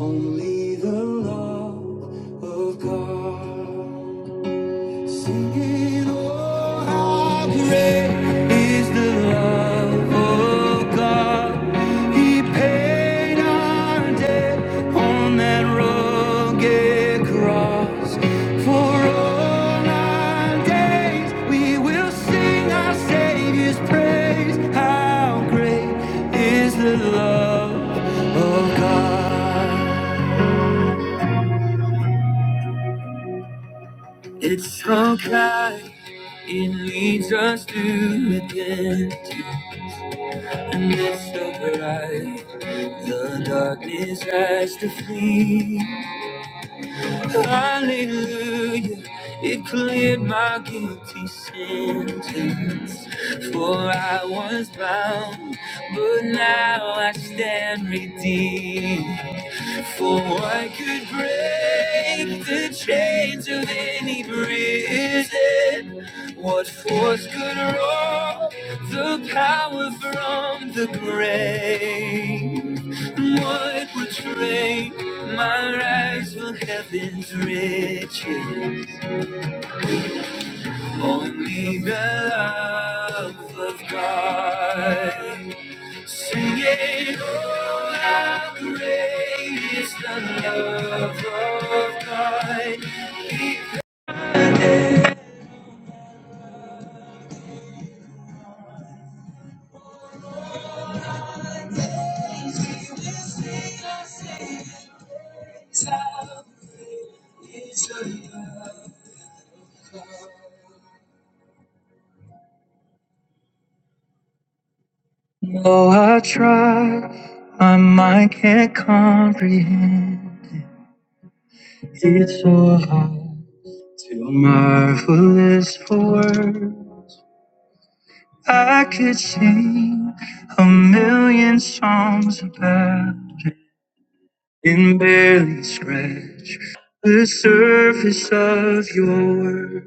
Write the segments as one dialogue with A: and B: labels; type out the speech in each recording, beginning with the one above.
A: Only the love of God. Singing, oh, how great is the love of God. He paid our debt on that rugged cross. For all our days we will sing our Savior's praise. How great is the love of God. It's so kind, it leads us to identity, and it's so bright. The darkness has to flee. Hallelujah, it cleared my guilty sentence. For I was bound, but now I stand redeemed. For I could break the chains of any prison. What force could rob the power from the grave? What would trade my rise for heaven's riches? Only the love of God. Sing it, oh, how great is the love of God. Though I try, my mind can't comprehend. It's so hard to marvelous for words. I could sing a million songs about and barely scratch the surface of your word.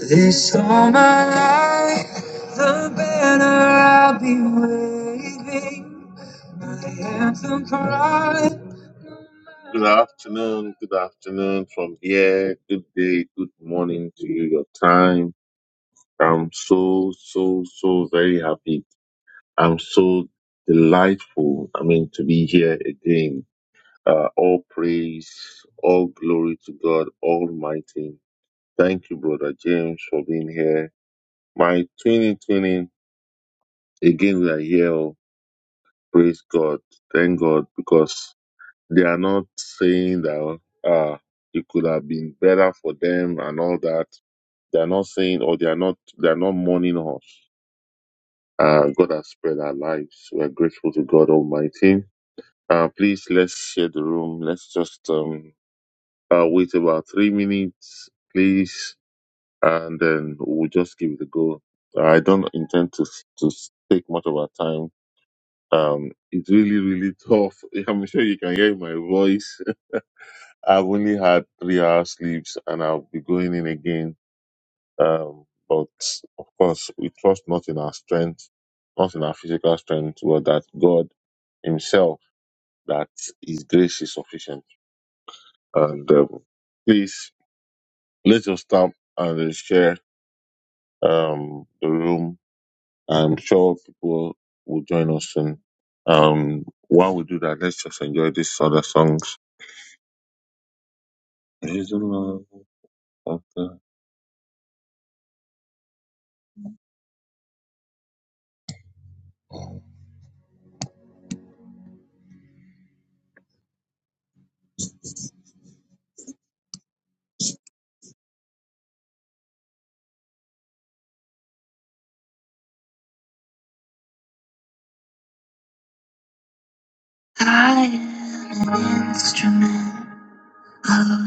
A: This all my life, the banner I'll be waving, my anthem crying. Good afternoon, good afternoon from here, good day, good morning to you, your time. I'm so, so, so very happy. I'm so delightful, I mean, to be here again. Uh, all praise, all glory to God Almighty. Thank you, Brother James, for being here. My 2020, again, we are here. oh, Praise God. Thank God because they are not saying that uh, it could have been better for them and all that. They are not saying or they are not they are not mourning us. Uh, God has spared our lives. We are grateful to God Almighty. Uh, please let's share the room. Let's just um, uh, wait about three minutes, please, and then we'll just give it a go. I don't intend to to take much of our time Um, it's really, really tough. I'm sure you can hear my voice. I've only had three hours sleeps and I'll be going in again. Um, but of course, we trust not in our strength, not in our physical strength, but that God Himself, that His grace is sufficient. And um, please, let us stop and uh, share um, the room. I'm sure people will join us soon. Um, while we do that, let's just enjoy these other songs. Praise the Lord of the I am an instrument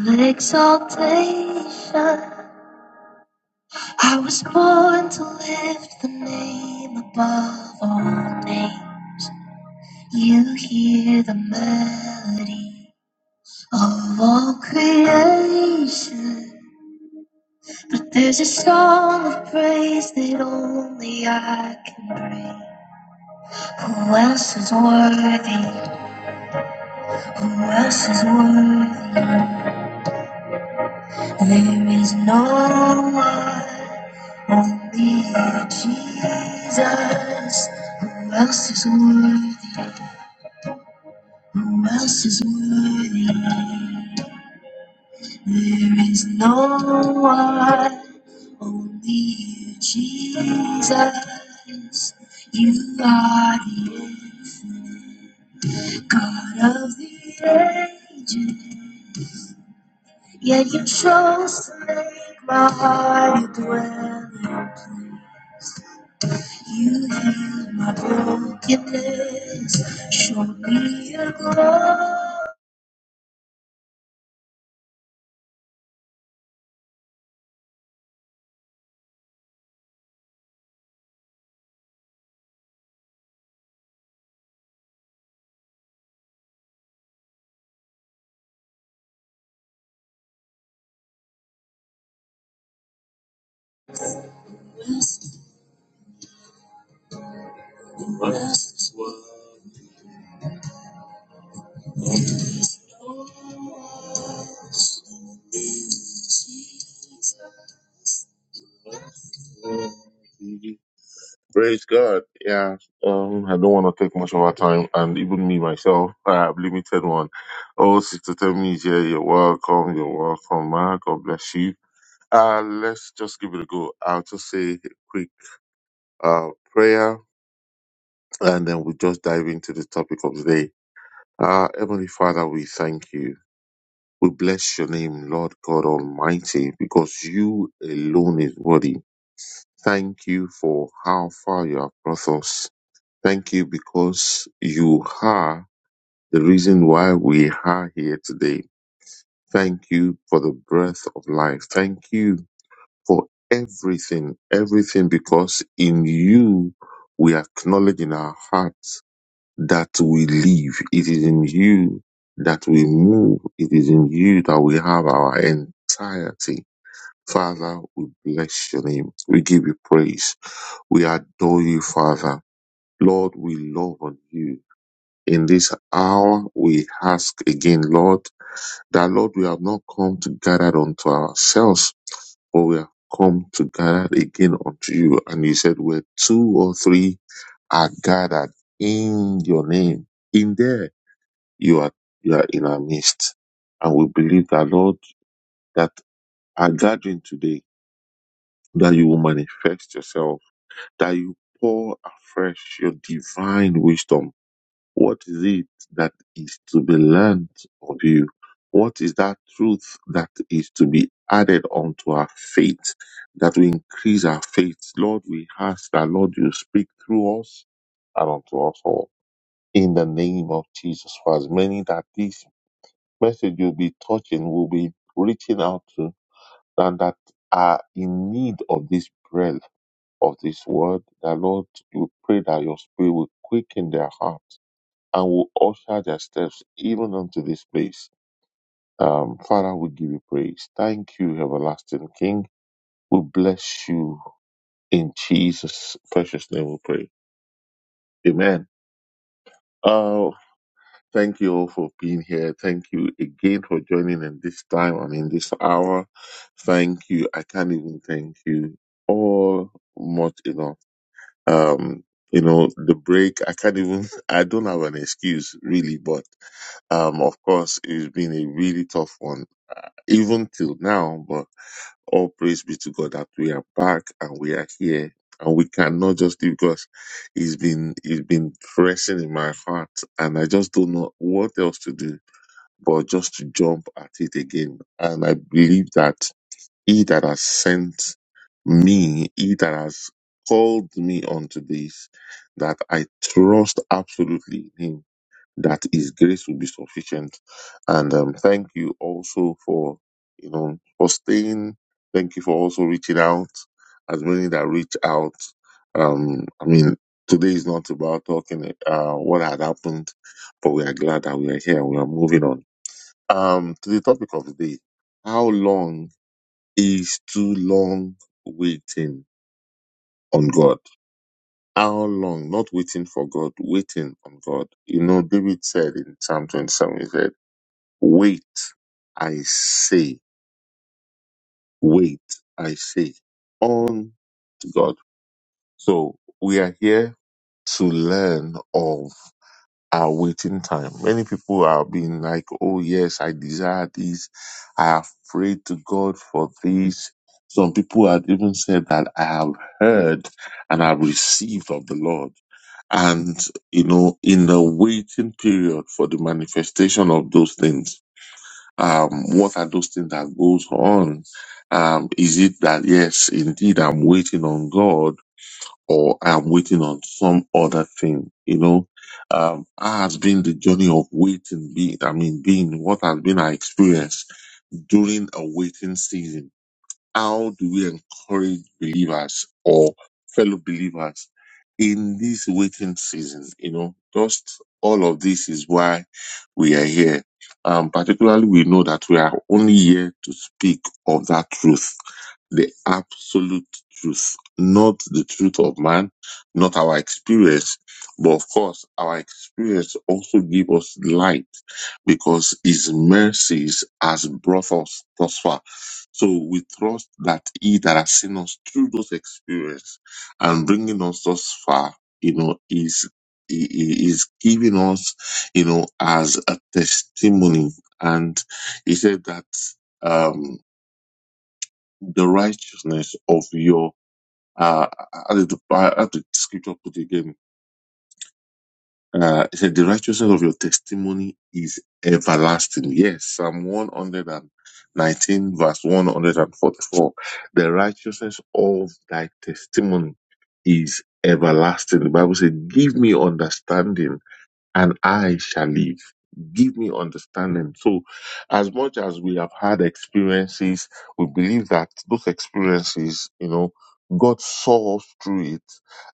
A: of exaltation. I was born to lift the name above all names. You hear the melody of all creation. But there's a song of praise that only I can bring. Who else is worthy? Who else is worthy? There is no one, only Jesus. Who else is worthy? Who else is worthy? There is no one, only Jesus. You are the God of the ages. Yeah, you chose to make my heart a dwelling. place. You heal my brokenness. Show me your glory. Mhm. Praise God. Yeah. Um, I don't want to take much of our time, and even me myself, I have limited one. Oh, Sister Temi is here. You're welcome. You're welcome, man. God bless you. Uh, let's just give it a go. I'll just say a quick uh, prayer, and then we'll just dive into the topic of the day. Ah, Heavenly Father, we thank you. We bless your name, Lord God Almighty, because you alone is worthy. Thank you for how far you have brought us. Thank you because you are the reason why we are here today. Thank you for the breath of life. Thank you for everything, everything because in you we acknowledge in our hearts that we live. It is in you that we move. It is in you that we have our entirety. Father, we bless your name. We give you praise. We adore you, Father. Lord, we love on you. In this hour, we ask again, Lord, that Lord, we have not come to gather unto ourselves, but we have come to gather again unto you. And you said, where two or three are gathered in your name, in there you are, you are in our midst. And we believe that Lord, that our gathering today, that you will manifest yourself, that you pour afresh your divine wisdom what is it that is to be learned of you? What is that truth that is to be added onto our faith, that we increase our faith? Lord, we ask that, Lord, you speak through us and unto us all. In the name of Jesus, for as many that this message will be touching, will be reaching out to, and that are in need of this breath, of this word, that Lord, you pray that your spirit will quicken their heart and will usher their steps even unto this place. Um, Father, we give you praise. Thank you, everlasting King. We bless you in Jesus' precious name. We pray. Amen. Oh, thank you all for being here. Thank you again for joining in this time and in this hour. Thank you. I can't even thank you all much enough. Um, you know, the break, I can't even, I don't have an excuse really, but, um, of course, it's been a really tough one, even till now, but all praise be to God that we are back and we are here and we cannot just leave because it's been, it's been pressing in my heart and I just don't know what else to do, but just to jump at it again. And I believe that he that has sent me, he that has called me unto this, that I trust absolutely in him, that his grace will be sufficient. And um, thank you also for, you know, for staying. Thank you for also reaching out, as many that reach out. Um, I mean, today is not about talking uh, what had happened, but we are glad that we are here. We are moving on. Um, to the topic of the day, how long is too long waiting on God. How long? Not waiting for God, waiting on God. You know, David said in Psalm 27, he said, Wait, I say, wait, I say, on to God. So we are here to learn of Our waiting time. Many people are being like, oh, yes, I desire this. I have prayed to God for this. Some people had even said that I have heard and I've received of the Lord. And, you know, in the waiting period for the manifestation of those things, um, what are those things that goes on? Um, is it that, yes, indeed, I'm waiting on God? or I'm waiting on some other thing. You know, um, how has been the journey of waiting? Be I mean, being what has been our experience during a waiting season? how do we encourage believers or fellow believers in this waiting season? You know, just all of this is why we are here. Um, particularly, we know that we are only here to speak of that truth, the absolute truth, not the truth of man, not our experience, but of course, our experience also gives us light because his mercies has brought us thus far. So we trust that he that has seen us through those experiences and bringing us thus far, you know, is he he is giving us, you know, as a testimony. And he said that um, the righteousness of your uh, how did the, how did the scripture put it again? Uh, it said, The righteousness of your testimony is everlasting. Yes, Psalm 119, verse 144. The righteousness of thy testimony is everlasting. The Bible said, Give me understanding and I shall live. Give me understanding. So, as much as we have had experiences, we believe that those experiences, you know, God saw us through it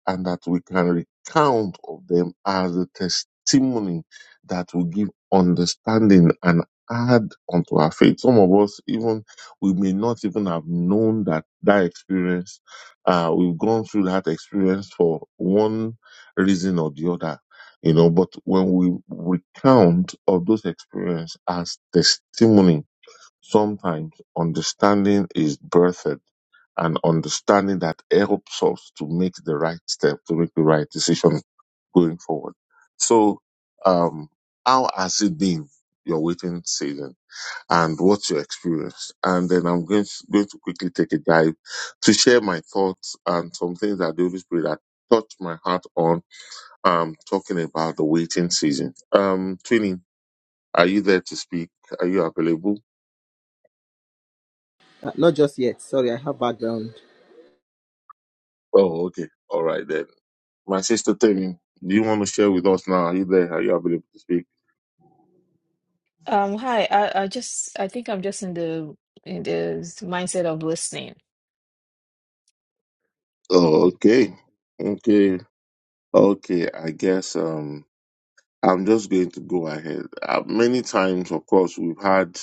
A: and that we can recount of them as a testimony that will give understanding and add unto our faith. Some of us, even, we may not even have known that that experience, uh, we've gone through that experience for one reason or the other you know, but when we recount of those experiences as testimony, sometimes understanding is birthed and understanding that helps us to make the right step, to make the right decision going forward. So, um, how has it been your waiting season and what's your experience? And then I'm going to, going to quickly take a dive to share my thoughts and some things that the Holy Spirit had touched my heart on um, talking about the waiting season. Um, Twinning, are you there to speak? Are you available?
B: Uh, not just yet. Sorry, I have background.
A: Oh, okay. All right then. My sister Twinning, do you want to share with us now? Are you there? Are you available to speak?
C: Um, hi, I, I just I think I'm just in the in the s- mindset of listening.
A: Oh, okay. Okay. Okay. I guess, um, I'm just going to go ahead. Uh, many times, of course, we've had,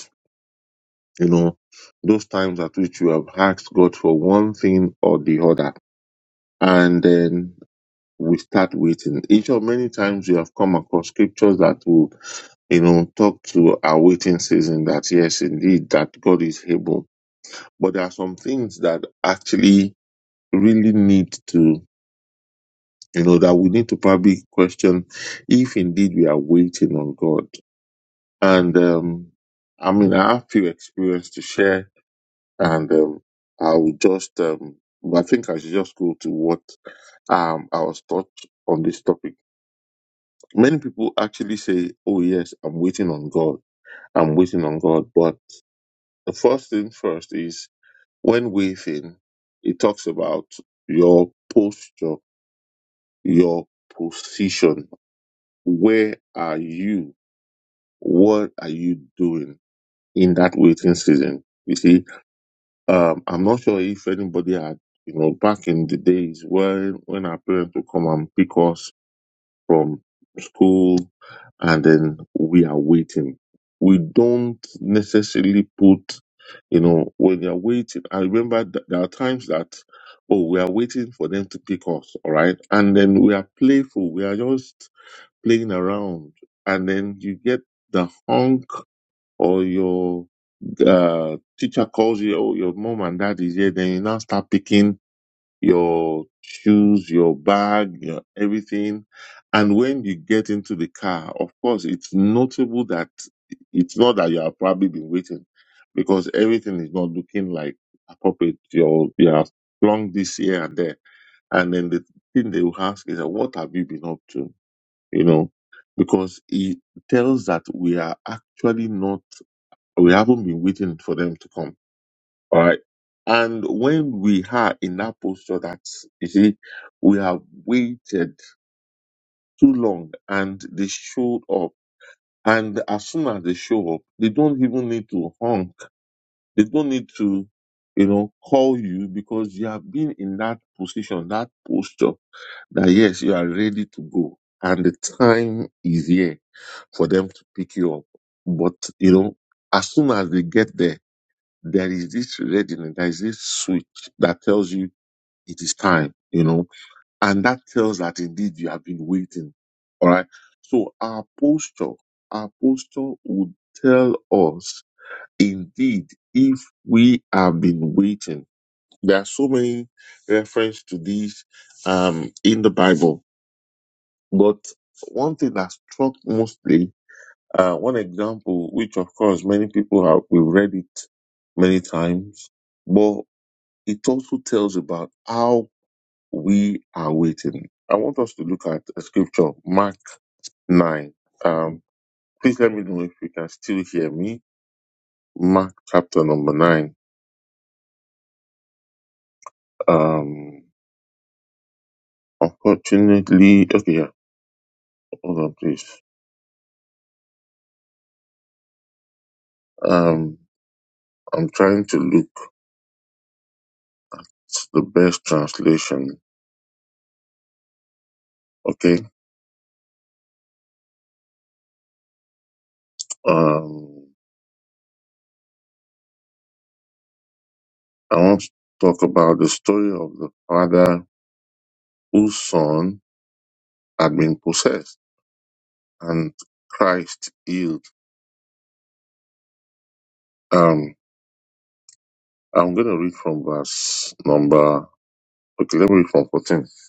A: you know, those times at which we have asked God for one thing or the other. And then we start waiting. Each of many times we have come across scriptures that will, you know, talk to our waiting season that yes, indeed, that God is able. But there are some things that actually really need to, you know, that we need to probably question if indeed we are waiting on God. And, um, I mean, I have few experience to share and, um, I will just, um, I think I should just go to what, um, I was taught on this topic Many people actually say, Oh, yes, I'm waiting on God. I'm waiting on God. But the first thing first is when waiting, it talks about your posture, your position. Where are you? What are you doing in that waiting season? You see, um, I'm not sure if anybody had, you know, back in the days when, when our parents would come and pick us from school and then we are waiting. We don't necessarily put, you know, when you're waiting. I remember th- there are times that, oh, we are waiting for them to pick us, all right? And then we are playful, we are just playing around. And then you get the honk or your uh, teacher calls you, or your mom and dad is here, then you now start picking your shoes, your bag, your everything. And when you get into the car, of course, it's notable that it's not that you have probably been waiting because everything is not looking like appropriate. You're, you have flung this here and there. And then the thing they will ask is, what have you been up to? You know, because it tells that we are actually not, we haven't been waiting for them to come all right. And when we are in that posture that, you see, we have waited too long and they showed up. And as soon as they show up, they don't even need to honk. They don't need to, you know, call you because you have been in that position, that posture that yes, you are ready to go. And the time is here for them to pick you up. But, you know, as soon as they get there, there is this readiness, there is this switch that tells you it is time, you know, and that tells that indeed you have been waiting. All right. So our posture, our posture would tell us indeed if we have been waiting. There are so many references to this um, in the Bible, but one thing that struck mostly, uh, one example, which of course many people have, we've read it many times, but it also tells about how we are waiting. I want us to look at a scripture, Mark 9. Um, please let me know if you can still hear me. Mark chapter number 9. Um, unfortunately, okay, yeah, hold on, please. Um, I'm trying to look the best translation. Okay. Um, I want to talk about the story of the father whose son had been possessed and Christ healed. Um, I'm going to read from verse number. Okay, let me read from 14. I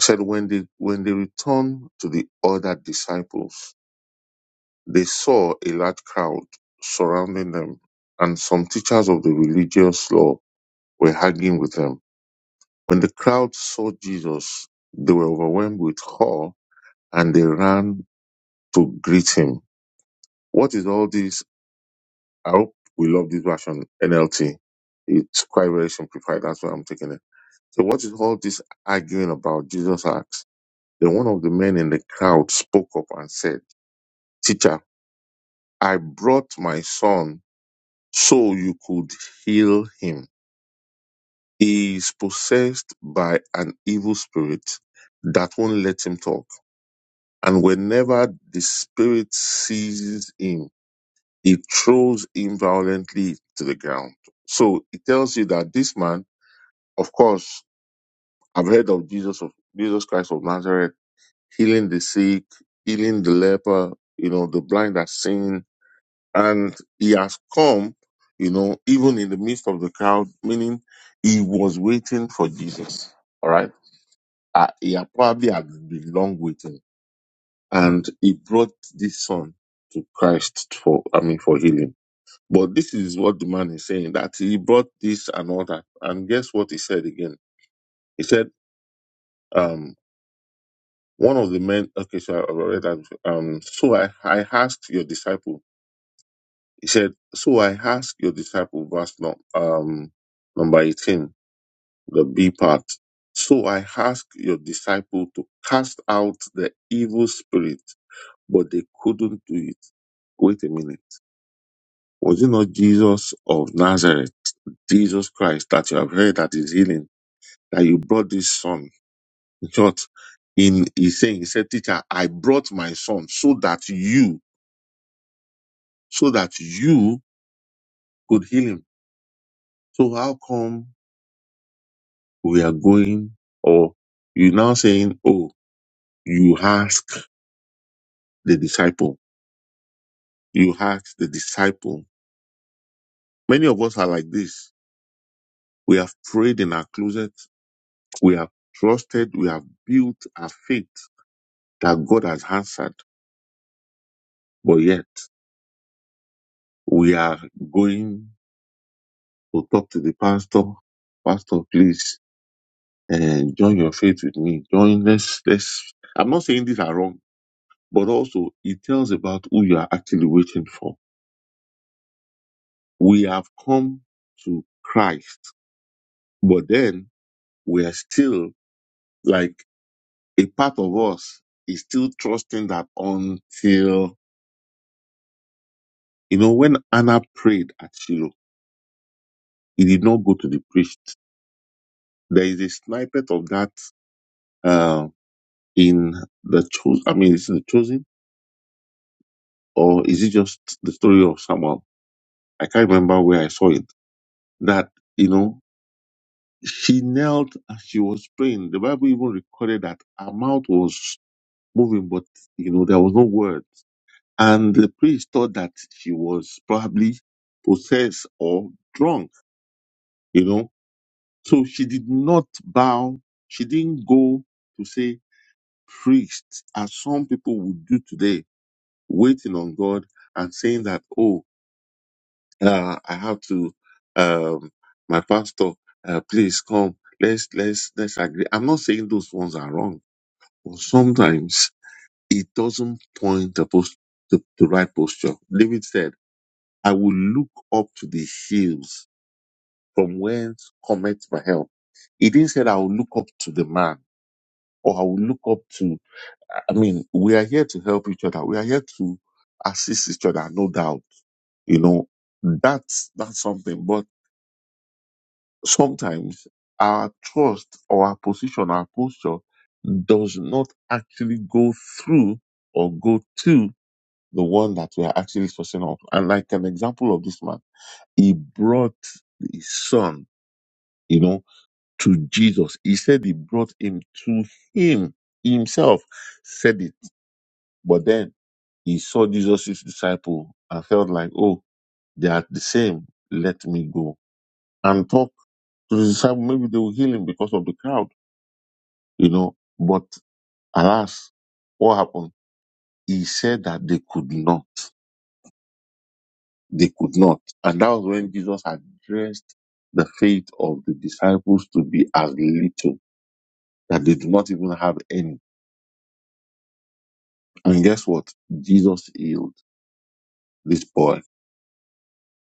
A: said, when they when they returned to the other disciples, they saw a large crowd surrounding them, and some teachers of the religious law were arguing with them. When the crowd saw Jesus, they were overwhelmed with awe, and they ran to greet him. What is all this? I hope we love this version NLT. It's quite very simplified. That's why I'm taking it So what is all this arguing about? Jesus asked. Then one of the men in the crowd spoke up and said, Teacher, I brought my son so you could heal him. He is possessed by an evil spirit that won't let him talk. And whenever the spirit seizes him, it throws him violently to the ground. So it tells you that this man, of course, I've heard of Jesus of Jesus Christ of Nazareth healing the sick, healing the leper, you know, the blind are seeing. And he has come, you know, even in the midst of the crowd, meaning he was waiting for Jesus. All right. Uh, he had probably had been long waiting. And he brought this son to Christ for, I mean, for healing. But this is what the man is saying that he brought this and all that. And guess what he said again? He said, um, one of the men, okay, so I read that. Um, so I, I asked your disciples He said, So I ask your disciple, verse no, um, number 18, the B part. So I ask your disciple to cast out the evil spirit, but they couldn't do it. Wait a minute. Was it not Jesus of Nazareth, Jesus Christ, that you have heard that is healing, that you brought this son? In short, in he's saying, he said, Teacher, I brought my son so that you, so that you could heal him. So how come we are going, or you now saying, oh, you ask the disciple, you ask the disciple. Many of us are like this. We have prayed in our closet. We have trusted. We have built our faith that God has answered. But yet we are going to talk to the pastor. Pastor, please, and join your faith with me. Join. Let's, let's, I'm not saying these are wrong, but also it tells about who you are actually waiting for we have come to Christ, but then we are still like a part of us is still trusting that until, you know, when Anna prayed at Shiloh, he did not go to the priest. There is a snippet of that, uh, in the chosen, I mean, is it the chosen or is it just the story of Samuel? I can't remember where I saw it. That, you know, she knelt as she was praying. The Bible even recorded that her mouth was moving, but you know, there was no words. And the priest thought that she was probably possessed or drunk, you know. So she did not bow. She didn't go to say priest, as some people would do today, waiting on God and saying that, oh, uh, I have to, um, my pastor, uh, please come. Let's, let's, let's agree. I'm not saying those ones are wrong, but sometimes it doesn't point the, post- the, the right posture. David said, I will look up to the hills from whence cometh my help. He didn't say, that I will look up to the man or I will look up to, I mean, we are here to help each other. We are here to assist each other, no doubt. You know, that's, that's something. But sometimes our trust or our position, our posture does not actually go through or go to the one that we are actually sourcing up. And like an example of this man, he brought his son, you know, to Jesus. He said he brought him to him. He himself said it. But then he saw Jesus' disciple and felt like, oh, they are the same. Let me go and talk to the disciple. Maybe they will heal him because of the crowd, you know. But alas, what happened? He said that they could not. They could not. And that was when Jesus addressed the faith of the disciples to be as little that they do not even have any. And guess what? Jesus healed this boy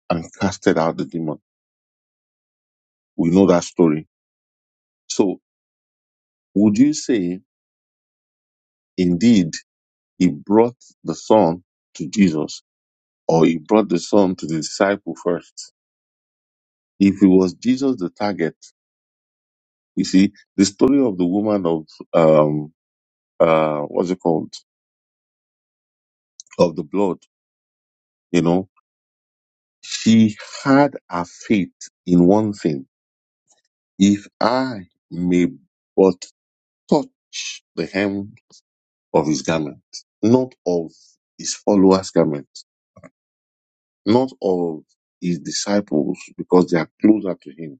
A: and casted out the demon. We know that story. So would you say indeed he brought the son to Jesus or he brought the son to the disciple first? If it was Jesus the target, you see, the story of the woman of, um, uh, what's it called? Of the blood, you know, She had her faith in one thing, if I may but touch the hem of his garment, not of his followers' garment, not of his disciples, because they are closer to him.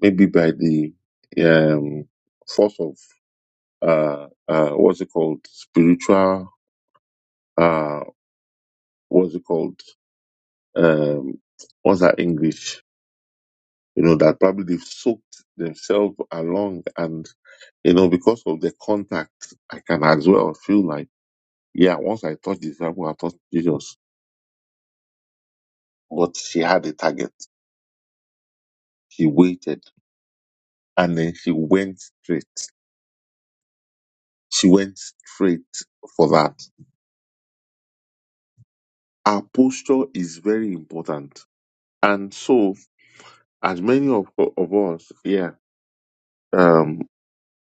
A: Maybe by the um, force of uh, uh, what's it called, spiritual, uh, what's it called, um, what's that English? You know that probably they've soaked themselves along and. You know, because of the contact, I can as well feel like, yeah, once I touch the disciple, I touched Jesus. But she had a target. She waited and then she went straight. She went straight for that. Our posture is very important. And so, as many of, of us, yeah, um,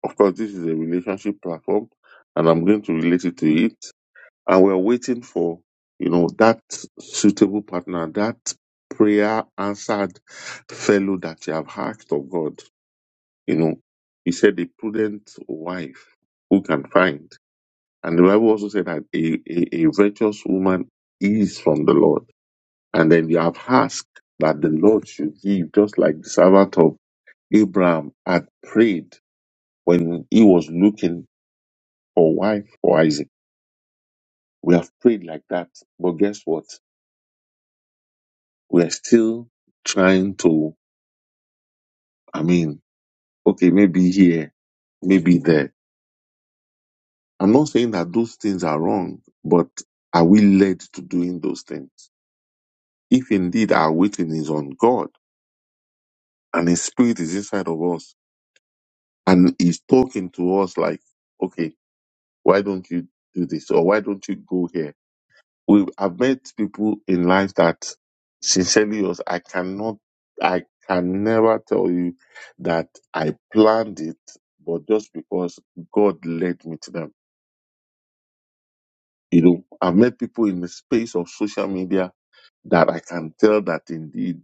A: of course, this is a relationship platform and I'm going to relate it to it and we're waiting for you know that suitable partner that prayer answered fellow that you have asked of god you know he said a prudent wife who can find and the bible also said that a, a, a virtuous woman is from the lord and then you have asked that the lord should give just like the servant of abraham had prayed when he was looking for wife for isaac we have prayed like that but guess what We're still trying to, I mean, okay, maybe here, maybe there. I'm not saying that those things are wrong, but are we led to doing those things? If indeed our waiting is on God and His Spirit is inside of us and He's talking to us like, okay, why don't you do this? Or why don't you go here? we I've met people in life that sincerely was I cannot I can never tell you that I planned it, but just because God led me to them. You know, I've met people in the space of social media that I can tell that indeed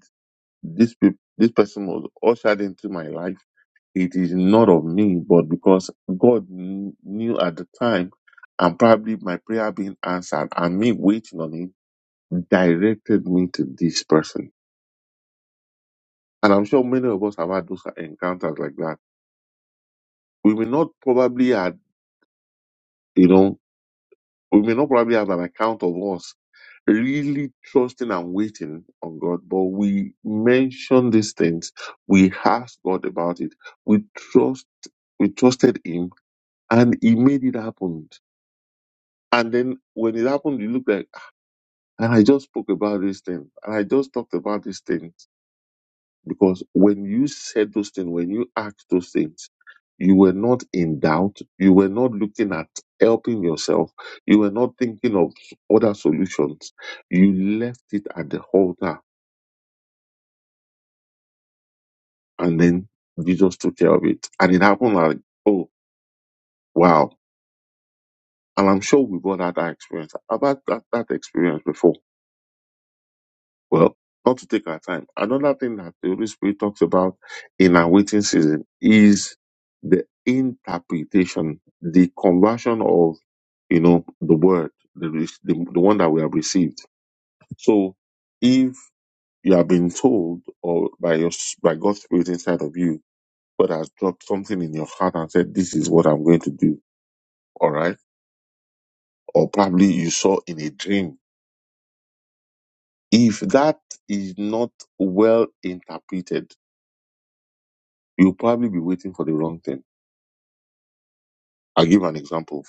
A: this peop this person was ushered into my life. It is not of me, but because God kn- knew at the time, and probably my prayer being answered, and me waiting on Him directed me to this person. And I'm sure many of us have had those encounters like that. We may not probably had, you know, we may not probably have an account of us really trusting and waiting on God, but we mention these things. We ask God about it. We trust, we trusted Him and He made it happen. And then when it happened, it looked like, and I just spoke about this thing and I just talked about this thing Because when you said those things, when you asked those things, you were not in doubt. You were not looking at helping yourself. You were not thinking of other solutions. You left it at the altar and then Jesus took care of it. And it happened like, oh, wow. And I'm sure we've all had that experience. I've had that, that experience before Well, not to take our time. Another thing that the Holy Spirit talks about in our waiting season is the interpretation, the conversion of, you know, the word, the, re- the, the one that we have received. So if you have been told or by your, s- by God's Spirit inside of you, God has dropped something in your heart and said, this is what I'm going to do. All right. Or probably you saw in a dream. If that is not well interpreted, you'll probably be waiting for the wrong thing. I'll give an example.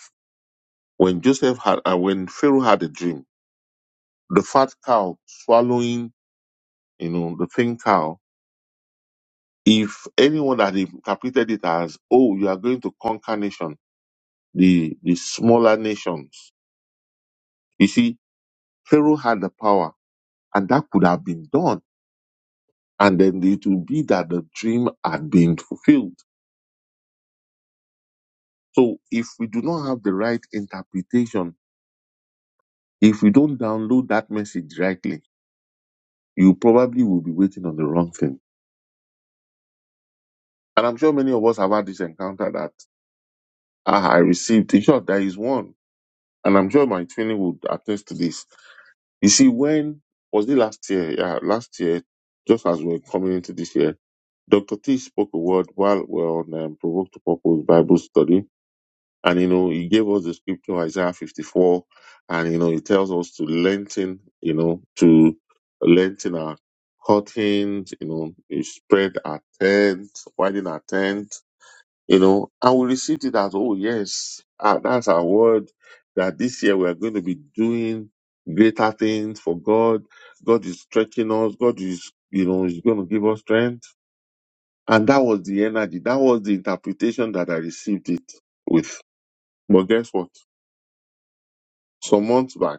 A: When Joseph had, uh, when Pharaoh had a dream, the fat cow swallowing, you know, the thin cow, if anyone had interpreted it as, oh, you are going to conquer nation, the, the smaller nations. You see, Pharaoh had the power and that could have been done. And then it would be that the dream had been fulfilled. So if we do not have the right interpretation, if we don't download that message rightly, you probably will be waiting on the wrong thing. And I'm sure many of us have had this encounter that ah, I received. In short, there is one. And I'm sure my training would attest to this. You see, when was it last year? Yeah, last year, just as we we're coming into this year, Dr. T spoke a word while we we're on um, Provoked to Purpose Bible study And you know, he gave us the scripture Isaiah 54, and you know, he tells us to lengthen, you know, to lengthen our curtains, you know, you spread our tent, widen our tent, you know, and we received it as, oh yes, ah, that's our word that this year we are going to be doing greater things for God. God is stretching us. God is, you know, is going to give us strength. And that was the energy. That was the interpretation that I received it with. But guess what? some months back.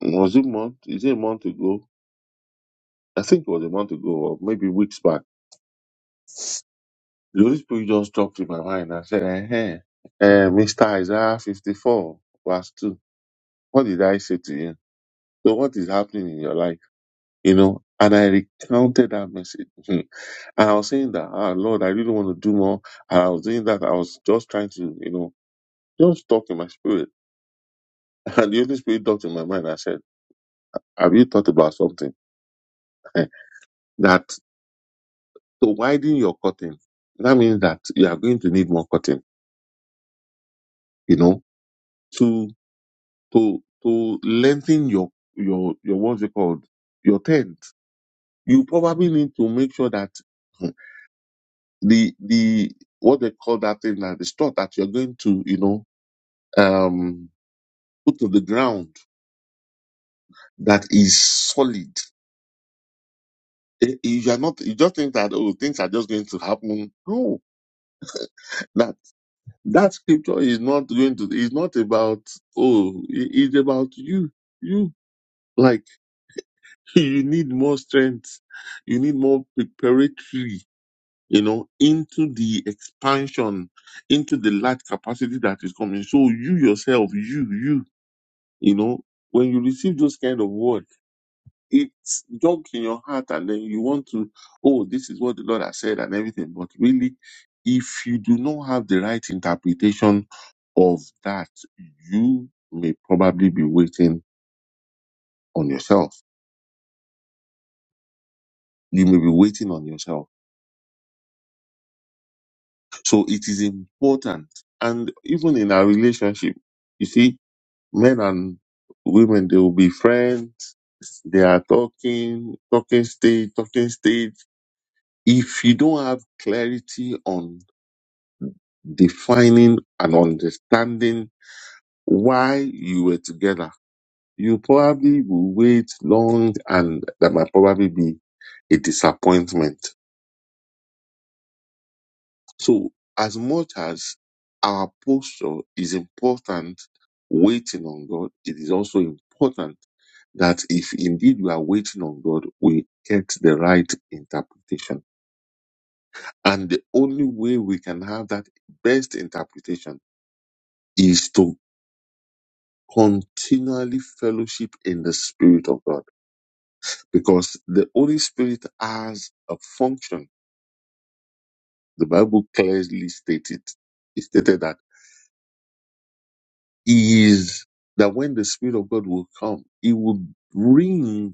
A: Was it month? Is it a month ago? I think it was a month ago, or maybe weeks back. The Holy Spirit just dropped in my mind and said, eh, eh, Mr. Isaiah 54, verse 2. What did I say to you? So what is happening in your life? You know, and I recounted that message. and I was saying that, ah, Lord, I really want to do more. And I was doing that. I was just trying to, you know, just talk in my spirit. And the Holy Spirit dropped in my mind and said, have you thought about something? that to widen your cutting, that means that you are going to need more cutting, you know, to to to lengthen your your your what's it called your tent. You probably need to make sure that hmm, the the what they call that thing that the straw that you're going to you know um put to the ground that is solid. Eh, You are not you just think that oh things are just going to happen. No, That scripture is not going to, it's not about, oh, it- it's about you. You, like, you need more strength. You need more preparatory, you know, into the expansion, into the large capacity that is coming. So you yourself, you, you, you know, when you receive those kind of words, it's junk in your heart and then you want to, oh, this is what the Lord has said and everything. But really, if you do not have the right interpretation of that, you may probably be waiting on yourself. You may be waiting on yourself. So it is important. And even in our relationship, you see, men and women, they will be friends. They are talking, talking stage, talking stage. If you don't have clarity on defining and understanding why you were together. You probably will wait long and that might probably be a disappointment. So as much as our posture is important waiting on God, it is also important that if indeed we are waiting on God, we get the right interpretation. And the only way we can have that best interpretation is to. continually fellowship in the Spirit of God because the Holy Spirit has a function. The Bible clearly stated it stated that He is that when the Spirit of God will come, He will bring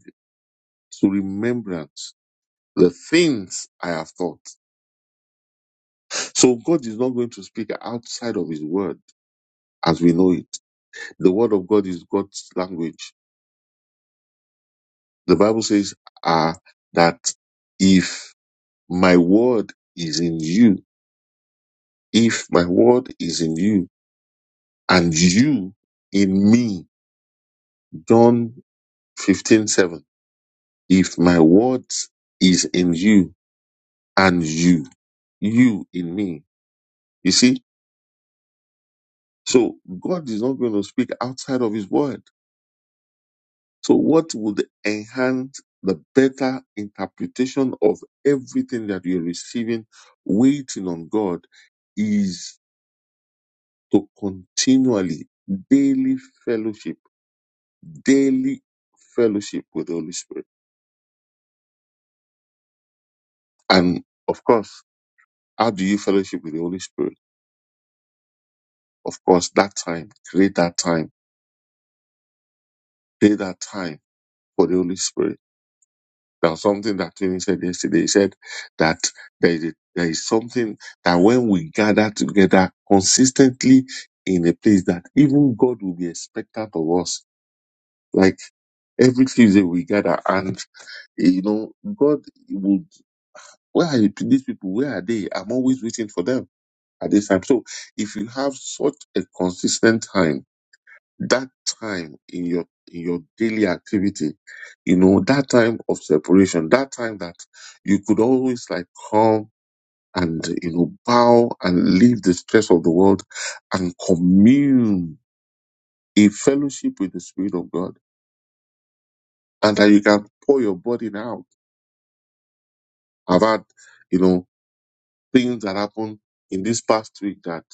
A: to remembrance the things I have thought. So God is not going to speak outside of His Word as we know it. The Word of God is God's language. The Bible says uh, that if my Word is in you, If my word is in you and you in me, John fifteen seven. If my word is in you and you, you in me. You see? So God is not going to speak outside of his word. So what would enhance the better interpretation of everything that you're receiving, waiting on God is to continually, daily fellowship, daily fellowship with the Holy Spirit. And of course, how do you fellowship with the Holy Spirit? Of course, that time, create that time, pay that time for the Holy Spirit. There was something that Tony said yesterday. He said that there is, a, there is something that when we gather together consistently in a place that even God will be expectant of us. Like every Tuesday we gather and, you know, God would, where are you- these people? Where are they? I'm always waiting for them at this time. So if you have such a consistent time, that time in your in your daily activity you know that time of separation that time that you could always like come and you know bow and leave the stress of the world and commune in fellowship with the spirit of god and that you can pour your burden out i've had you know things that happened in this past week that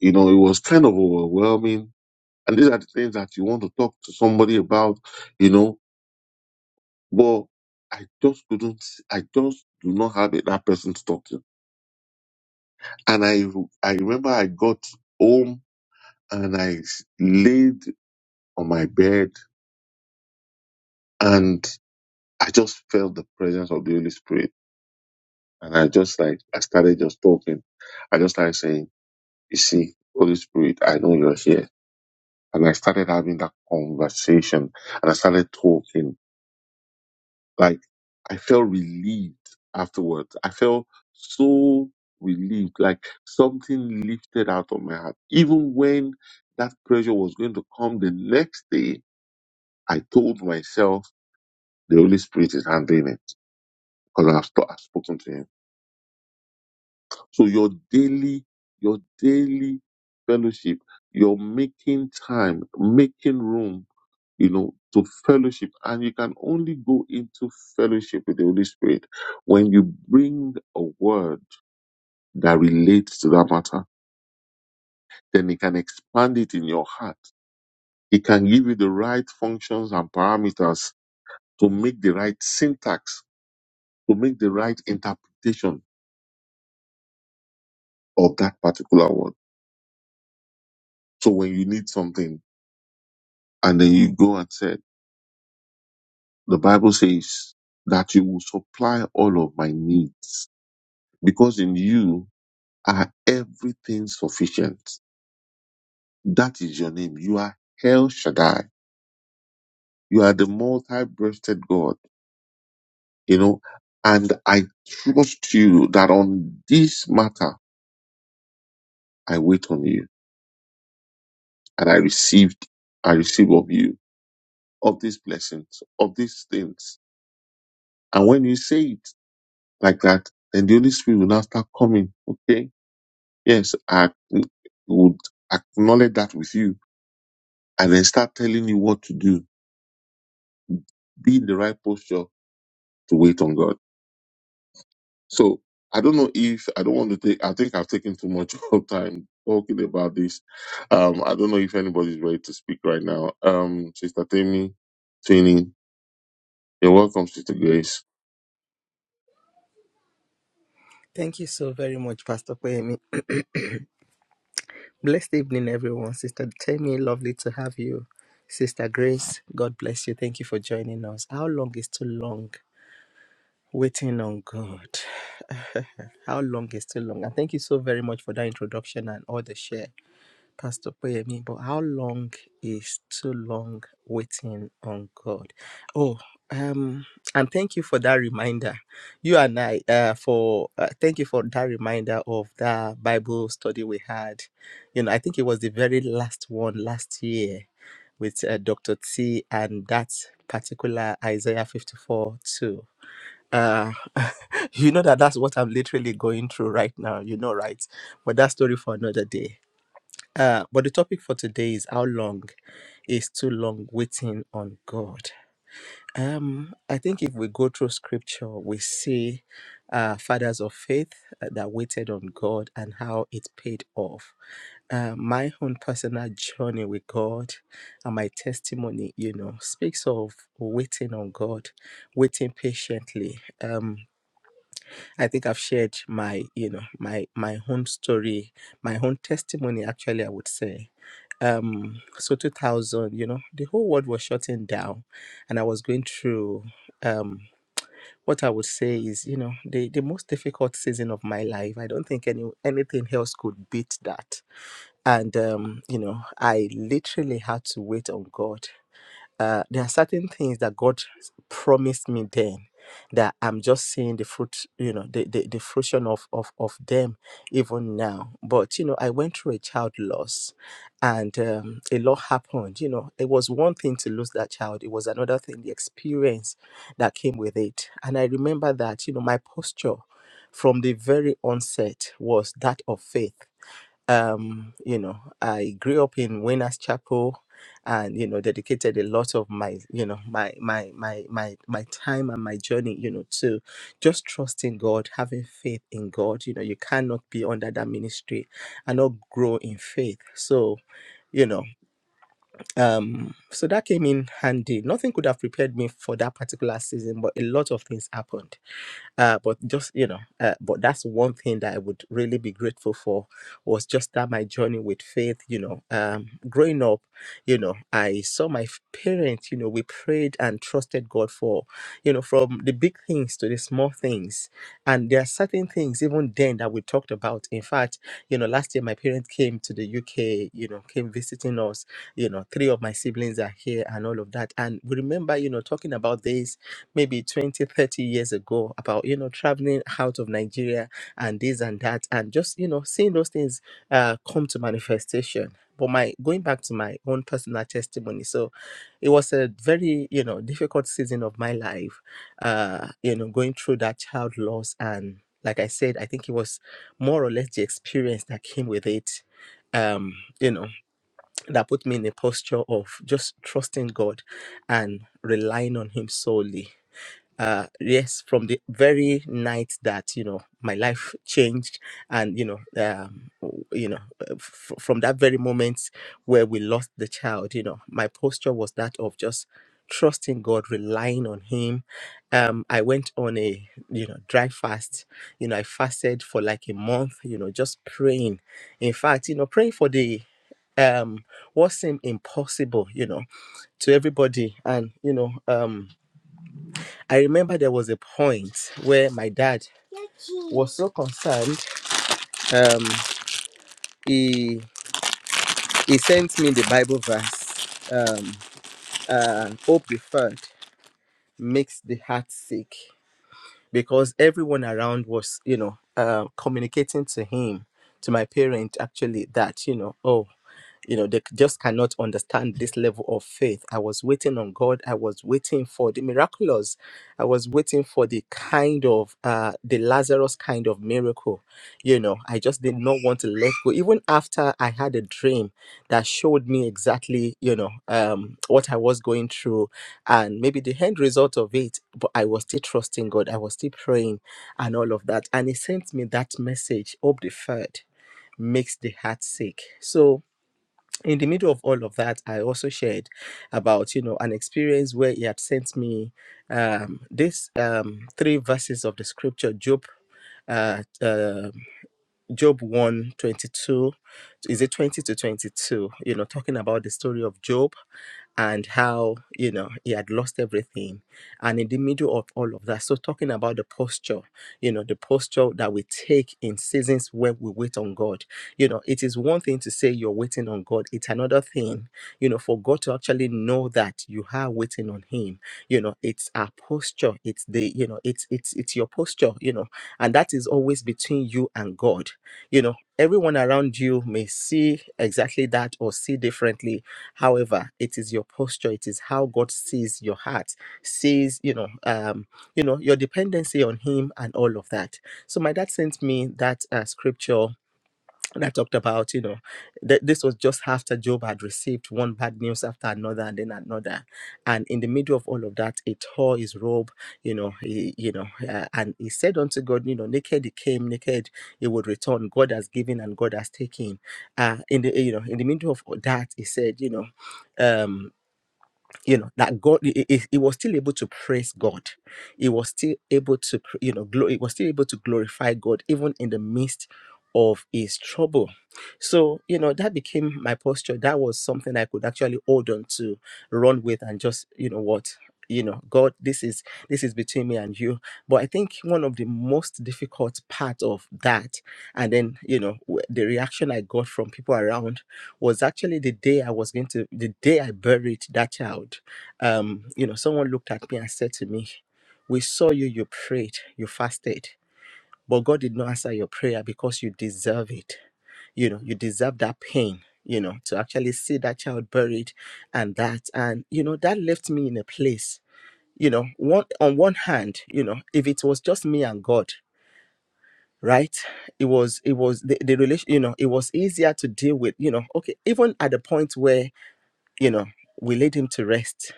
A: you know it was kind of overwhelming and these are the things that you want to talk to somebody about you know But I just couldn't, I just do not have that person to talk to. And I, I remember I got home and I s- laid on my bed and I just felt the presence of the Holy Spirit. And I just like, I started just talking. I just started saying, you see, Holy Spirit, I know you're here. And I started having that conversation and I started talking Like I felt relieved afterwards. I felt so relieved, like something lifted out of my heart. Even when that pressure was going to come the next day, I told myself the Holy Spirit is handling it because I've, st- I've spoken to Him. So your daily, your daily fellowship, your making time, making room you know, to fellowship. And you can only go into fellowship with the Holy Spirit when you bring a word that relates to that matter. Then He can expand it in your heart. He can give you the right functions and parameters to make the right syntax, to make the right interpretation of that particular word. So when you need something and then you go and say, the Bible says that you will supply all of my needs because in you are everything sufficient. That is your name. You are El Shaddai. You are the multi-breasted God, you know, and I trust you that on this matter, I wait on you and I received, I receive of you, of these blessings, of these things. And when you say it like that, then the Holy Spirit will now start coming. Okay. Yes. I would acknowledge that with you and then start telling you what to do. Be in the right posture to wait on God. So I don't know if I don't want to take. I think I've taken too much of time talking about this. Um, I don't know if anybody's ready to speak right now. Um, Sister Temi, Tini, you're welcome, Sister Grace.
B: Thank you so very much, Pastor Kwemi. Blessed evening, everyone. Sister Temi, lovely to have you. Sister Grace, God bless you. Thank you for joining us. How long is too long? Waiting on God. How long is too long? And thank you so very much for that introduction and all the share. Pastor Poyemi, but how long is too long waiting on God? Oh, um, and thank you for that reminder. You and I, uh, for uh, thank you for that reminder of that Bible study we had. You know, I think it was the very last one last year with uh, Dr. T and that particular Isaiah 54 too. Uh, you know that that's what I'm literally going through right now, you know, right? But that story for another day. Uh, but the topic for today is how long is too long waiting on God. Um, I think if we go through scripture, we see uh, fathers of faith uh, that waited on God and how it paid off. Uh, my own personal journey with God and my testimony, you know, speaks of waiting on God, waiting patiently. Um, I think I've shared my, you know, my my own story, my own testimony. Actually, I would say um so 2000 you know the whole world was shutting down and i was going through um what i would say is you know the, the most difficult season of my life i don't think any anything else could beat that and um you know i literally had to wait on god uh, there are certain things that God promised me then that I'm just seeing the fruit, you know, the, the, the fruition of, of, of them even now. But, you know, I went through a child loss and um, a lot happened. You know, it was one thing to lose that child, it was another thing, the experience that came with it. And I remember that, you know, my posture from the very onset was that of faith um, you know, I grew up in Winners Chapel and, you know, dedicated a lot of my, you know, my, my, my, my, my time and my journey, you know, to just trusting God, having faith in God. You know, you cannot be under that ministry and not grow in faith. So, you know. Um, so that came in handy. Nothing could have prepared me for that particular season, but a lot of things happened. Uh, but just you know, uh, but that's one thing that I would really be grateful for was just that my journey with faith. You know, um, growing up, you know, I saw my f- parents. You know, we prayed and trusted God for, you know, from the big things to the small things. And there are certain things even then that we talked about. In fact, you know, last year my parents came to the UK. You know, came visiting us you know three of my siblings are here and all of that and we remember you know talking about this maybe 20, 30 years ago about you know traveling out of nigeria and this and that and just you know seeing those things uh, come to manifestation but my going back to my own personal testimony so it was a very you know difficult season of my life uh you know going through that child loss and like i said i think it was more or less the experience that came with it um you know that put me in a posture of just trusting God and relying on Him solely uh yes from the very night that you know my life changed and you know um w- you know uh, f- from that very moment where we lost the child you know my posture was that of just trusting god relying on him um i went on a you know dry fast you know i fasted for like a month you know just praying in fact you know praying for the um what seemed impossible you know to everybody and you know um I remember there was a point where my dad was so concerned. Um, he he sent me the Bible verse. Um, uh, hope deferred makes the heart sick. because everyone around was, you know, uh, communicating to him, to my parent, actually, that, you know, oh, you know, they c- just cannot understand this level of faith. I was waiting on God. I was waiting for the miraculous. I was waiting for the kind of, uh, the Lazarus kind of miracle. You know, I just did not want to let go. Even after I had a dream that showed me exactly, you know, um, what I was going through, and maybe the end result of it but i was still trusting god i was still praying and all of that and he sent me that message hope deferred makes the heart sick so in the middle of all of that i also shared about you know an experience where he had sent me um this um three verses of the scripture job uh, um, Job 1 twenty-two, is it 20 to 22 you know talking about the story of Job and how you know he had lost everything and in the middle of all of that so talking about the posture you know the posture that we take in seasons where we wait on god you know it is one thing to say you're waiting on god it's another thing you know for god to actually know that you are waiting on him you know it's our posture it's the you know it's it's it's your posture you know and that is always between you and god you know everyone around you may see exactly that or see differently however it is your posture it is how god sees your heart sees you know um you know your dependency on him and all of that so my dad sent me that uh, scripture and I talked about, you know, that this was just after Job had received one bad news after another and then another. And in the middle of all of that, he tore his robe, you know, he, you know, uh, and he said unto God, you know, naked he came, naked he would return. God has given and God has taken. Uh, in the, you know, in the middle of all that, he said, you know, um, you know that god he, he- he was still able to praise god he was still able to pr- you know glo- he was still able to glorify god even in the midst of his trouble so you know that became my posture that was something i could actually hold on to run with and just you know what you know god this is this is between me and you but i think one of the most difficult part of that and then you know w- the reaction i got from people around was actually the day I was going to, the day I buried that child. Um, you know, someone looked at me and said to me, We saw you, you prayed, you fasted, but God did not answer your prayer because you deserve it. You know, you deserve that pain, you know, to actually see that child buried and that. And, you know, that left me in a place, you know, one on one hand, you know, if it was just me and God, right? it was it was the, the relation you know it was easier to deal with you know okay even at the point where you know, we laid him to rest.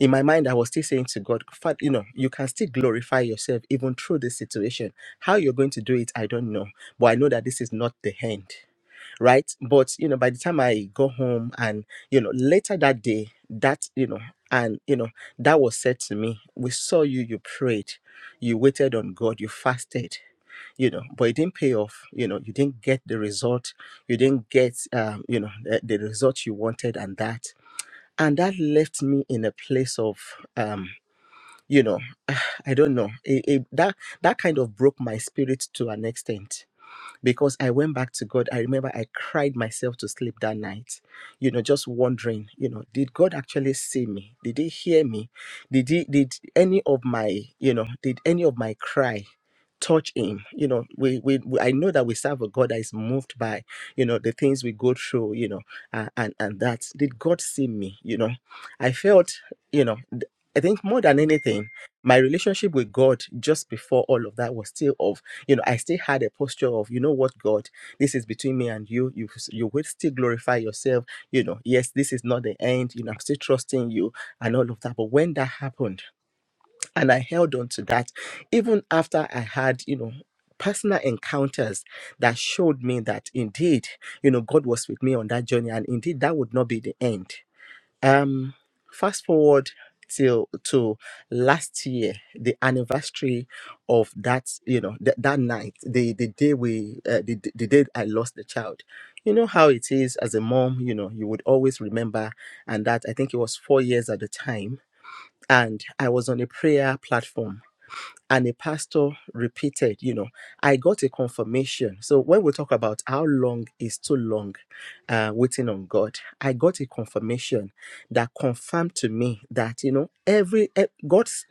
B: In my mind, I was still saying to God, "Fa- you know, you can still glorify yourself even through this situation. How you're going to do it, I don't know. But I know that this is not the end, right? But, you know, by the time I go home and, you know, later that day, that, you know, and, you know, that was said to me, we saw you, you prayed, you waited on God, you fasted, you know, but it didn't pay off. You know, you didn't get the result. You didn't get, um, you know, the, the result you wanted and that and that left me in a place of um you know i don't know it, it, that that kind of broke my spirit to an extent because I went back to God. I remember I cried myself to sleep that night, you know, just wondering, you know, did God actually see me? Did He hear me? Did He, did any of my, you know, did any of my cry? touch him you know we, we we i know that we serve a god that is moved by you know the things we go through you know uh, and and that did god see me you know i felt you know th- i think more than anything my relationship with god just before all of that was still of you know, I still had a posture of, you know what, God, this is between me and you. You you will still glorify yourself. You know, yes, this is not the end. You know, I'm still trusting you and all of that. But when that happened, and I held on to that, even after I had, you know, personal encounters that showed me that indeed, you know, God was with me on that journey, and indeed that would not be the end. Um, fast forward till to last year, the anniversary of that, you know, th- that night, the the day we, uh, the the day I lost the child. You know how it is as a mom. You know, you would always remember, and that I think it was four years at the time, and I was on a prayer platform and a pastor repeated you know i got a confirmation so when we talk about how long is too long uh, waiting on god i got a confirmation that confirmed to me that you know every eh, god's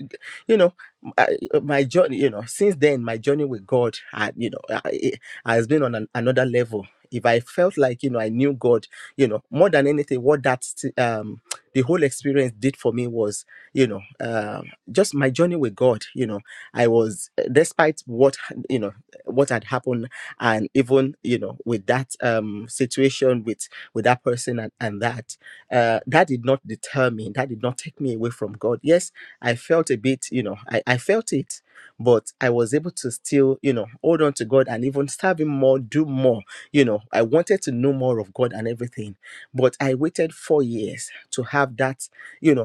B: you know I, my journey you know since then my journey with god had you know I, it has been on an, another level if i felt like you know i knew god you know more than anything what that sti- um the whole experience did for me was you know um just my journey with god you know I was, despite what you know, what had happened, and even you know, with that um situation with with that person and, and that, uh, that did not deter me. That did not take me away from God. Yes, I felt a bit, you know, I, I felt it, but I was able to still, you know, hold on to God and even serve Him more, do more. You know, I wanted to know more of God and everything, but I waited four years to have that, you know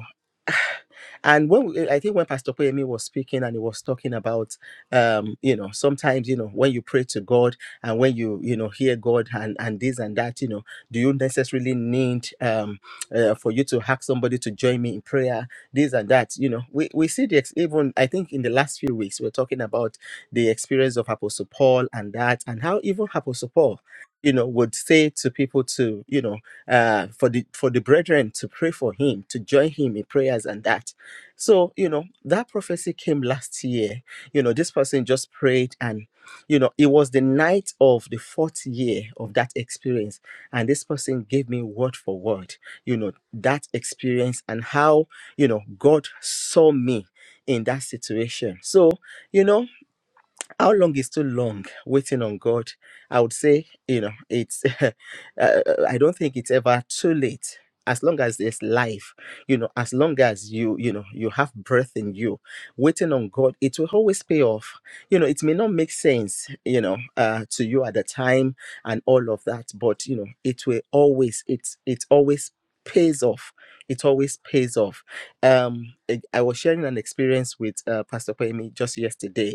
B: and when we- I think when Pastor Poyemi was speaking and he was talking about, um, you know, sometimes you know when you pray to God and when you you know hear God and and this and that, you know, do you necessarily need um uh, for you to ask somebody to join me in prayer, this and that? You know, we we see the ex- even I think in the last few weeks we we're talking about the experience of Apostle Paul and that and how even Apostle Paul, you know, would say to people to you know uh for the for the brethren to pray for him to join him in prayers and that so, you know, that prophecy came last year. You know, this person just prayed and, you know, it was the night of the fourth year of that experience. And this person gave me word for word, you know, that experience and how, you know, God saw me in that situation. So, you know, how long is too long waiting on god i would say you know it's uh, i don't think it's ever too late as long as there's life you know as long as you you know you have breath in you waiting on god it will always pay off you know it may not make sense you know uh, to you at the time and all of that but you know it will always it's it always pays off it always pays off um i I was sharing an experience with uh, pastor Kwame just yesterday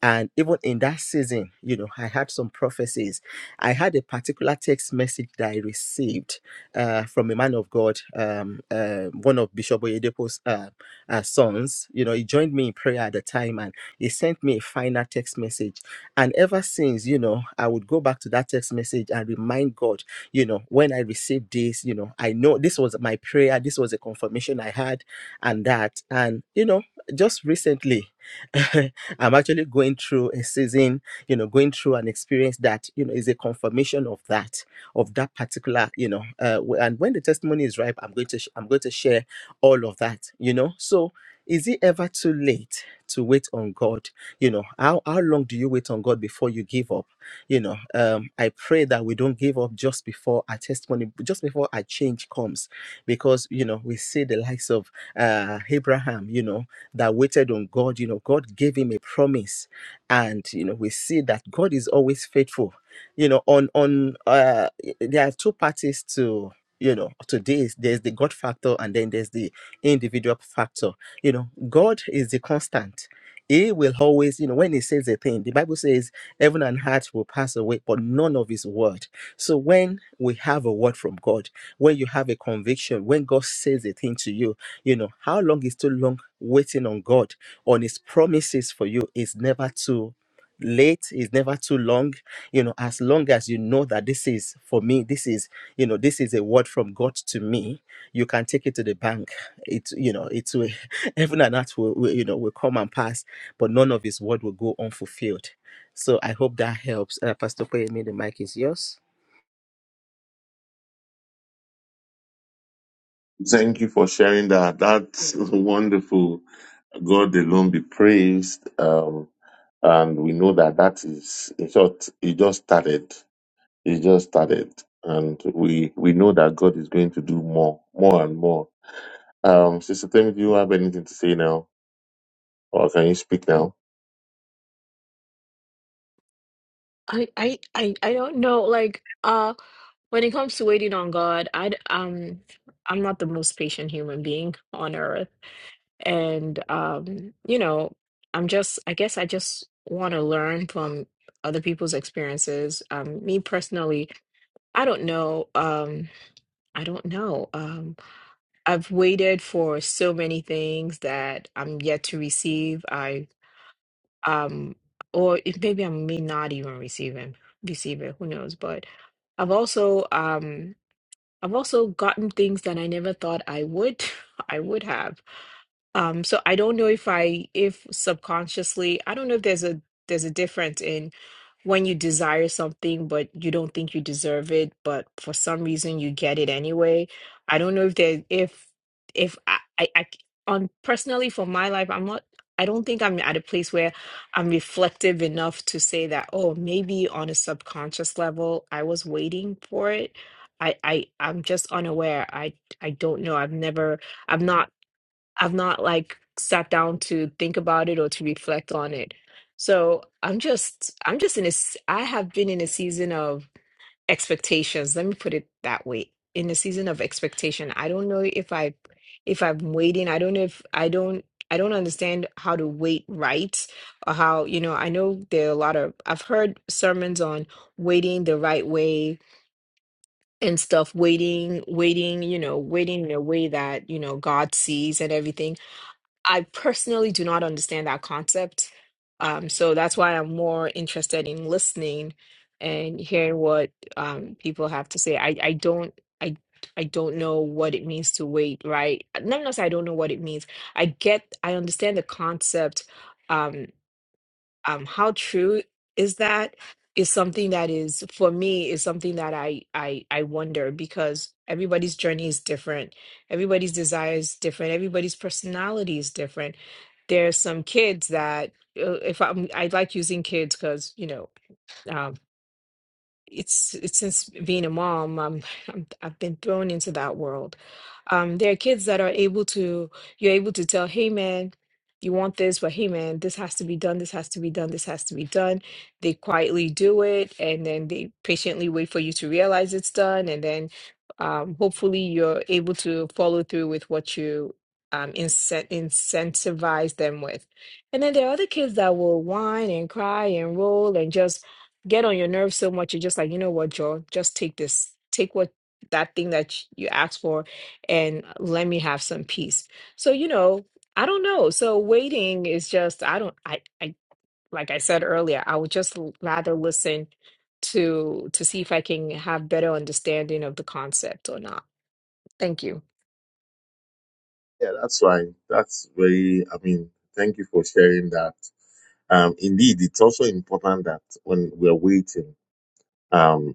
B: and even in that season, you know, I had some prophecies. I had a particular text message that I received uh, from a man of God, um, uh, one of Bishop Oyedepo's uh, uh, sons. You know, he joined me in prayer at the time and he sent me a final text message. And ever since, you know, I would go back to that text message and remind God, you know, when I received this, you know, I know this was my prayer, this was a confirmation I had, and that. And, you know, just recently, I'm actually going through a season, you know, going through an experience that, you know, is a confirmation of that, of that particular, you know, uh, w- and when the testimony is ripe, I'm going to, sh- I'm going to share all of that, you know. So is it ever too late to wait on God? You know, how, how long do you wait on God before you give up? You know, um, I pray that we don't give up just before our testimony, just before our change comes, because, you know, we see the likes of uh, Abraham, you know, that waited on God, you know, God gave him a promise. And, you know, we see that God is always faithful. You know, on, on, uh, there are two parties to, you know, to this. There's the God factor and then there's the individual factor. You know, God is the constant. He will always, you know, when he says a thing, the Bible says heaven and heart will pass away, but none of his word. So when we have a word from God, when you have a conviction, when God says a thing to you, you know, how long is too long waiting on God, on His promises for you is never too late, is never too long. You know, as long as you know that this is for me, this is, you know, this is a word from God to me, you can take it to the bank. It, you know, it will, heaven and earth will, will, you know, will come and pass, but none of His word will go unfulfilled. So I hope that helps. Uh, Pastor Kwame, the mic is yours.
A: Thank you for sharing that. That's wonderful. God alone be praised. Um, and we know that that is, in short, it just started. It just started, and we we know that God is going to do more, more and more. Um, Sister Temi, do you have anything to say now? Oh, can you speak now?
C: I I I, I don't know like uh when it comes to waiting on God, I d- um I'm not the most patient human being on earth and um you know, I'm just I guess I just want to learn from other people's experiences. Um me personally, I don't know um I don't know. um, I've waited for so many things that I'm yet to receive. I um or it, maybe I may not even receive him, receive it, who knows? But I've also um I've also gotten things that I never thought I would I would have. Um, so I don't know if I if subconsciously, I don't know if there's a there's a difference in when you desire something but you don't think you deserve it, but for some reason you get it anyway. I don't know if there if if I, I, I c- on personally for my life, I'm not I don't think I'm at a place where I'm reflective enough to say that, oh, maybe on a subconscious level I was waiting for it. I, I I'm just unaware. I I don't know. I've never i am not. I've not like sat down to think about it or to reflect on it. So I'm just I'm just in a s- I have been in a season of expectations. Let me put it that way. In a season of expectation. I don't know if I if I'm waiting. I don't know if I don't I don't understand how to wait right or how, you know, I know there are a lot of I've heard sermons on waiting the right way and stuff, waiting, waiting, you know, waiting in a way that, you know, God sees and everything I personally do not understand that concept. Um, so that's why I'm more interested in listening and hearing what um, people have to say. I, I don't I I don't know what it means to wait, right? Not not say I don't know what it means. I get I understand the concept. um, um, how true is that is something that is for me is something that I, I i wonder because everybody's journey is different everybody's desire is different everybody's personality is different there's some kids that uh, if i'm i like using kids because you know um, it's it's since being a mom, um, I'm, I've been thrown into that world. Um, there are kids that are able to, you're able to tell, hey man, you want this, but hey man, this has to be done, this has to be done, this has to be done. They quietly do it, and then they patiently wait for you to realize it's done, and then um, hopefully you're able to follow through with what you um, incent incentivize them with. And then there are other kids that will whine and cry and roll and just get on your nerves so much you're just like you know what joe just take this take what that thing that sh- you asked for and let me have some peace so you know i don't know so waiting is just i don't i i like i said earlier i would just l- rather listen to to see if i can have better understanding of the concept or not thank you
A: Yeah, that's fine. That's very, I mean, thank you for sharing that. Um, indeed, it's also important that when we're waiting, um,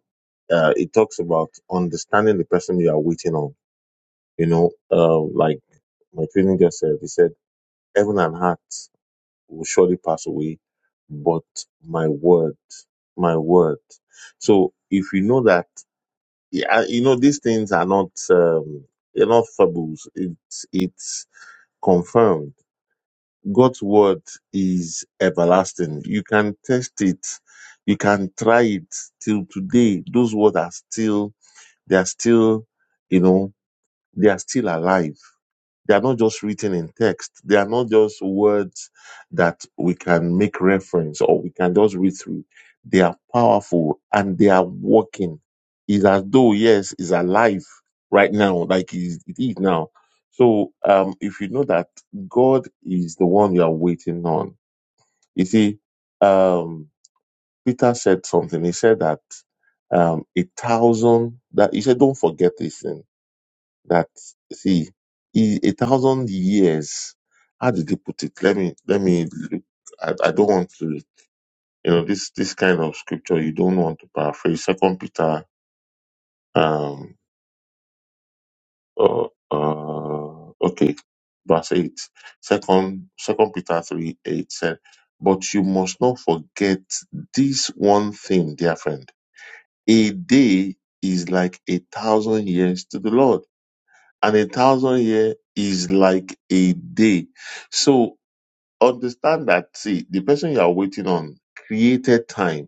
A: uh, it talks about understanding the person you are waiting on. You know, uh, like my training just said, he said, heaven and heart will surely pass away, but my word, my word. So if you know that yeah, you know, these things are not um, they're not fables. It's it's confirmed. God's word is everlasting. You can test it, you can try it till today. Those words are still they are still, you know, they are still alive. They are not just written in text. They are not just words that we can make reference or we can just read through. They are powerful and they are working. It's as though, yes, it's alive right now, like it is it is now. So, um, if you know that God is the one you are waiting on, you see, um, Peter said something. He said that um, a thousand that he said, don't forget this thing that see i- a thousand years how did they put it let me let me look I, I don't want to you know this this kind of scripture you don't want to paraphrase second peter um uh, uh okay verse eight. Second second second peter 3 8 said but you must not forget this one thing dear friend a day is like a thousand years to the lord and a thousand year is like a day. So understand that see the person you are waiting on created time.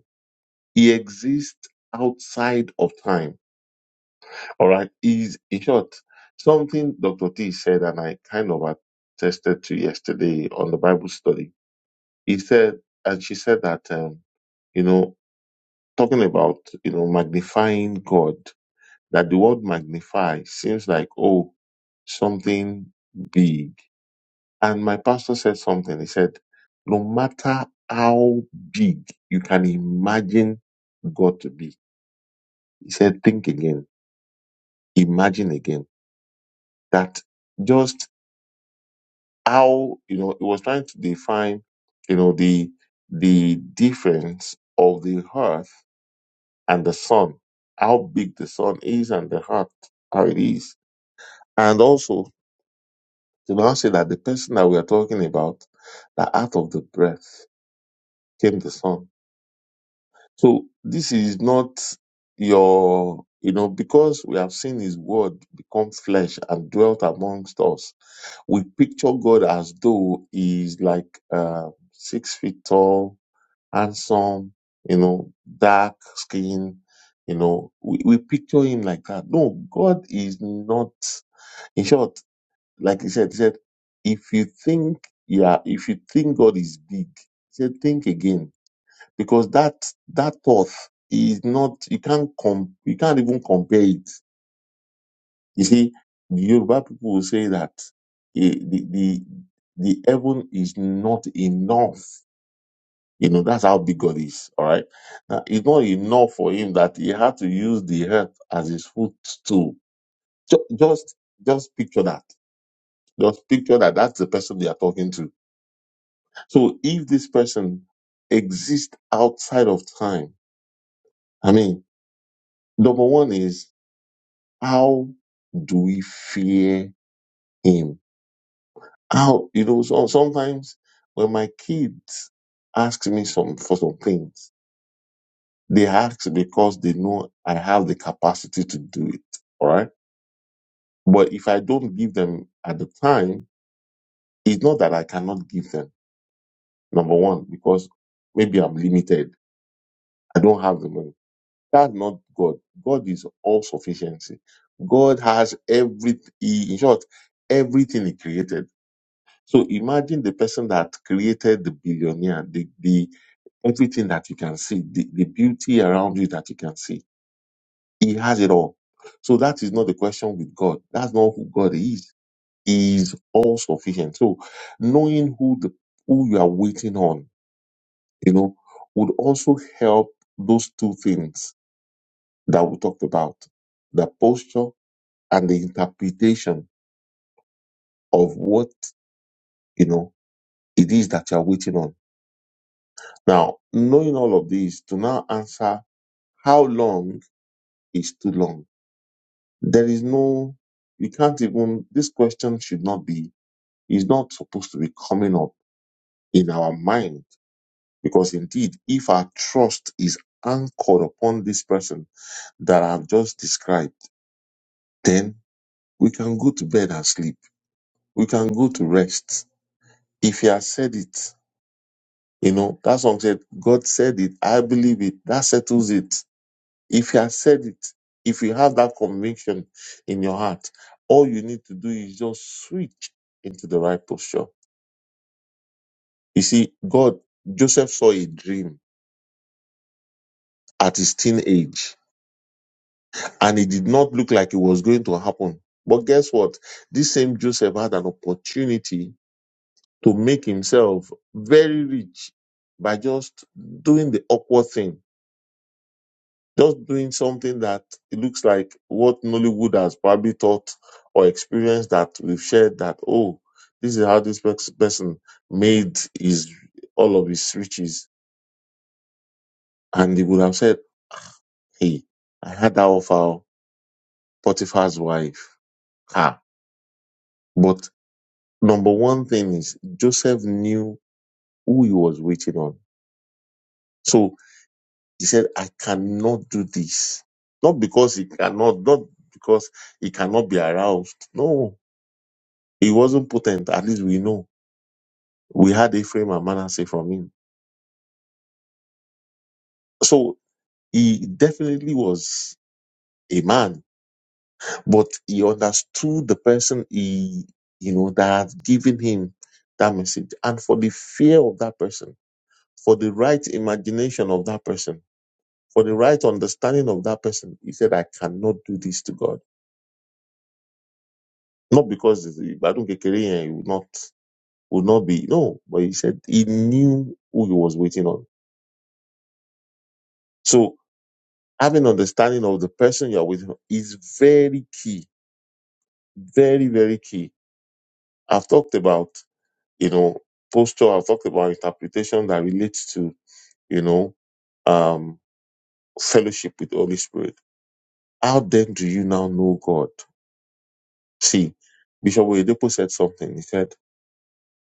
A: He exists outside of time. All right. Is in short something Dr. T said, and I kind of attested to yesterday on the Bible study. He said, and she said that um, you know talking about you know magnifying God. That the word magnify seems like oh something big And my pastor said something. He said, No matter how big you can imagine God to be, he said, Think again, imagine again. That just how, you know, he was trying to define, you know, the the difference of the earth and the sun, how big the sun is and the earth, how it is. And also to now say that the person that we are talking about, that out of the breath came the sun So this is not your, you know, because we have seen his word become flesh and dwelt amongst us. We picture God as though he is like uh, six feet tall, handsome, you know, dark skin. You know, we, we picture him like that. No, God is not. In short, like he said, he said, if you think, yeah, if you think God is big, he said, think again because that that thought is not you can't com- you can't even compare it. You see, the Yoruba people will say that eh, the the the heaven is not enough. You know that's how big God is. All right, Now, it's not enough for him that he had to use the earth as his footstool. Ju- Just just picture that. Just picture that. That's the person they are talking to. So if this person exists outside of time, I mean, number one is How do we fear him? How, you know, so sometimes when my kids ask me some, for some things, they ask because they know I have the capacity to do it. All right. But if I don't give them at the time, it's not that I cannot give them. Number one, because maybe I'm limited. I don't have the money. That's not God. God is all sufficiency. God has every, in short, everything he created. So imagine the person that created the billionaire, the, the everything that you can see, the, the beauty around you that you can see. He has it all. So that is not the question with God. That's not who God is. He is all sufficient. So knowing who the who you are waiting on, you know, would also help those two things that we talked about. The posture and the interpretation of what, you know, it is that you are waiting on Now, knowing all of this, to now answer how long is too long, there is no, you can't even, this question should not be, is not supposed to be coming up in our mind. Because indeed, if our trust is anchored upon this person that I've just described, then we can go to bed and sleep. We can go to rest. If he has said it, you know, that song said, God said it, I believe it, that settles it If you have said it, if you have that conviction in your heart, all you need to do is just switch into the right posture. You see, God, Joseph saw a dream at his teenage and it did not look like it was going to happen. But guess what? This same Joseph had an opportunity to make himself very rich by just doing the awkward thing just doing something that it looks like what Nollywood has probably taught or experienced that we've shared that, oh, this is how this pers- person made his all of his riches. And he would have said, Hey, I had that of our Potiphar's wife. Ah. But number one thing is Joseph knew who he was waiting on. So he said, I cannot do this. Not because he cannot, not because he cannot be aroused. No, He wasn't potent, at least we know. We had Ephraim and Manasseh from him. So he definitely was a man, but he understood the person he, you know, that had given him that message. And for the fear of that person, for the right imagination of that person, for the right understanding of that person, he said, I cannot do this to God. Not because Badun Kekere would not would not be no, but he said he knew who he was waiting on. So having understanding of the person you're with is very key, very, very key. I've talked about, you know, posture, I've talked about interpretation that relates to, you know, um, fellowship with the Holy Spirit. How then do you now know God? See, Bishop Oyedepo said something. He said,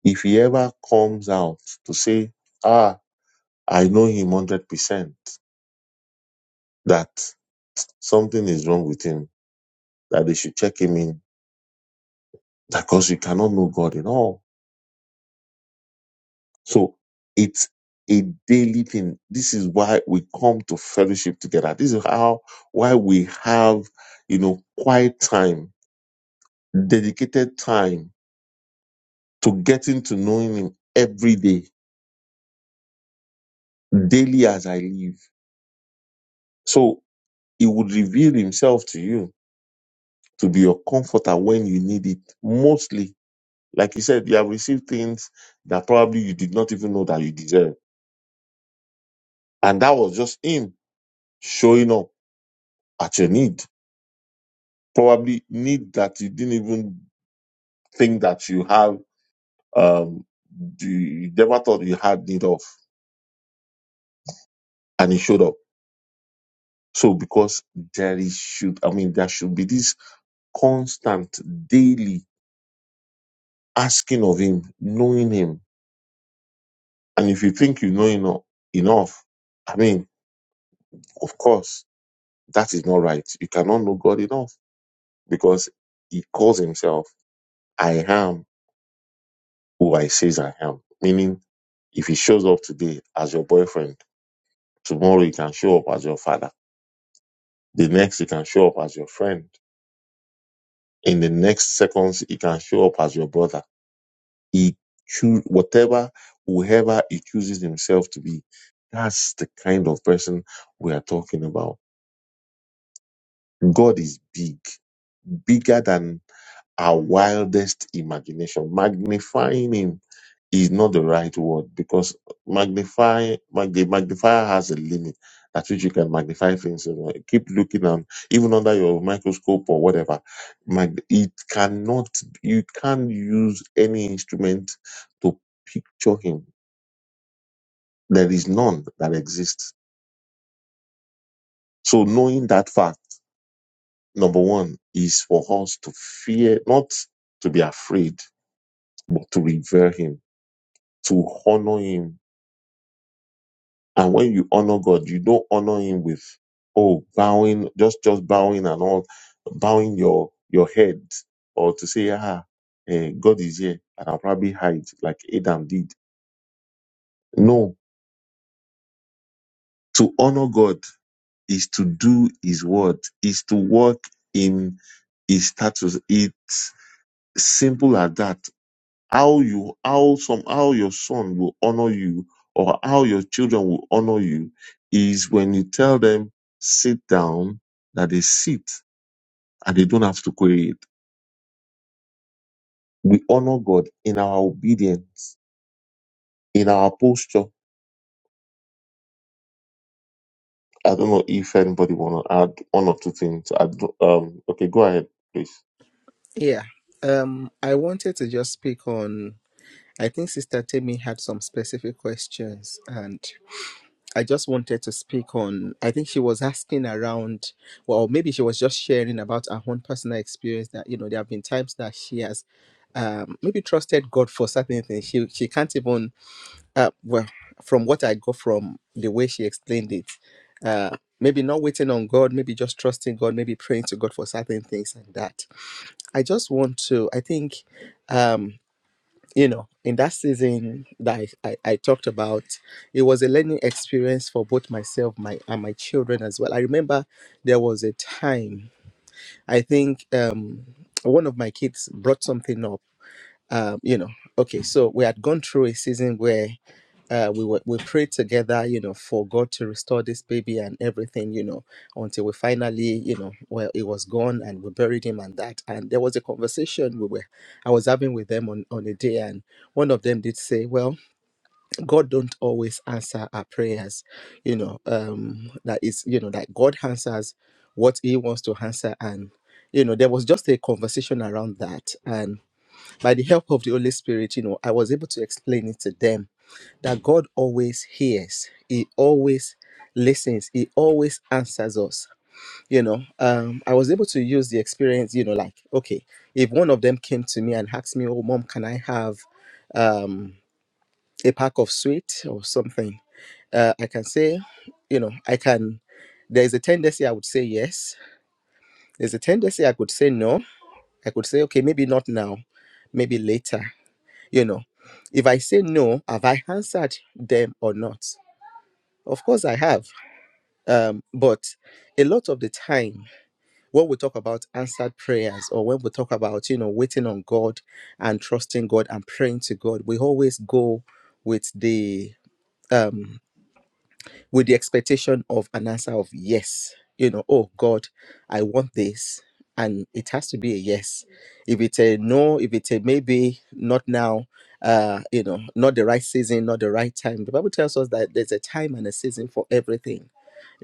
A: if he ever comes out to say, ah, I know him 100%, that something is wrong with him, that they should check him in, because you cannot know God in all So it's a daily thing. This is why we come to fellowship together. This is how why we have, you know, quiet time, dedicated time to getting to knowing him every day, daily as I live. So he would reveal himself to you to be your comforter when you need it. Mostly, like you said, you have received things that probably you did not even know that you deserve. And that was just him showing up at your need probably need that you didn't even think that you have um you you never thought you had need of and it showed up so because there is should i mean there should be this constant daily asking of him knowing him and if you think you know eno- enough i mean of course that is not right you cannot know god enough because he calls himself i am who i says i am meaning if he shows up today as your boyfriend Tomorrow he can show up as your father. The next he can show up as your friend. In the next seconds he can show up as your brother. He choose whatever, whoever he chooses himself to be. That's the kind of person we are talking about. God is big, bigger than our wildest imagination. Magnifying him is not the right word because magnify mag- the magnifier has a limit at which you can magnify things. you know. Keep looking and even under your microscope or whatever, mag- it cannot. You can't use any instrument to picture him. There is none that exists. So knowing that fact, number one, is for us to fear, not to be afraid, but to revere him to honor him. And when you honor God, you don't honor him with oh bowing, just just bowing and all, bowing your your head or to say ah, eh, God is here and I'll probably hide like Adam did. No, to honor God is to do His word, is to walk in His status. It's simple as that. how you how somehow your son will honor you or how your children will honor you is when you tell them sit down that they sit and they don't have to create we honor god in our obedience in our posture i don't know if anybody want to add one or two things I do, um okay go ahead please
B: Yeah. Um, I wanted to just speak on. I think Sister Temi had some specific questions, and I just wanted to speak on. I think she was asking around, well, maybe she was just sharing about her own personal experience that, you know, there have been times that she has um, maybe trusted God for certain things. She, she can't even, uh, well, from what I got from the way she explained it, uh, maybe not waiting on God, maybe just trusting God, maybe praying to God for certain things and that. I just want to, I think. um, you know, in that season that I, I, I talked about, it was a learning experience for both myself my, and my children as well. I remember there was a time, I think um, one of my kids brought something up. Um, you know, okay, so we had gone through a season where uh, we were, we prayed together, you know, for God to restore this baby and everything, you know, until we finally, you know, well, it was gone and we buried him and that. And there was a conversation we were, I was having with them on on a day, and one of them did say, "Well, God don't always answer our prayers, you know, um, that is, you know, that God answers what He wants to answer and." You know, there was just a conversation around that, and by the help of the Holy Spirit, you know, I was able to explain it to them that God always hears. He always listens. He always answers us. You know, um, I was able to use the experience, you know, like, okay, if one of them came to me and asked me, oh, mom, can I have um, a pack of sweet or something? Uh, I can say, you know, I can. There's a tendency I would say yes. There's a tendency I could say no. I could say, okay, maybe not now, maybe later, you know. If I say no, have I answered them or not? Of course I have Um, but a lot of the time, when we talk about answered prayers or when we talk about, you know, waiting on God and trusting God and praying to God, we always go with the um with the expectation of an answer of yes. You know, oh God, I want this. And it has to be a yes. If it's a no, if it's a maybe, not now, uh, you know, not the right season, not the right time. The Bible tells us that there's a time and a season for everything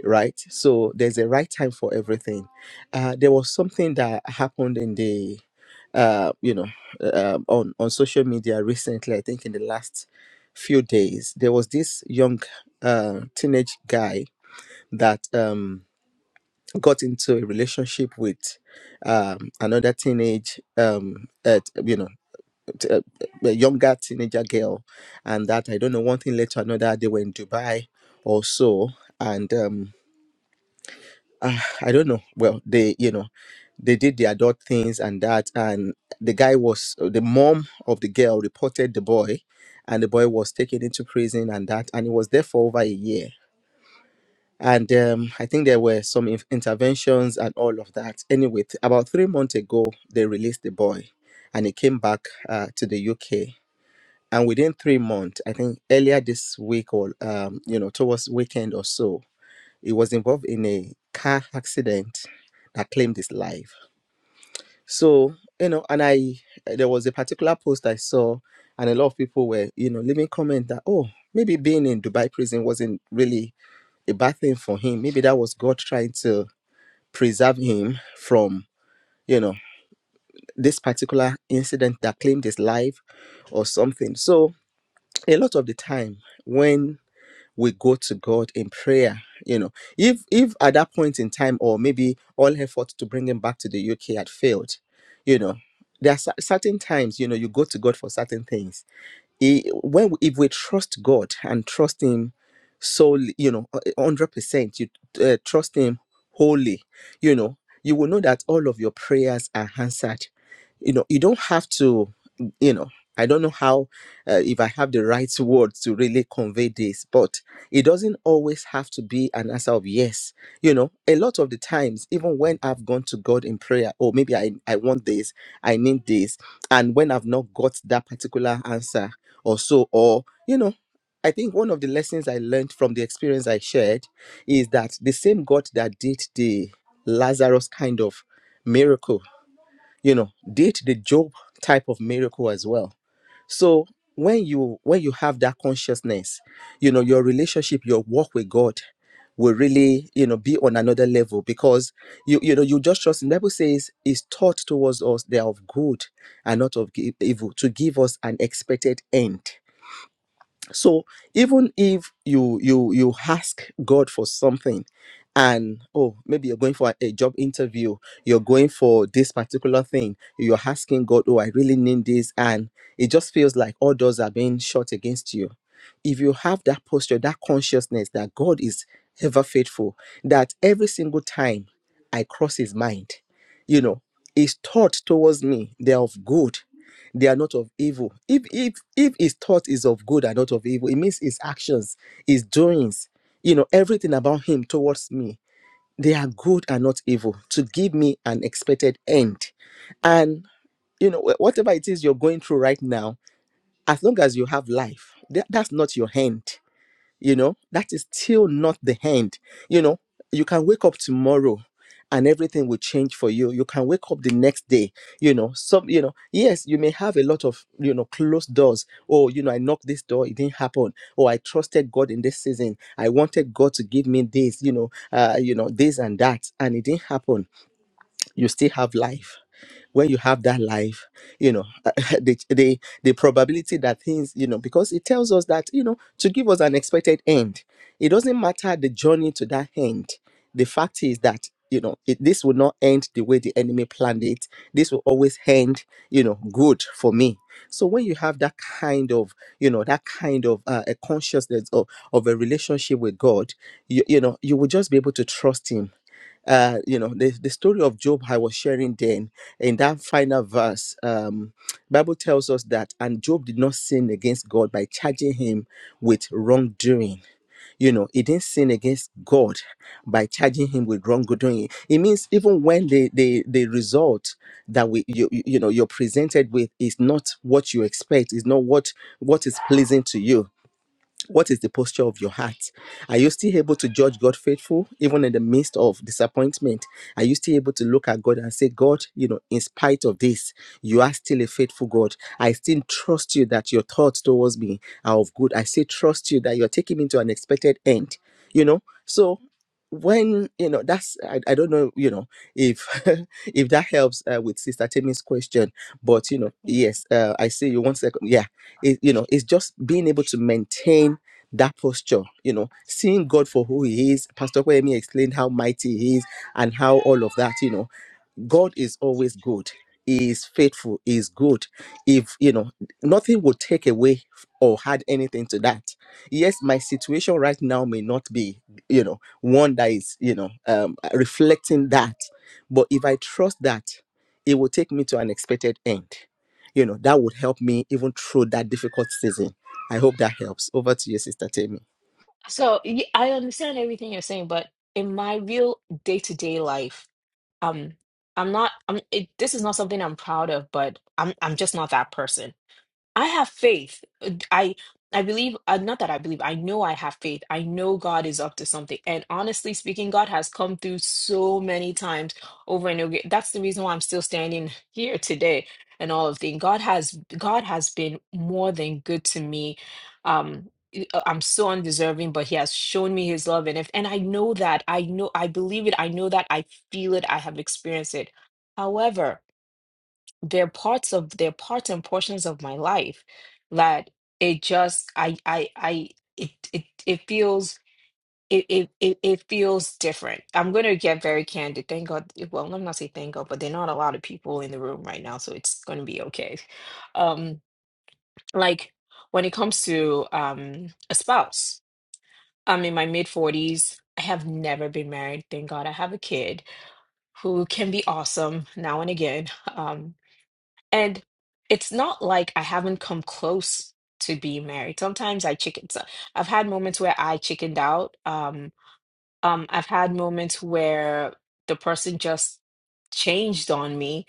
B: right? So there's a right time for everything. Uh, there was something that happened in the, uh, you know, um on on social media recently. I think in the last few days, there was this young uh, teenage guy that um, got into a relationship with um, another teenage, um, at, you know, t- uh, a younger teenager girl, and that I don't know one thing led to another. They were in Dubai or so, and. Um, uh, I don't know. Well, they, you know, they did the adult things and that. And the guy was, uh, the mom of the girl reported the boy, and the boy was taken into prison and that. And he was there for over a year. And um, I think there were some in- interventions and all of that. Anyway, th- about three months ago, they released the boy and he came back uh, to the UK. And within three months, I think earlier this week or, um, you know, towards weekend or so, he was involved in a car accident that claimed his life. So, you know, and I, there was a particular post I saw, and a lot of people were, you know, leaving comment that, oh, maybe being in Dubai prison wasn't really a bad thing for him. Maybe that was God trying to preserve him from, you know, this particular incident that claimed his life or something. So, a lot of the time, when we go to God in prayer. You know, if if at that point in time, or maybe all efforts to bring him back to the UK had failed, you know, there are cer- certain times you know you go to God for certain things he, when if we trust God and trust Him solely, you know, hundred percent, you uh, trust Him wholly, you know, you will know that all of your prayers are answered. You know, you don't have to, you know. I don't know how, uh, if I have the right words to really convey this, but it doesn't always have to be an answer of yes. You know, a lot of the times, even when I've gone to God in prayer, oh, maybe I, I want this, I need this, and when i've not got that particular answer or so or you know i think one of the lessons i learned from the experience i shared is that the same god that did the lazarus kind of miracle you know did the job type of miracle as well so when you when you have that consciousness you know your relationship your walk with god will really you know be on another level because you you know you just trust him. the bible says is taught towards us they are of good and not of gi- evil to give us an expected end so even if you you you ask god for something and oh maybe you're going for a, job interview you're going for this particular thing you're asking god oh i really need this and it just feels like all doors are being shut against you if you have that posture that consciousness that god is ever faithful that every single time i cross his mind you know his thought towards me they're of good they are not of evil. If if if his thought is of good and not of evil, it means his actions, his doings, you know, everything about him towards me, they are good and not evil to give me an expected end. And you know, wh- whatever it is you're going through right now, as long as you have life, that, that's not your end you know that is still not the end you know you can wake up tomorrow and everything will change for you you can wake up the next day you know some you know yes you may have a lot of you know closed doors oh you know i knocked this door it didn't happen oh i trusted god in this season i wanted god to give me this you know uh you know this and that and it didn't happen you still have life when you have that life you know the, the the probability that things you know because it tells us that you know to give us an expected end it doesn't matter the journey to that end the fact is that you know it, this will not end the way the enemy planned it this will always end you know good for me so when you have that kind of you know that kind of uh, a consciousness of, of a relationship with god you, you know you will just be able to trust him uh, you know the, the story of job i was sharing then in that final verse um, bible tells us that and job did not sin against god by charging him with wrongdoing you know he didn't sin against god by charging him with wrongdoing it means even when the the, the result that we you, you you know you're presented with is not what you expect is not what what is pleasing to you what is the posture of your heart? Are you still able to judge God faithful, even in the midst of disappointment? Are you still able to look at God and say, God, you know, in spite of this, you are still a faithful God. I still trust you that your thoughts towards me are of good. I still trust you that you're taking me to an expected end, you know? So, when you know that's I, I don't know you know if if that helps uh, with sister Temi's question but you know yes uh, I see you one second yeah it, you know it's just being able to maintain that posture, you know, seeing God for who He is. Pastor Kwemi explained how mighty He is and how all of that, you know. God is always good. He is faithful. He is good. If you know, nothing will take away or add anything to that. Yes, my situation right now may not be, you know, one that is, you know, um, reflecting that. But if I trust that, it will take me to an expected end. You know, that would help me even through that difficult season. I hope that helps. Over to you, Sister Tammy.
C: so y- i understand everything you're saying but in my real day-to-day life um i'm not i'm it, this is not something i'm proud of but i'm i'm just not that person I have faith. Uh, I I believe uh, not that I believe. I know I have faith. I know God is up to something. And honestly speaking, God has come through so many times over and over. again. That's the reason why I'm still standing here today and all of things. God has God has been more than good to me. Um I- I'm so undeserving, but he has shown me his love. And if, and I know that, I know, I believe it. I know that I feel it. I have experienced it. However, they're parts of they're parts and portions of my life that it just I I I it it it feels it it it, it feels different. I'm gonna get very candid. Thank God. Well, let me not say thank God, but there are not a lot of people in the room right now, so it's gonna be okay. Um, like when it comes to um a spouse, I'm in my mid forties. I have never been married. Thank God I have a kid who can be awesome now and again. And it's not like I haven't come close to being married. Sometimes I chicken. So I've had moments where I chickened out. Um, um, I've had moments where the person just changed on me.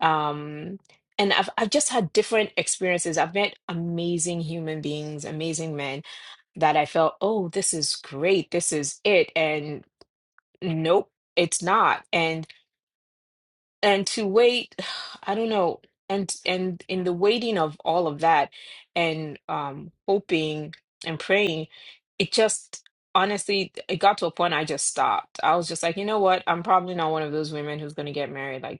C: Um, and I've I've just had different experiences. I've met amazing human beings, amazing men that I felt, oh, this is great, this is it. And nope, it's not. And and to wait i don't know and and in the waiting of all of that and um hoping and praying it just honestly it got to a point i just stopped i was just like you know what i'm probably not one of those women who's going to get married like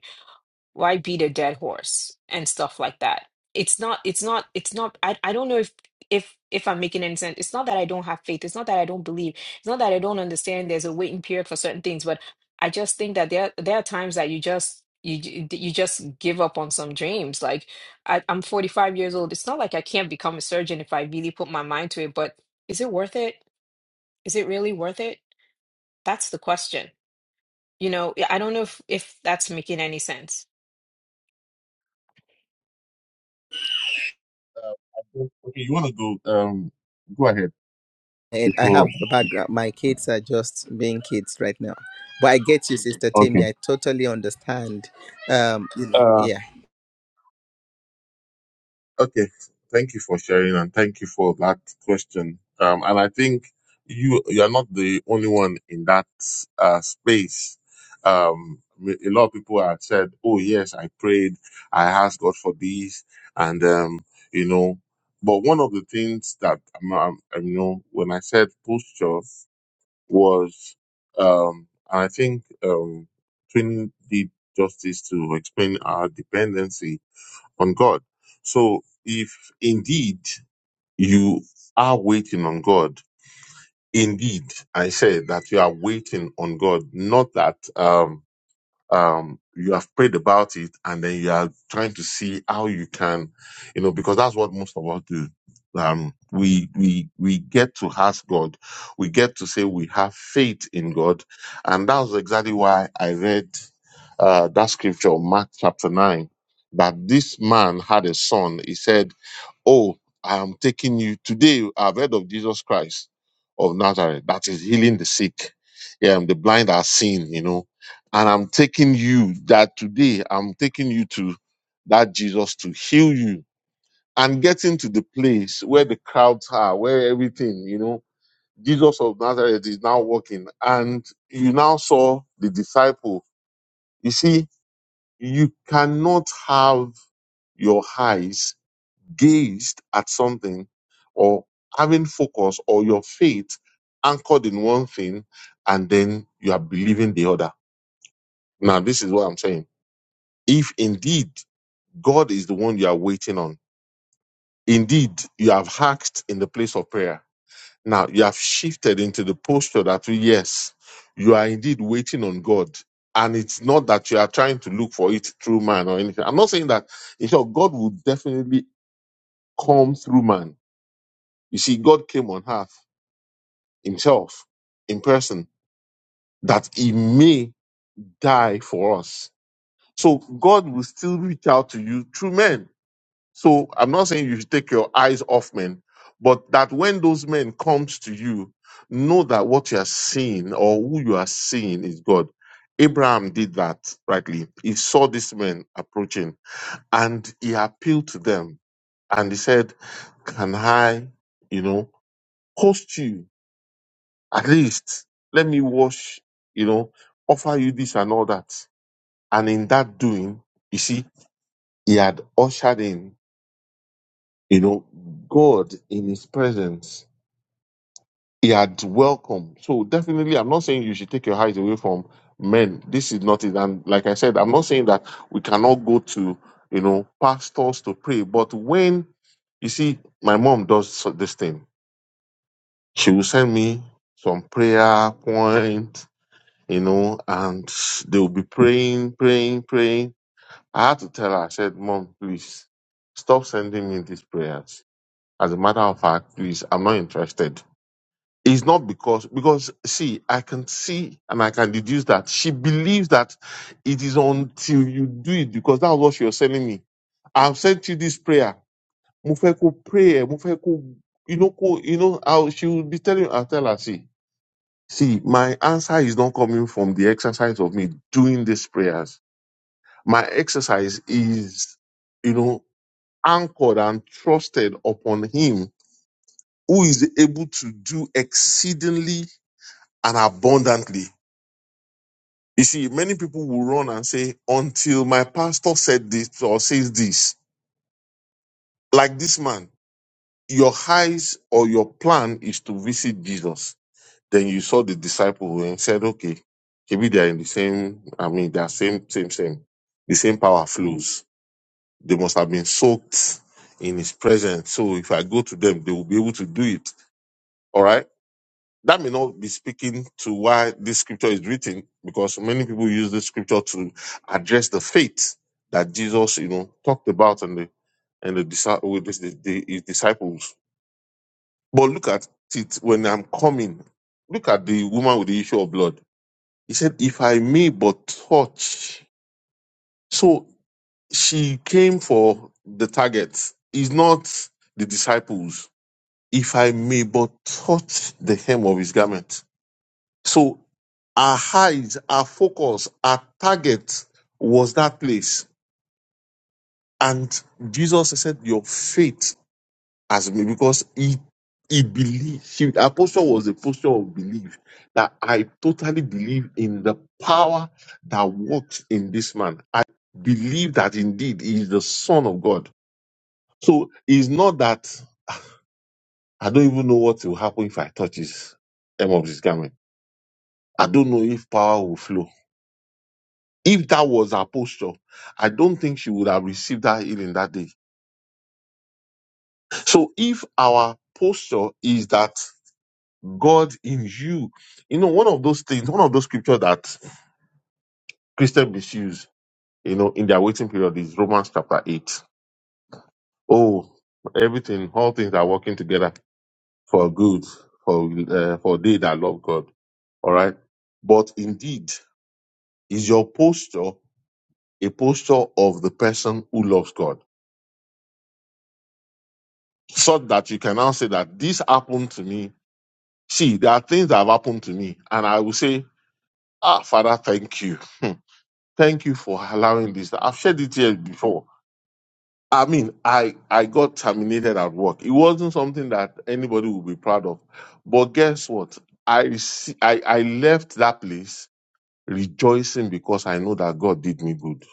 C: why beat a dead horse and stuff like that it's not it's not it's not i, I don't know if if if i'm making any sense it's not that i don't have faith it's not that i don't believe it's not that i don't understand there's a waiting period for certain things but i just think that there there are times that you just you j- you just give up on some dreams like I, i'm 45 years old it's not like i can't become a surgeon if i really put my mind to it but is it worth it is it really worth it that's the question you know, I don't know if if that's making any sense.
A: Uh, okay you want to go um go ahead
B: And I have
A: before
B: a background. My kids are just being kids right now. But I get you, Sister Tammy. I
A: okay
B: totally understand. Um, you know, yeah.
A: Okay, thank you for sharing and thank you for that question. Um, and I think you you are not the only one in that uh, space. Um, a lot of people have said, "Oh yes, I prayed, I asked God for this," and um, you know. But one of the things that um, um, you know, when I said posture was, um, and I think um, Twin did justice to explain our dependency on God. So if indeed you are waiting on God, indeed I say that you are waiting on God, not that um um, you have prayed about it and then you are trying to see how you can, you know, because that's what most of us do. Um, we, we, we get to ask God. We get to say we have faith in God. And that was exactly why I read, uh, that scripture, Mark chapter nine, that this man had a son. He said, Oh, I am taking you today. I've heard of Jesus Christ of Nazareth that is healing the sick. Yeah, I'm the blind are seeing, you know. And I'm taking you that today, I'm taking you to that Jesus to heal you and getting to the place where the crowds are, where everything, you know, Jesus of Nazareth is now walking. And you now saw the disciple. You see, you cannot have your eyes gazed at something or having focus or your faith anchored in one thing and then you are believing the other. Now, this is what I'm saying. If indeed God is the one you are waiting on, indeed you have hacked in the place of prayer. Now you have shifted into the posture that yes, you are indeed waiting on God. And it's not that you are trying to look for it through man or anything. I'm not saying that in short, God will definitely come through man. You see, God came on earth himself in person that he may die for us. So God will still reach out to you through men. So I'm not saying you should take your eyes off men, but that when those men comes to you, know that what you are seeing or who you are seeing is God. Abraham did that rightly. He saw these men approaching and he appealed to them and he said, Can I, you know, host you? At least let me wash, you know, offer you this and all that. And in that doing, you see, he had ushered in, you know, God in his presence. He had welcomed. So definitely, I'm not saying you should take your eyes away from men. This is not it. And like I said, I'm not saying that we cannot go to, you know, pastors to pray. But when, you see, my mom does so- this thing, she will send me some prayer point you know, and they'll be praying, praying, praying. I had to tell her, I said, Mom, please stop sending me these prayers. As a matter of fact, please, I'm not interested. It's not because, because see, I can see and I can deduce that she believes that it is until you do it because that's what she was telling me. I've sent you this prayer. Mufeko prayer, Mufeko, you know, ko- you know, how she will be telling, I'll tell her, see. See, my answer is not coming from the exercise of me doing these prayers. My exercise is, you know, anchored and trusted upon Him who is able to do exceedingly and abundantly. You see, many people will run and say, until my pastor said this or says this, like this man, your eyes or your plan is to visit Jesus Then you saw the disciple and said, okay, maybe they are in the same, I mean, they are same, same, same. The same power flows. They must have been soaked in his presence. So if I go to them, they will be able to do it. All right. That may not be speaking to why this scripture is written because many people use this scripture to address the faith that Jesus, you know, talked about and the, and the, disci- with this- the, the, his disciples. But look at it when I'm coming. Look at the woman with the issue of blood. He said, If I may but touch. So she came for the target. It's not the disciples. If I may but touch the hem of his garment. So our eyes, our focus, our target was that place. And Jesus said, Your faith as me because he he believed she her posture was a posture of belief that I totally believe in the power that works in this man. I believe that indeed he is the son of God. So it's not that I don't even know what will happen if I touch his hem of his garment. I don't know if power will flow. If that was her posture, I don't think she would have received that healing that day. So if our posture is that God in you. You know, one of those things, one of those scriptures that Christians misuse, you know, in their waiting period is Romans chapter 8. Oh, everything, all things are working together for good, for, uh, for they that love God. All right. But indeed, is your posture a posture of the person who loves God? So that you can now say that this happened to me. See, there are things that have happened to me. And I will say, Ah, Father, thank you. Thank you for allowing this. I've shared it here before. I mean, I, I got terminated at work. It wasn't something that anybody would be proud of. But guess what? I, see, I, I left that place rejoicing because I know that God did me good.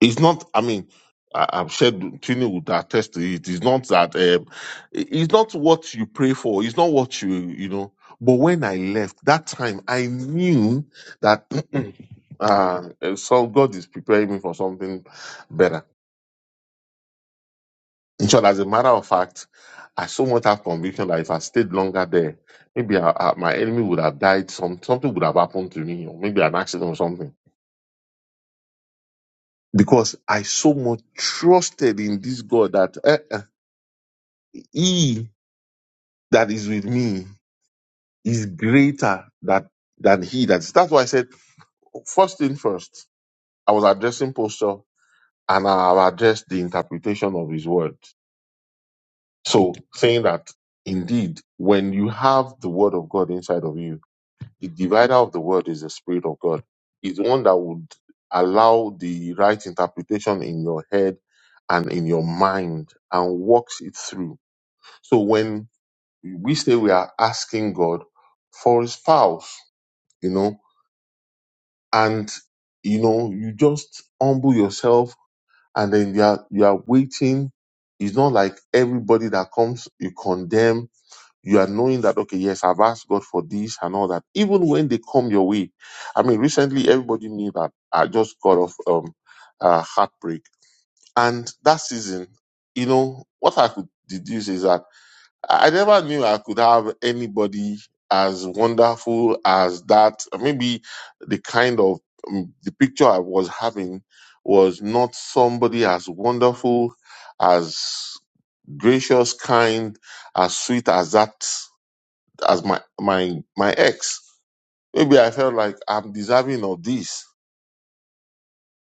A: it's not i mean I, i've shared tini would attest to it it's not that um, it- it's not what you pray for it's not what you you know but when i left that time i knew that uh, so god is preparing me for something better in short as a matter of fact i so much have conviction that if i stayed longer there maybe I, I- my enemy would have died some something would have happened to me or maybe an accident or something because i so much trusted in this god that he that is with me is greater that, than he that is. That's why I said, first thing first, I was addressing posture and I have addressed the interpretation of his word. So saying that indeed, when you have the word of God inside of you, the divider of the word is the spirit of God. Is one that would allow the right interpretation in your head and in your mind and walks it through. So when we say we are asking God for a spouse, you know, and you know, you just humble yourself and then you are you are waiting. It's not like everybody that comes, you condemn, you are knowing that okay, yes, I've asked God for this and all that. Even when they come your way. I mean, recently everybody knew that I just got off um uh heartbreak. And that season, you know, what I could deduce is that I never knew I could have anybody as wonderful as that. Maybe the kind of um, the picture I was having was not somebody as wonderful, as gracious, kind, as sweet as that as my my my ex. Maybe I felt like I'm deserving of this,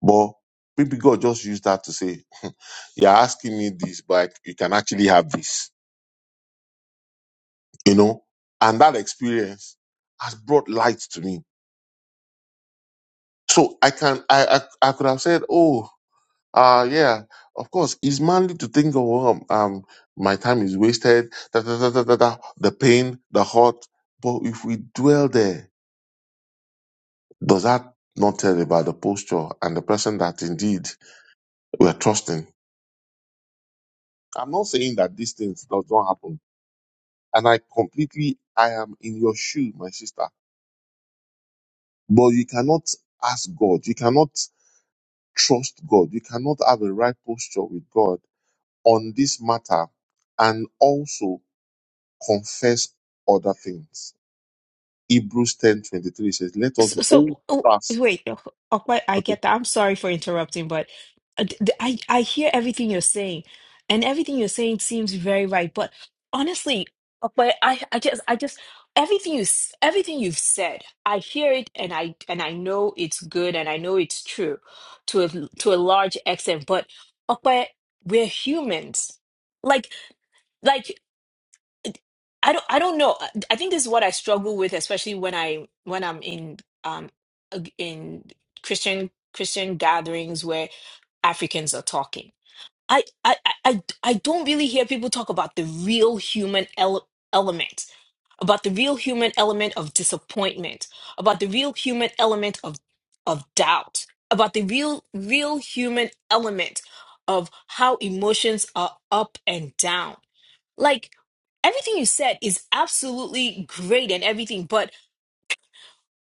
A: but maybe God just used that to say, "You're asking me this, but you can actually have this." you know and that experience has brought light to me so i can i i, I could have said oh uh yeah of course it's manly to think of um, um my time is wasted da, da, da, da, da, da, the pain the hurt but if we dwell there does that not tell about the posture and the person that indeed we're trusting i'm not saying that these things does not happen and i completely i am in your shoe my sister but you cannot ask god you cannot trust God. You cannot have a right posture with God on this matter and also confess other things. Hebrews ten twenty three says, Let us
C: So,
A: hold
C: so oh,
A: fast.
C: wait, oh, oh, wait, I
A: Okay.
C: get that. I'm sorry for interrupting, but uh, th- th- I I hear everything you're saying, and everything you're saying seems very right. But honestly, oh, but I I just I just everything you s- everything you've said, I hear it, and I and I know it's good, and I know it's true, to a to a large extent. But oh, but we're humans, like like. I don't I don't know. Uh, I think this is what I struggle with, especially when I when I'm in um ag- in Christian Christian gatherings where Africans are talking. I I I I I don't really hear people talk about the real human ele- element, about the real human element of disappointment, about the real human element of of doubt, about the real real human element of how emotions are up and down like everything you said is absolutely great and everything, but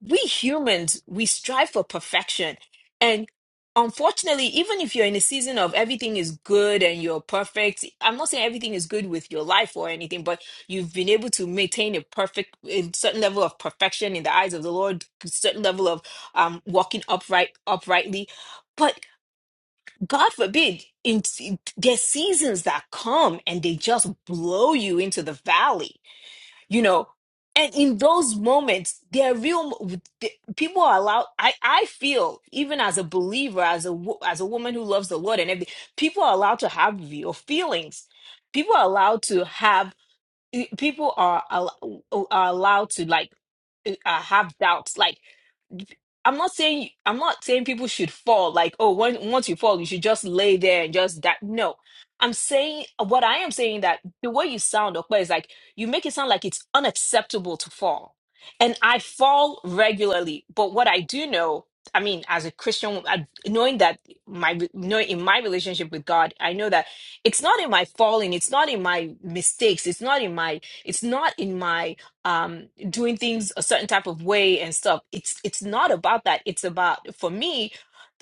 C: we humans, we strive for perfection. And unfortunately, even if you're in a season of everything is good and you're perfect, I'm not saying everything is good with your life or anything, but you've been able to maintain a perfect, a certain level of perfection in the eyes of the Lord, a certain level of um, walking upright, uprightly. But God forbid, in- there's seasons that come and they just blow you into the valley you know and in those moments there are real mo- the- people are allowed i i feel even as a believer as a wo- as a woman who loves the lord and everything people are allowed to have real feelings people are allowed to have people are, al- are allowed to like uh, have doubts like I'm not saying I'm not saying people should fall like oh when, once you fall you should just lay there and just that no I'm saying what I am saying that the way you sound Okpa is like you make it sound like it's unacceptable to fall and I fall regularly but what I do know I mean as a Christian I, knowing that my knowing in my relationship with God I know that it's not in my falling it's not in my mistakes it's not in my it's not in my um doing things a certain type of way and stuff it's it's not about that it's about for me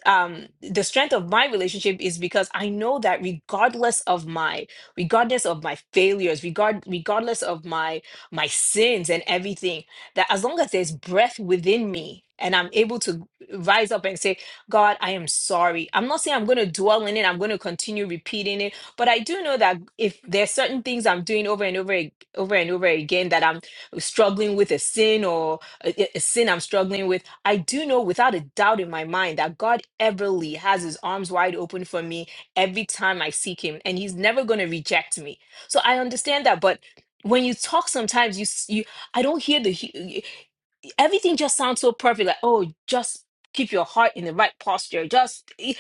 C: um the strength of my relationship is because i know that regardless of my regardless of my failures regard regardless of my my sins and everything that as long as there's breath within me and i'm able to rise up and say god i am sorry i'm not saying i'm going to dwell in it i'm going to continue repeating it but i do know that if there's certain things i'm doing over and over ag- over and over again that i'm struggling with a sin or a, a- a sin i'm struggling with I do know without a doubt in my mind that God everly has his arms wide open for me every time I seek him and he's never going to reject me. So I understand that but when you talk sometimes you s- you I don't hear the hu- everything just sounds so perfect like oh just keep your heart in the right posture just eh,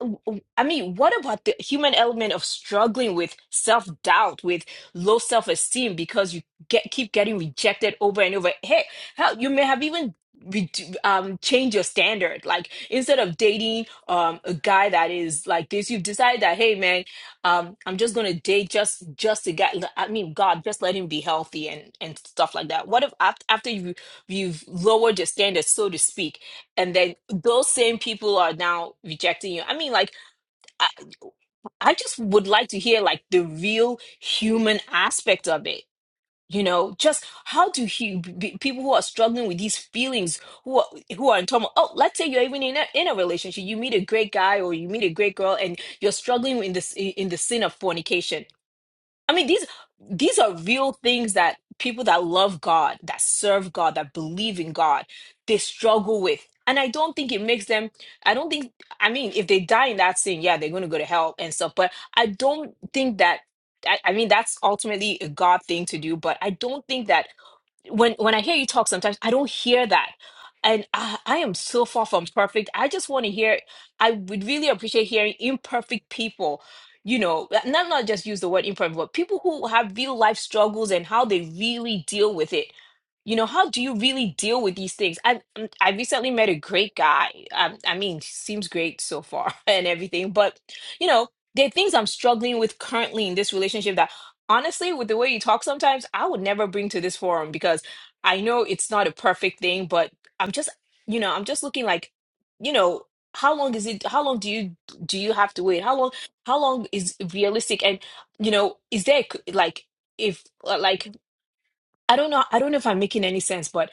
C: w- w- I mean, what about the human element of struggling with self-doubt, with low self-esteem because you get keep getting rejected over and over? Hey, hell, you may have even redu- um changed your standard. Like instead of dating um a guy that is like this, you've decided that hey man, um I'm just gonna date just just a guy. I mean, God, just let him be healthy and and stuff like that. What if af- after you you've lowered your standards, so to speak? and then those same people are now rejecting you i mean like I, I just would like to hear like the real human aspect of it you know just how do he, be, people who are struggling with these feelings who are, who are in turmoil oh let's say you're even in a, in a relationship you meet a great guy or you meet a great girl and you're struggling in this in the sin of fornication I mean, these these are real things that people that love God, that serve God, that believe in God, they struggle with. And I don't think it makes them, I don't think, I mean, if they die in that sin, yeah, they're going to go to hell and stuff. But I don't think that, I, I mean, that's ultimately a God thing to do. But I don't think that when when I hear you talk sometimes I don't hear that. And I, I am so far from perfect. I just want to hear, I would really appreciate hearing imperfect people, you know, not not just use the word imperfect, but people who have real life struggles and how they really deal with it you know how do you really deal with these things i mm, i recently met a great guy i, I mean seems great so far and everything but you know there are things i'm struggling with currently in this relationship that honestly with the way you talk sometimes i would never bring to this forum because i know it's not a perfect thing but i'm just you know i'm just looking like you know how long is it how long do you do you have to wait how long how long is realistic and you know is there like if uh, like I don't know. I don't know if I'm making any sense, but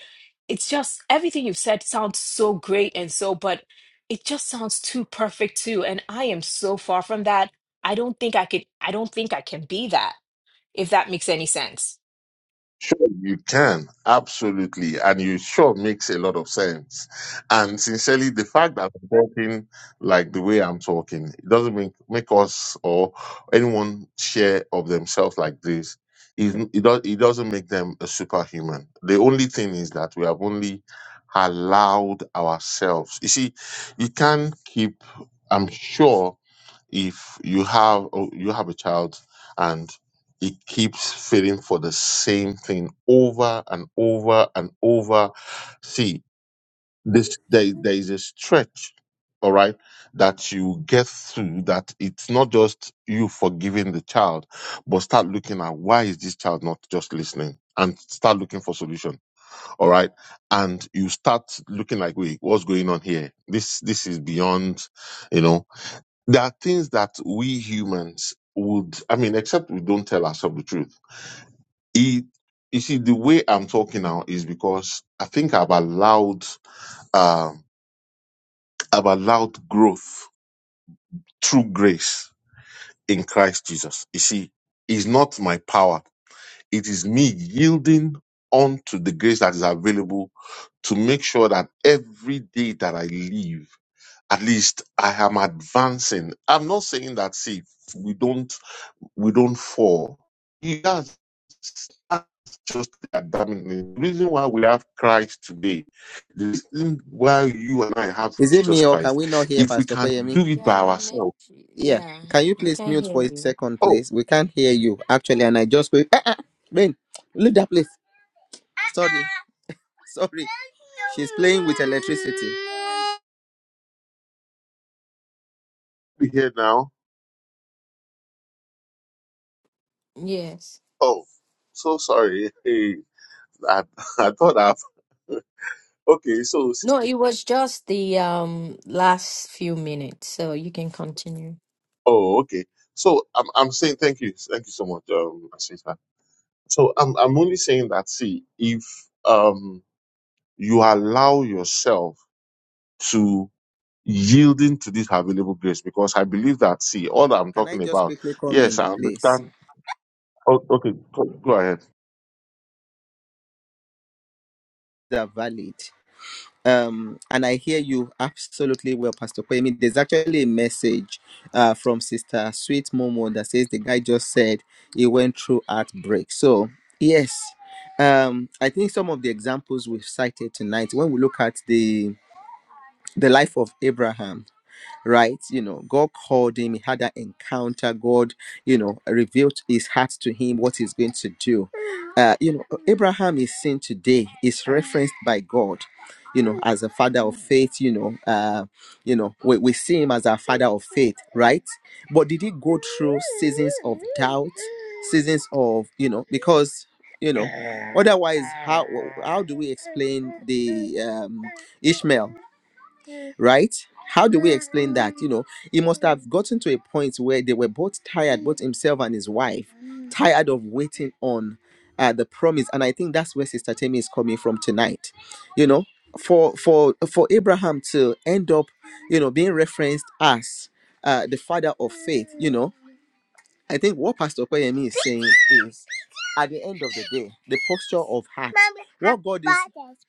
C: it's just everything you've said sounds so great and so, but it just sounds too perfect too. And I am so far from that. I don't think I could, I don't think I can be that, if that makes any sense.
A: Sure, you can. Absolutely. And you sure makes a lot of sense. And sincerely, the fact that I'm talking like the way I'm talking, it doesn't make, make us or anyone share of themselves like this. It, it, does, it doesn't make them a superhuman. The only thing is that we have only allowed ourselves. You see, you can keep, I'm sure if you have, oh, you have a child it keeps fitting for the same thing over and over and over. See, this there, there is a stretch, all right, that you get through that it's not just you forgiving the child, but start looking at why is this child not just listening and start looking for solution. All right. And you start looking like, wait, what's going on here? This this is beyond, you know. There are things that we humans would I mean, except we don't tell ourselves the truth it, you see, the way I'm talking now is because I think I've allowed, um, I've allowed growth through grace in Christ Jesus. You see, it's not my power. It is me yielding onto the grace that is available to make sure that every day that I live, at least I am advancing. I'm not saying that, see, we don't we don't fall. He does. That's just the The reason why we have Christ today, the reason why you and I have
B: Is it
A: Jesus
B: me or can
A: Christ,
B: we not hear
A: if we
B: Pastor
A: can do
B: Koyemi?
A: it
D: Yeah,
A: by
D: and it
A: ourselves.
D: makes you,
B: Yeah.
D: yeah,
B: Can you
D: we
B: please
D: can
B: mute
D: hear
B: for a
D: you.
B: second,
A: Oh,
B: please? We can't hear you actually. And I just wait. Uh-uh. Ben, leave that place. Sorry. Sorry. She's playing with electricity.
A: we here now.
D: Yes.
A: Oh, so sorry. Hey, I, I thought I've. Okay, so,
D: No,
A: sister.
D: it was just the um last few minutes, so you can continue.
A: Oh, okay. So I'm, I'm saying thank you. Thank you so much, um, my sister. So I'm, I'm only saying that, see, if, um, you allow yourself yielding to this available grace because I believe that, see, all that I'm
B: Can I
A: talking
B: just
A: about,
B: quickly come
A: yes,
B: in,
A: I
B: please?
A: understand. Oh, okay, go, go ahead.
B: They're valid. um and i hear you absolutely well pastor Kwame. there's actually a message uh from sister sweet momo that says the guy just said he went through heartbreak so yes um i think some of the examples we've cited tonight when we look at the the life of abraham right? You know, God called him, he had that encounter. God, you know, revealed his heart to him, what he's going to do. Uh, you know, Abraham is seen today, is referenced by God, you know, as a father of faith, you know, uh, you know, we, we see him as our father of faith, right? But did he go through seasons of doubt, seasons of, you know, because you know otherwise how how do we explain the um ishmael right? How do we explain that? You know, he must have gotten to a point where they were both tired, both himself and his wife, tired of waiting on uh, the promise. And I think that's where Sister Tammy is coming from tonight. You know, for for for Abraham to end up, you know, being referenced as uh, the father of faith, you know, I think what Pastor Koyemi is saying is at the end of the day, the posture of heart. What God is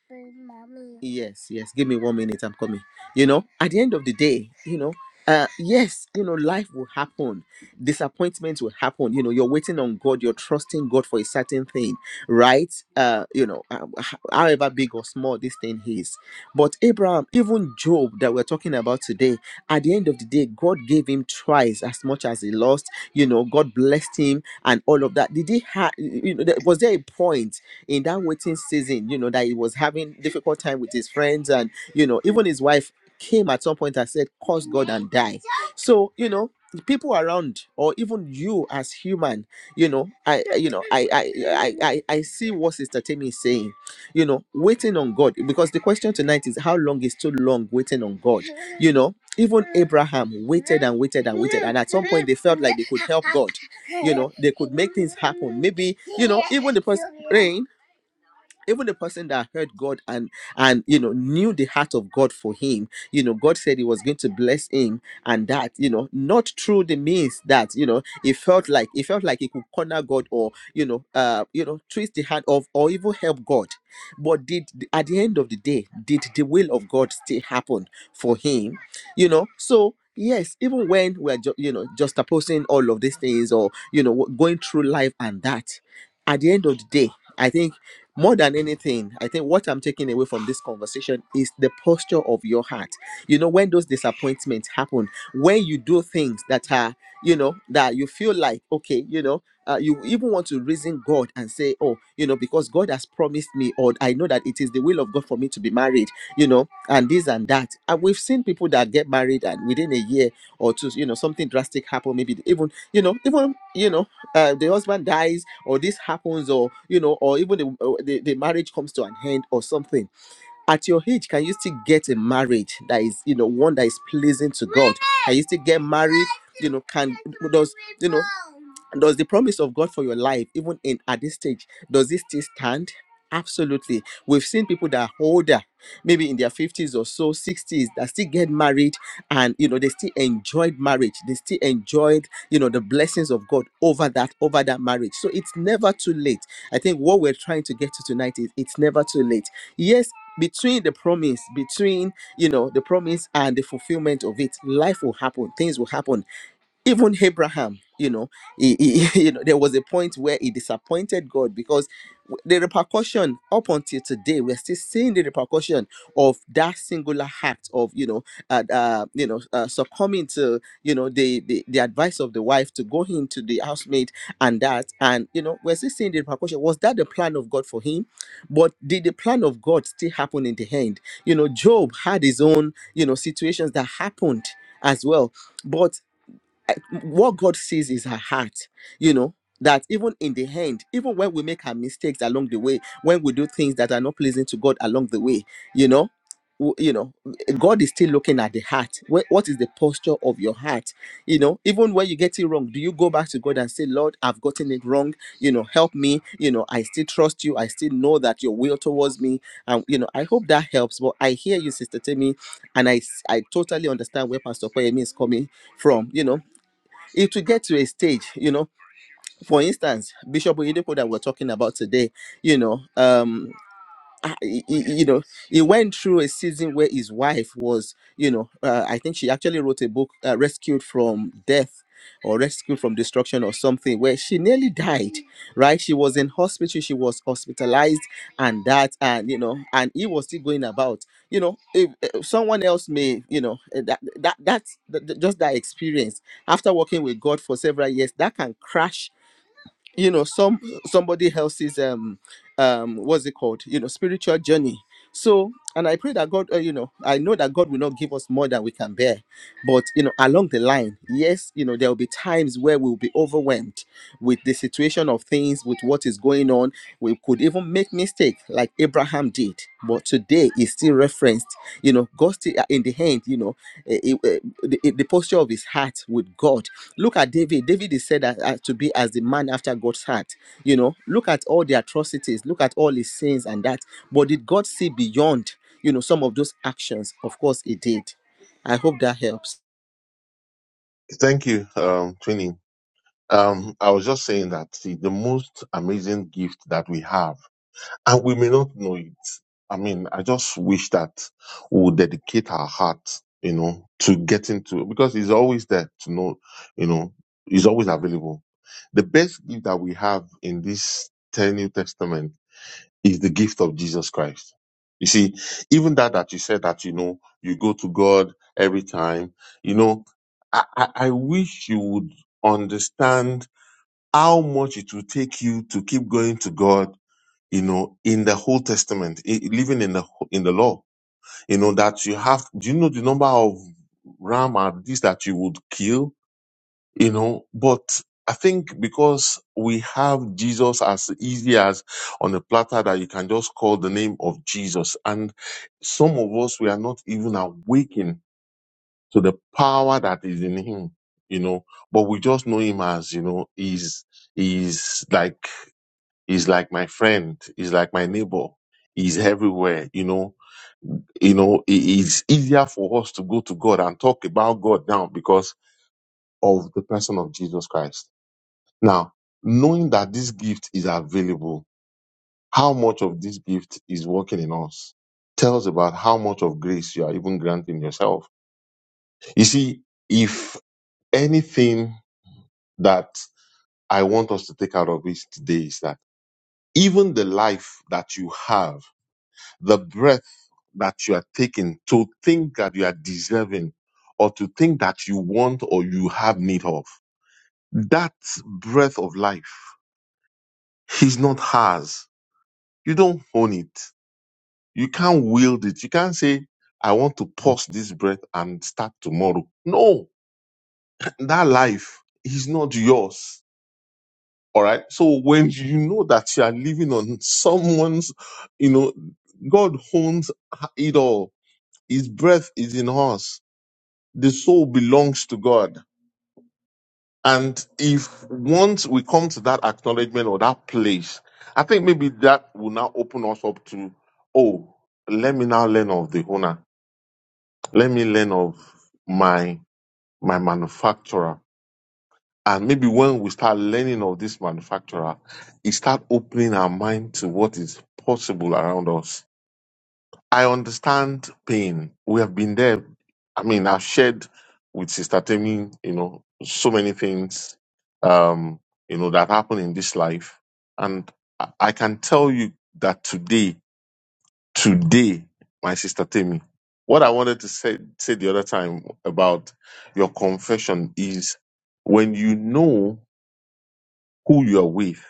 B: Yes, yes. Give me one minute. I'm coming. You know, at the end of the day, you know, uh, yes, you know, life will happen. Disappointments will happen. You know, you're waiting on God. You're trusting God for a certain thing, right? Uh, you know, uh, h- however big or small this thing is. But Abraham, even Job that we're talking about today, at the end of the day, God gave him twice as much as he lost you know god blessed him and all of that did he have you know there- was there a point in that waiting season you know that he was having difficult time with his friends and you know even his wife came at some point and said curse god and die so you know the people around or even you as human you know i I- you know i i i i, I see what sister tammy is saying you know waiting on god because the question tonight is how long is too long waiting on god you know even Abraham waited and waited and waited, and at some point they felt like they could help God. You know, they could make things happen. Maybe you know, even the person praying even the person that heard God and and you know knew the heart of God for him, you know, God said he was going to bless him, and that you know, not through the means that you know it felt like it felt like he could corner God or you know, uh, you know, twist the hand of or even help God. But did at the end of the day, did the will of God still happen for him? You know, so. Yes, even when we're ju- you know just opposing all of these things or you know going through life and that, at the end of the day, I think more than anything, I think what I'm taking away from this conversation is the posture of your heart. You know, when those disappointments happen, when you do things that are, you know, that you feel like, okay, you know, uh, you even want to reason God and say, oh, you know, because God has promised me, or I know that it is the will of God for me to be married, you know, and this and that. And we've seen people that get married and within a year or two, you know, something drastic happen. Maybe even, you know, even, you know, uh, the husband dies or this happens or you know or even the, uh, the the marriage comes to an end or something at your age can you still get a marriage that is you know one that is pleasing to god can you still get married you know can does you know does the promise of god for your life even in at this stage does it still stand absolutely we've seen people that are older maybe in their 50s or so 60s that still get married and you know they still enjoyed marriage they still enjoyed you know the blessings of god over that over that marriage so it's never too late i think what we're trying to get to tonight is it's never too late Yes between the promise between you know the promise and the fulfillment of it life will happen things will happen even Abraham, you know, he, he- you know, there was a point where he disappointed God because w- the repercussion up until today, we're still seeing the repercussion of that singular act of, you know, uh, uh, you know, uh, succumbing to, you know, the, the the advice of the wife to go into the housemaid and that, and you know, we're still seeing the repercussion. Was that the plan of God for him? But did the plan of God still happen in the end? You know, Job had his own, you know, situations that happened as well, but I- what God sees is her heart, you know, that even in the end, even when we make our mistakes along the way, when we do things that are not pleasing to God along the way, you know, w- you know, eh, God is still looking at the heart. Wh- What is the posture of your heart? You know, even when you get it wrong, do you go back to God and say, Lord, I've gotten it wrong. You know, help me. You know, I still trust you. I still know that your will towards me. And, you know, I hope that helps. But I hear you, Sister Timmy, and I, s- I totally understand where Pastor Koyemi is coming from. You know, it will get to a stage, you know. For instance, Bishop Oyedepo that we're talking about today, you know, um, uh, he- he- you know he went through a season where his wife was you know uh, i think she actually wrote a book uh, rescued from death or rescued from destruction or something where she nearly died right she was in hospital she was hospitalized and that and you know and he was still going about you know if, if someone else may you know eh, that that that's th- th- just that experience after working with god for several years that can crash you know some somebody else's um um what's it called you know spiritual journey so and i pray that god uh, you know i know that god will not give us more than we can bear but you know along the line yes you know there will be times where we'll be overwhelmed with the situation of things with what is going on we could even make mistake like abraham did but today is still referenced you know god still uh, in the hand you know eh, eh, eh, the, eh, the posture of his heart with god Look at David. David is said as- as to be as the man after God's heart. You know, look at all the atrocities, look at all his sins and that. But did God see beyond, you know, some of those actions? Of course, he did. I hope that helps.
A: Thank you, um, Twinny. Um, I was just saying that, see, the most amazing gift that we have, and we may not know it. I mean, I just wish that we would dedicate our heart, you know, to getting to, because it's always there to know, you know, it's always available. The best gift that we have in this 10 New Testament is the gift of Jesus Christ. You see, even that that you said that you know you go to God every time, you know, I, I, I wish you would understand how much it will take you to keep going to God, you know, in the whole testament, i- living in the wh- in the law. You know, that you have do you know the number of ram and this that you would kill? you know but i think because we have jesus as easy as on a platter that you can just call the name of jesus and some of us we are not even awakened to the power that is in him you know but we just know him as you know he's he's like he's like my friend he's like my neighbor he's everywhere you know you know it is easier for us to go to god and talk about god now because of the person of jesus christ now, knowing that this gift is available, how much of this gift is working in us tells about how much of grace you are even granting yourself. You see, if anything that I want us to take out of this today is that even the life that you have, the breath that you are taking to think that you are deserving or to think that you want or you have need of, that breath of life is not hers. You don't own it You can't wield it. You can't say, I want to pause this breath and start tomorrow. No, that life is not yours. All right. So when you know that you are living on someone's, you know, God owns it all. His breath is in us. The soul belongs to God. And if once we come to that acknowledgement or that place, I think maybe that will now open us up to, oh, let me now learn of the owner Let me learn of my my manufacturer. And maybe when we start learning of this manufacturer, it start opening our mind to what is possible around us. I understand pain. We have been there. I mean, I've shared with Sister Temi, you know, so many things, um, you know, that happen in this life. And I I can tell you that today today, my sister Tammy. What I wanted to say say the other time about your confession is when you know who you are with,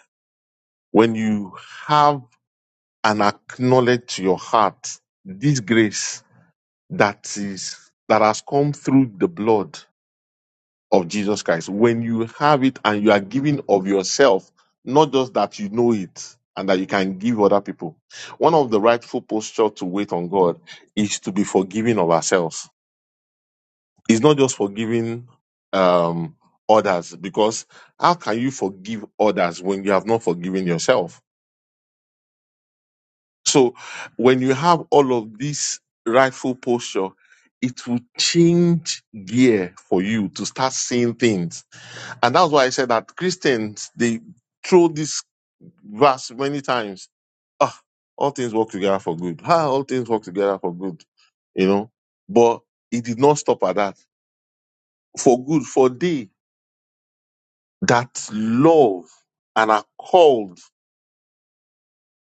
A: when you have and acknowledge to your heart this grace that is that has come through the blood of Jesus Christ. When you have it and you are giving of yourself, not just that you know it and that you can give other people. One of the rightful posture to wait on God is to be forgiving of ourselves. It's not just forgiving um, others because how can you forgive others when you have not forgiven yourself? So when you have all of this rightful posture, it will change gear for you to start seeing things. And that's why I said that Christians, they throw this verse many times. Ah, all things work together for good. Ah, all things work together for good. You know, but it did not stop at that. For good, for they that love and are called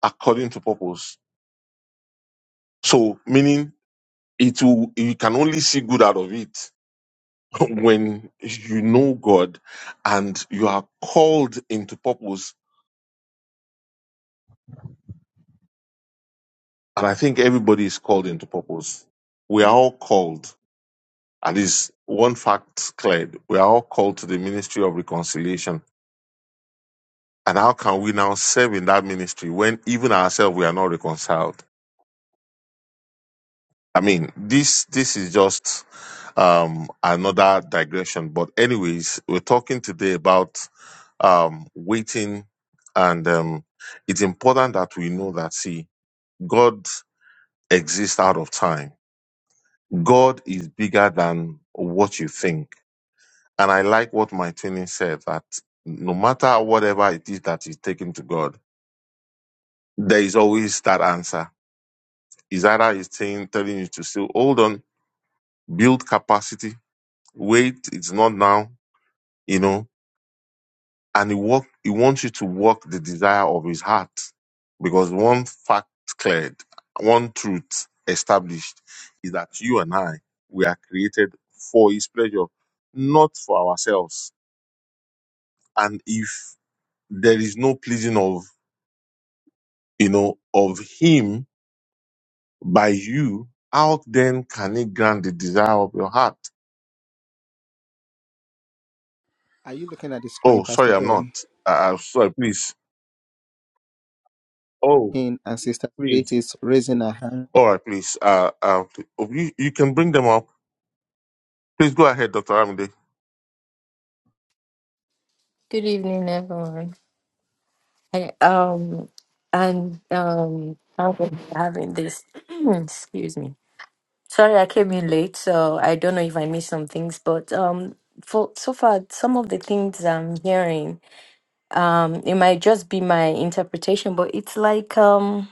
A: according to purpose. So, meaning it will you can only see good out of it when you know God and you are called into purpose. And I think everybody is called into purpose. We are all called. At least one fact cleared. We are all called to the ministry of reconciliation. And how can we now serve in that ministry when even ourselves we are not reconciled? I mean, this this is just um another digression. But anyways, we're talking today about um, waiting. And um, it's important that we know that, see, God exists out of time. God is bigger than what you think. And I like what my training said that no matter whatever it is that is taken to God, there is always that answer. Is either he's saying, telling you to still hold on, build capacity, wait, it's not now, you know, and he walk he wants you to walk the desire of his heart because one fact cleared one truth established is that you and i we are created for his pleasure not for ourselves and if there is no pleasing of you know of him by you how then can he grant the desire of your heart
B: Are you looking at the
A: oh
B: screen,
A: sorry
B: Pastor
A: i'm not
B: Pem?
A: uh, uh, sorry please oh
B: In and Sister Faith
A: please
B: is raising her hand.
A: all right please uh, uh you, you can bring them up Please go ahead, Dr. Amide.
D: Good evening, everyone. I, um, and um, thank you for having this. Excuse me. Sorry, I came in late, so I don't know if I missed some things, but um, for so far, some of the things I'm hearing, um, it might just be my interpretation, but it's like um.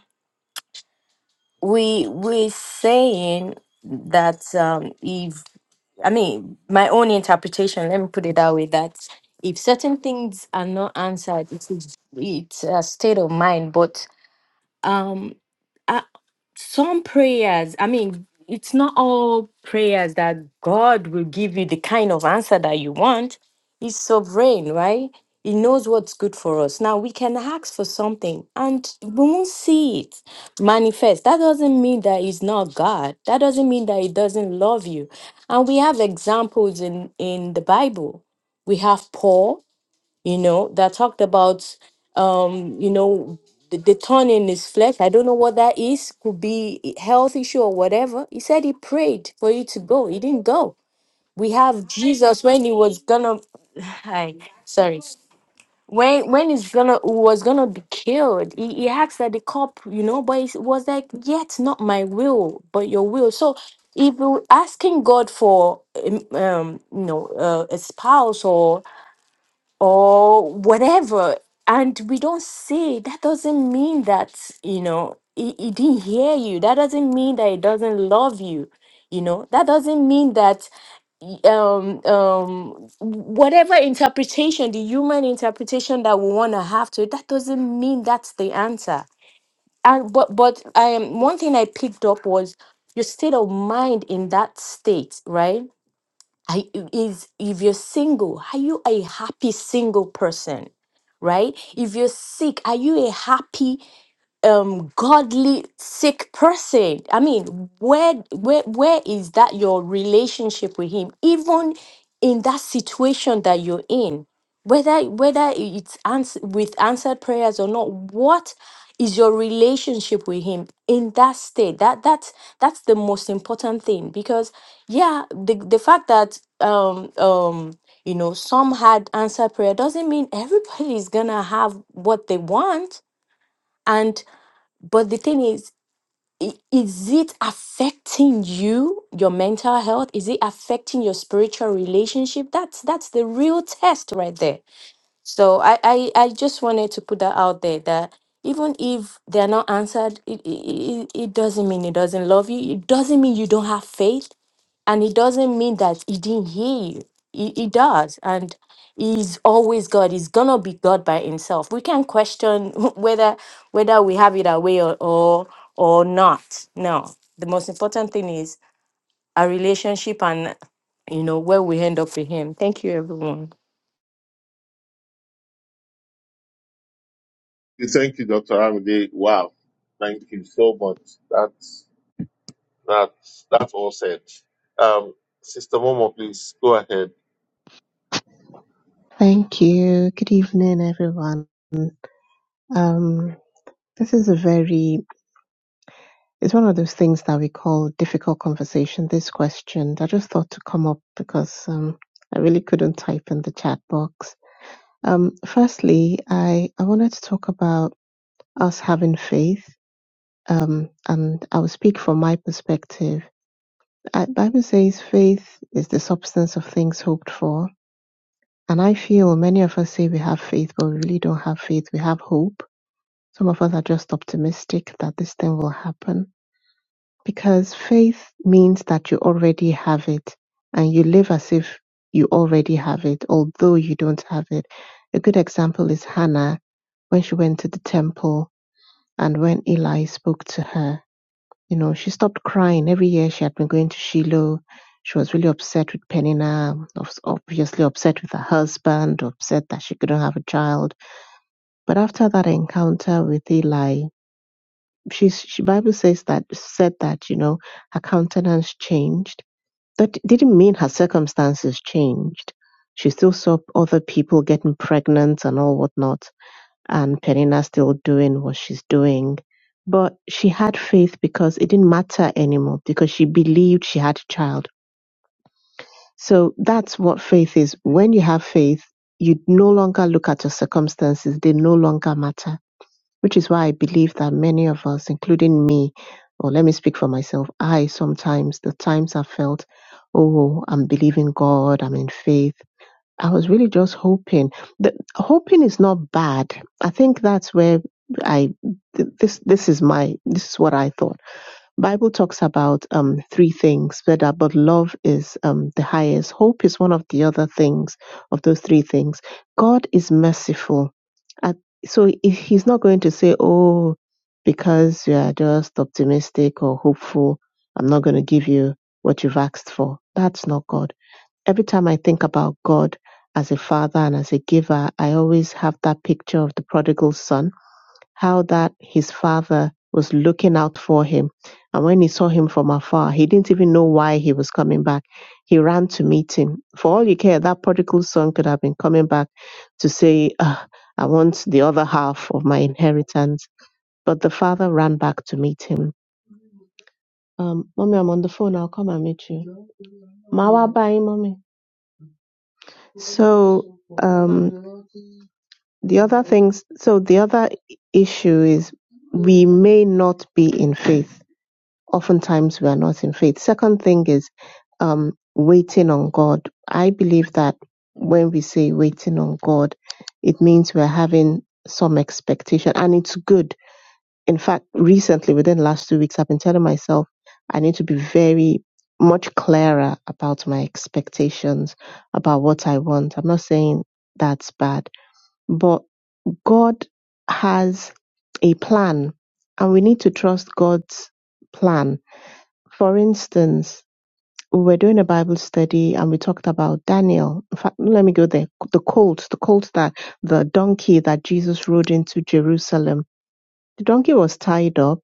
D: we we're saying that um if i mean my own interpretation let me put it that way that if certain things are not answered it's it's a state of mind but um some prayers, I mean, it's not all prayers that God will give you the kind of answer that you want. He's sovereign, right? He knows what's good for us. Now, we can ask for something and we won't see it manifest. That doesn't mean that he's not God. That doesn't mean that he doesn't love you. And we have examples in, in the Bible. We have Paul, you know, that talked about, um, you know, the, the thorn in his flesh. I don't know what that is. Could be a health issue or whatever. He said he prayed for you to go. He didn't go. We have Jesus when he was gonna, hi, sorry, when when he's gonna was gonna be killed. He, he asked that the cop, you know, but it was like, yet not my will, but your will. So if you're asking God for um, um, you know uh, a spouse or whatever and we don't say that doesn't mean that you know he, he didn't hear you that doesn't mean that he doesn't love you you know that doesn't mean that y- um um whatever interpretation the human interpretation that we want to have to it, that doesn't mean that's the answer and but but um one thing i picked up was your state of mind in that state right I, is if you're single, are you a happy single person? Right? If you're sick, are you a happy um godly sick person i mean where where where is that your relationship with him even in that situation that you're in whether whether it's ans- with answered prayers or not what is your relationship with him in that state that that's that's the most important thing because yeah the the fact that um um you know some had answered prayer doesn't mean everybody is gonna have what they want but the thing is, i- is it affecting you, your mental health? Is it affecting your spiritual relationship? That's that's the real test right there. So I I, I just wanted to put that out there that even if they're not answered, it, it, it it doesn't mean it doesn't love you. It doesn't mean you don't have faith and it doesn't mean that he didn't hear you he, he does and he's always god he's gonna be god by himself we can question whether whether we have it our way or, or or not no the most important thing is our relationship and you know where we end up with him thank you everyone
A: Thank you, Dr. Amide. Wow. Thank you so much. That's that's that's all said. Um Sister Momo, please go ahead.
E: Thank you. Good evening, everyone. Um, this is a very, it's one of those things that we call difficult conversation. This question, I just thought to come up because um, I really couldn't type in the chat box. Um, firstly, I, I wanted to talk about us having faith. Um, and I will speak from my perspective. I, Bible says faith is the substance of things hoped for. And I feel many of us say we have faith, but we really don't have faith. We have hope Some of us are just optimistic that this thing will happen because faith means that you already have it and you live as if you already have it, although you don't have it. A good example is Hannah when she went to the temple and when Eli spoke to her. You know, she stopped crying. Every year she had been going to Shiloh. She was really upset with Peninnah, obs- obviously upset with her husband, upset that she couldn't have a child. But after that encounter with Eli, she's she bible says that said that you know her countenance changed that didn't mean her circumstances changed she still saw other people getting pregnant and all whatnot and penina still doing what she's doing but she had faith because it didn't matter anymore because she believed she had a child so that's what faith is when you have faith you no longer look at your circumstances they no longer matter which is why I believe that many of us, including me, or let me speak for myself, I sometimes, the times I felt, oh, I'm believing God, I'm in faith. I was really just hoping. The, hoping is not bad. I think that's where I th- this this is my this is what I thought. Bible talks about um three things, but uh, but love is um the highest. Hope is one of the other things of those three things. God is merciful. At, so if he's not going to say, oh, because you are just optimistic or hopeful, I'm not going to give you what you've asked for. That's not God. Every time I think about God as a father and as a giver, I always have that picture of the prodigal son how that his father was looking out for him. And when he saw him from afar, he didn't even know why he was coming back. He ran to meet him. For all you care, that prodigal son could have been coming back to say, "Ah, I want the other half of my inheritance. But the father ran back to meet him. Um, mommy, I'm on the phone. I'll come and meet you. Mawa bye, mommy. So, um, the other things, so the other issue is we may not be in faith oftentimes we are not in faith. Second thing is um, waiting on God. I believe that when we say waiting on God, it means we're having some expectation and it's good. In fact, recently, within the last two weeks, I've been telling myself I need to be very much clearer about my expectations, about what I want. I'm not saying that's bad, but God has a plan and we need to trust God's plan for instance, we were doing a Bible study and we talked about Daniel. In fact, let me go there. The colt, the colt that the donkey that Jesus rode into Jerusalem. The donkey was tied up.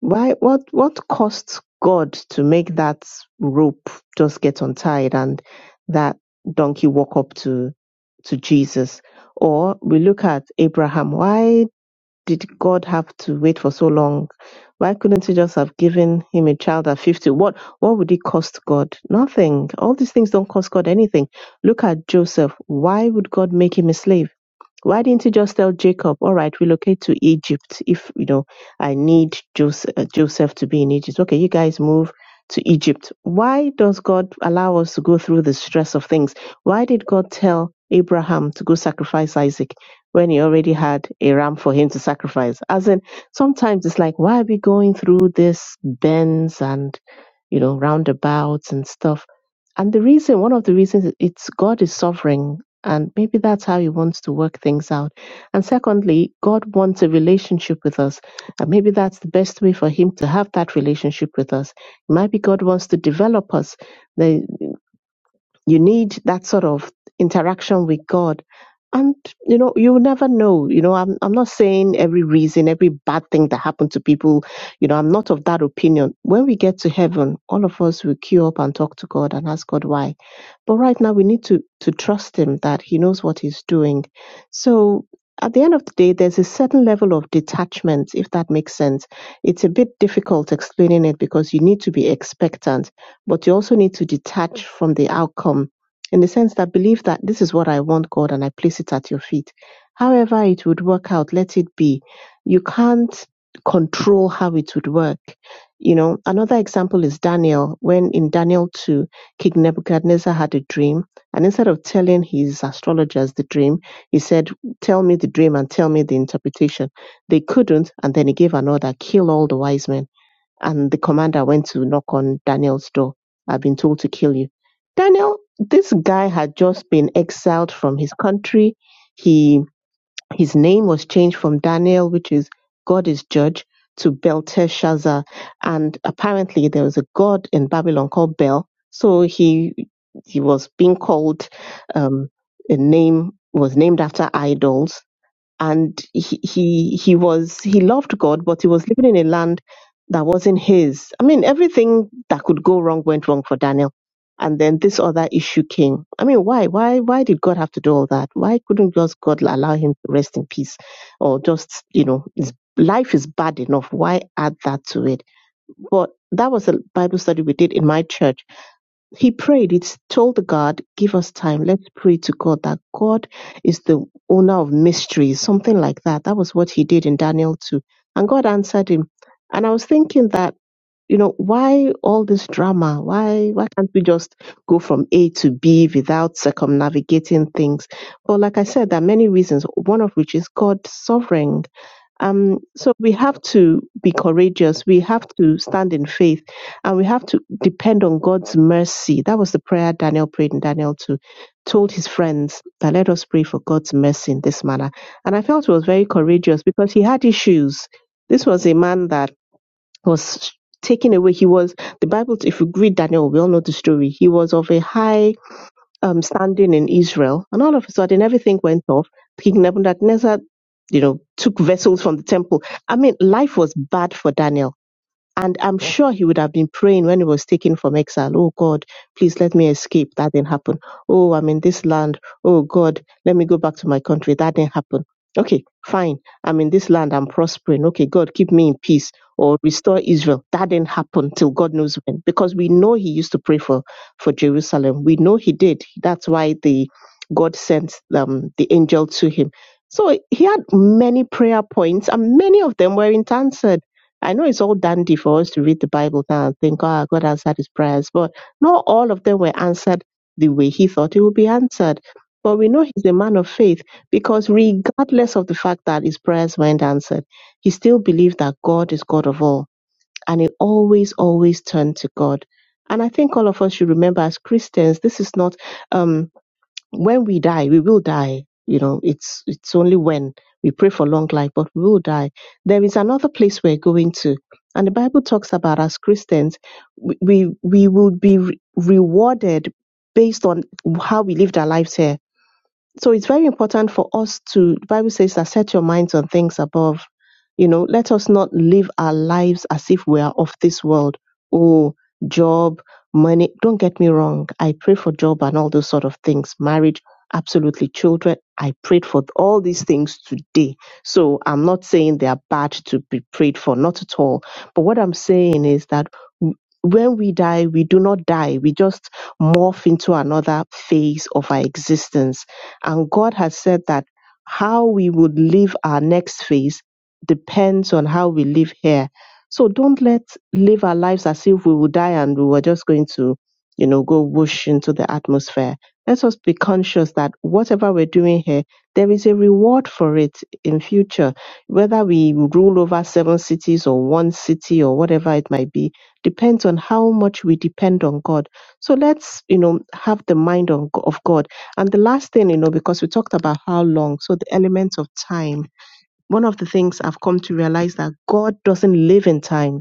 E: Why? What? What cost God to make that rope just get untied and that donkey walk up to to Jesus? Or we look at Abraham. Why did God have to wait for so long? Why couldn't he just have given him a child at 50? What what would it cost God? Nothing. All these things don't cost God anything. Look at Joseph. Why would God make him a slave? Why didn't he just tell Jacob, all right, relocate to Egypt if, you know, I need Joseph, Joseph to be in Egypt? Okay, you guys move to Egypt. Why does God allow us to go through the stress of things? Why did God tell Abraham to go sacrifice Isaac when he already had a ram for him to sacrifice? As in, sometimes it's like, why are we going through this bends and, you know, roundabouts and stuff? And the reason, one of the reasons, it's God is sovereign. And maybe that's how He wants to work things out. And secondly, God wants a relationship with us. And maybe that's the best way for Him to have that relationship with us. Maybe God wants to develop us. There you need that sort of interaction with God. And you know, you'll never know. You know, I'm I'm not saying every reason, every bad thing that happened to people, you know, I'm not of that opinion. When we get to heaven, all of us will queue up and talk to God and ask God why. But right now we need to to trust him that he knows what he's doing. So at the end of the day, there's a certain level of detachment, if that makes sense. It's a bit difficult explaining it because you need to be expectant but you also need to detach from the outcome in the sense that believe that this is what I want, God, and I place it at your feet. However, it would work out, let it be. You can't control how it would work. You know, another example is Daniel. When in Daniel 2, King Nebuchadnezzar had a dream, and instead of telling his astrologers the dream, he said, Tell me the dream and tell me the interpretation. They couldn't, and then he gave an order kill all the wise men and the commander went to knock on Daniel's door. I've been told to kill you. Daniel, this guy had just been exiled from his country. He his name was changed from Daniel, which is God is judge, to Belteshazzar. And apparently there was a god in Babylon called Bel. So he he was being called um a name was named after idols and he, he he was he loved God, but he was living in a land that wasn't his. I mean, everything that could go wrong went wrong for Daniel, and then this other issue came. I mean, why why why did God have to do all that? Why couldn't just God allow him to rest in peace, or just you know, his life is bad enough. Why add that to it? But that was a Bible study we did in my church he prayed, It's told the God, give us time. Let's pray to God that God is the owner of mysteries, something like that. That was what he did in Daniel 2. And God answered him. And I was thinking that, you know, why all this drama? Why why can't we just go from A to B without circumnavigating things? But like I said, there are many reasons, one of which is God's sovereign um, so we have to be courageous. We have to stand in faith and we have to depend on God's mercy. That was the prayer Daniel prayed in Daniel 2, told his friends that let us pray for God's mercy in this manner. And I felt he was very courageous because he had issues. This was a man that was taken away. He was, the Bible, if you read Daniel, we all know the story. He was of a high um, standing in Israel, and all of a sudden everything went off. King Nebuchadnezzar, you know, took vessels from the temple. I mean, life was bad for Daniel. And I'm sure he would have been praying when he was taken from exile. Oh God, please let me escape. That didn't happen. Oh, I'm in this land. Oh God, let me go back to my country. That didn't happen. Okay, fine. I'm in this land. I'm prospering. Okay, God, keep me in peace or restore Israel. That didn't happen till God knows when. Because we know he used to pray for, for Jerusalem. We know he did. That's why the God sent um, the angel to him. So he had many prayer points and many of them were in answer. I know it's all dandy for us to read the Bible now and think, oh, God answered his prayers, but not all of them were answered the way he thought it would be answered. But we know he's a man of faith because, regardless of the fact that his prayers weren't answered, he still believed that God is God of all and he always, always turned to God. And I think all of us should remember as Christians, this is not. Um, when we die, we will die. You know, it's it's only when we pray for long life, but we will die. There is another place we're going to, and the Bible talks about as Christians, we we, we will be re- rewarded based on how we lived our lives here so it's very important for us to the bible says that set your minds on things above you know let us not live our lives as if we are of this world oh job money don't get me wrong i pray for job and all those sort of things marriage absolutely children i prayed for all these things today so i'm not saying they are bad to be prayed for not at all but what i'm saying is that w- when we die we do not die we just morph into another phase of our existence and God has said that how we would live our next phase depends on how we live here. So don't let live our lives as if we will die and we were just going to, you know, go whoosh into the atmosphere. Let us be conscious that whatever we're doing here, there is a reward for it in future. Whether we rule over seven cities or one city or whatever it might be, depends on how much we depend on God. So let's, you know, have the mind on, of God and the last thing, you know, because we talked about how long, so the element of time. One of the things I've come to realize that God doesn't live in time.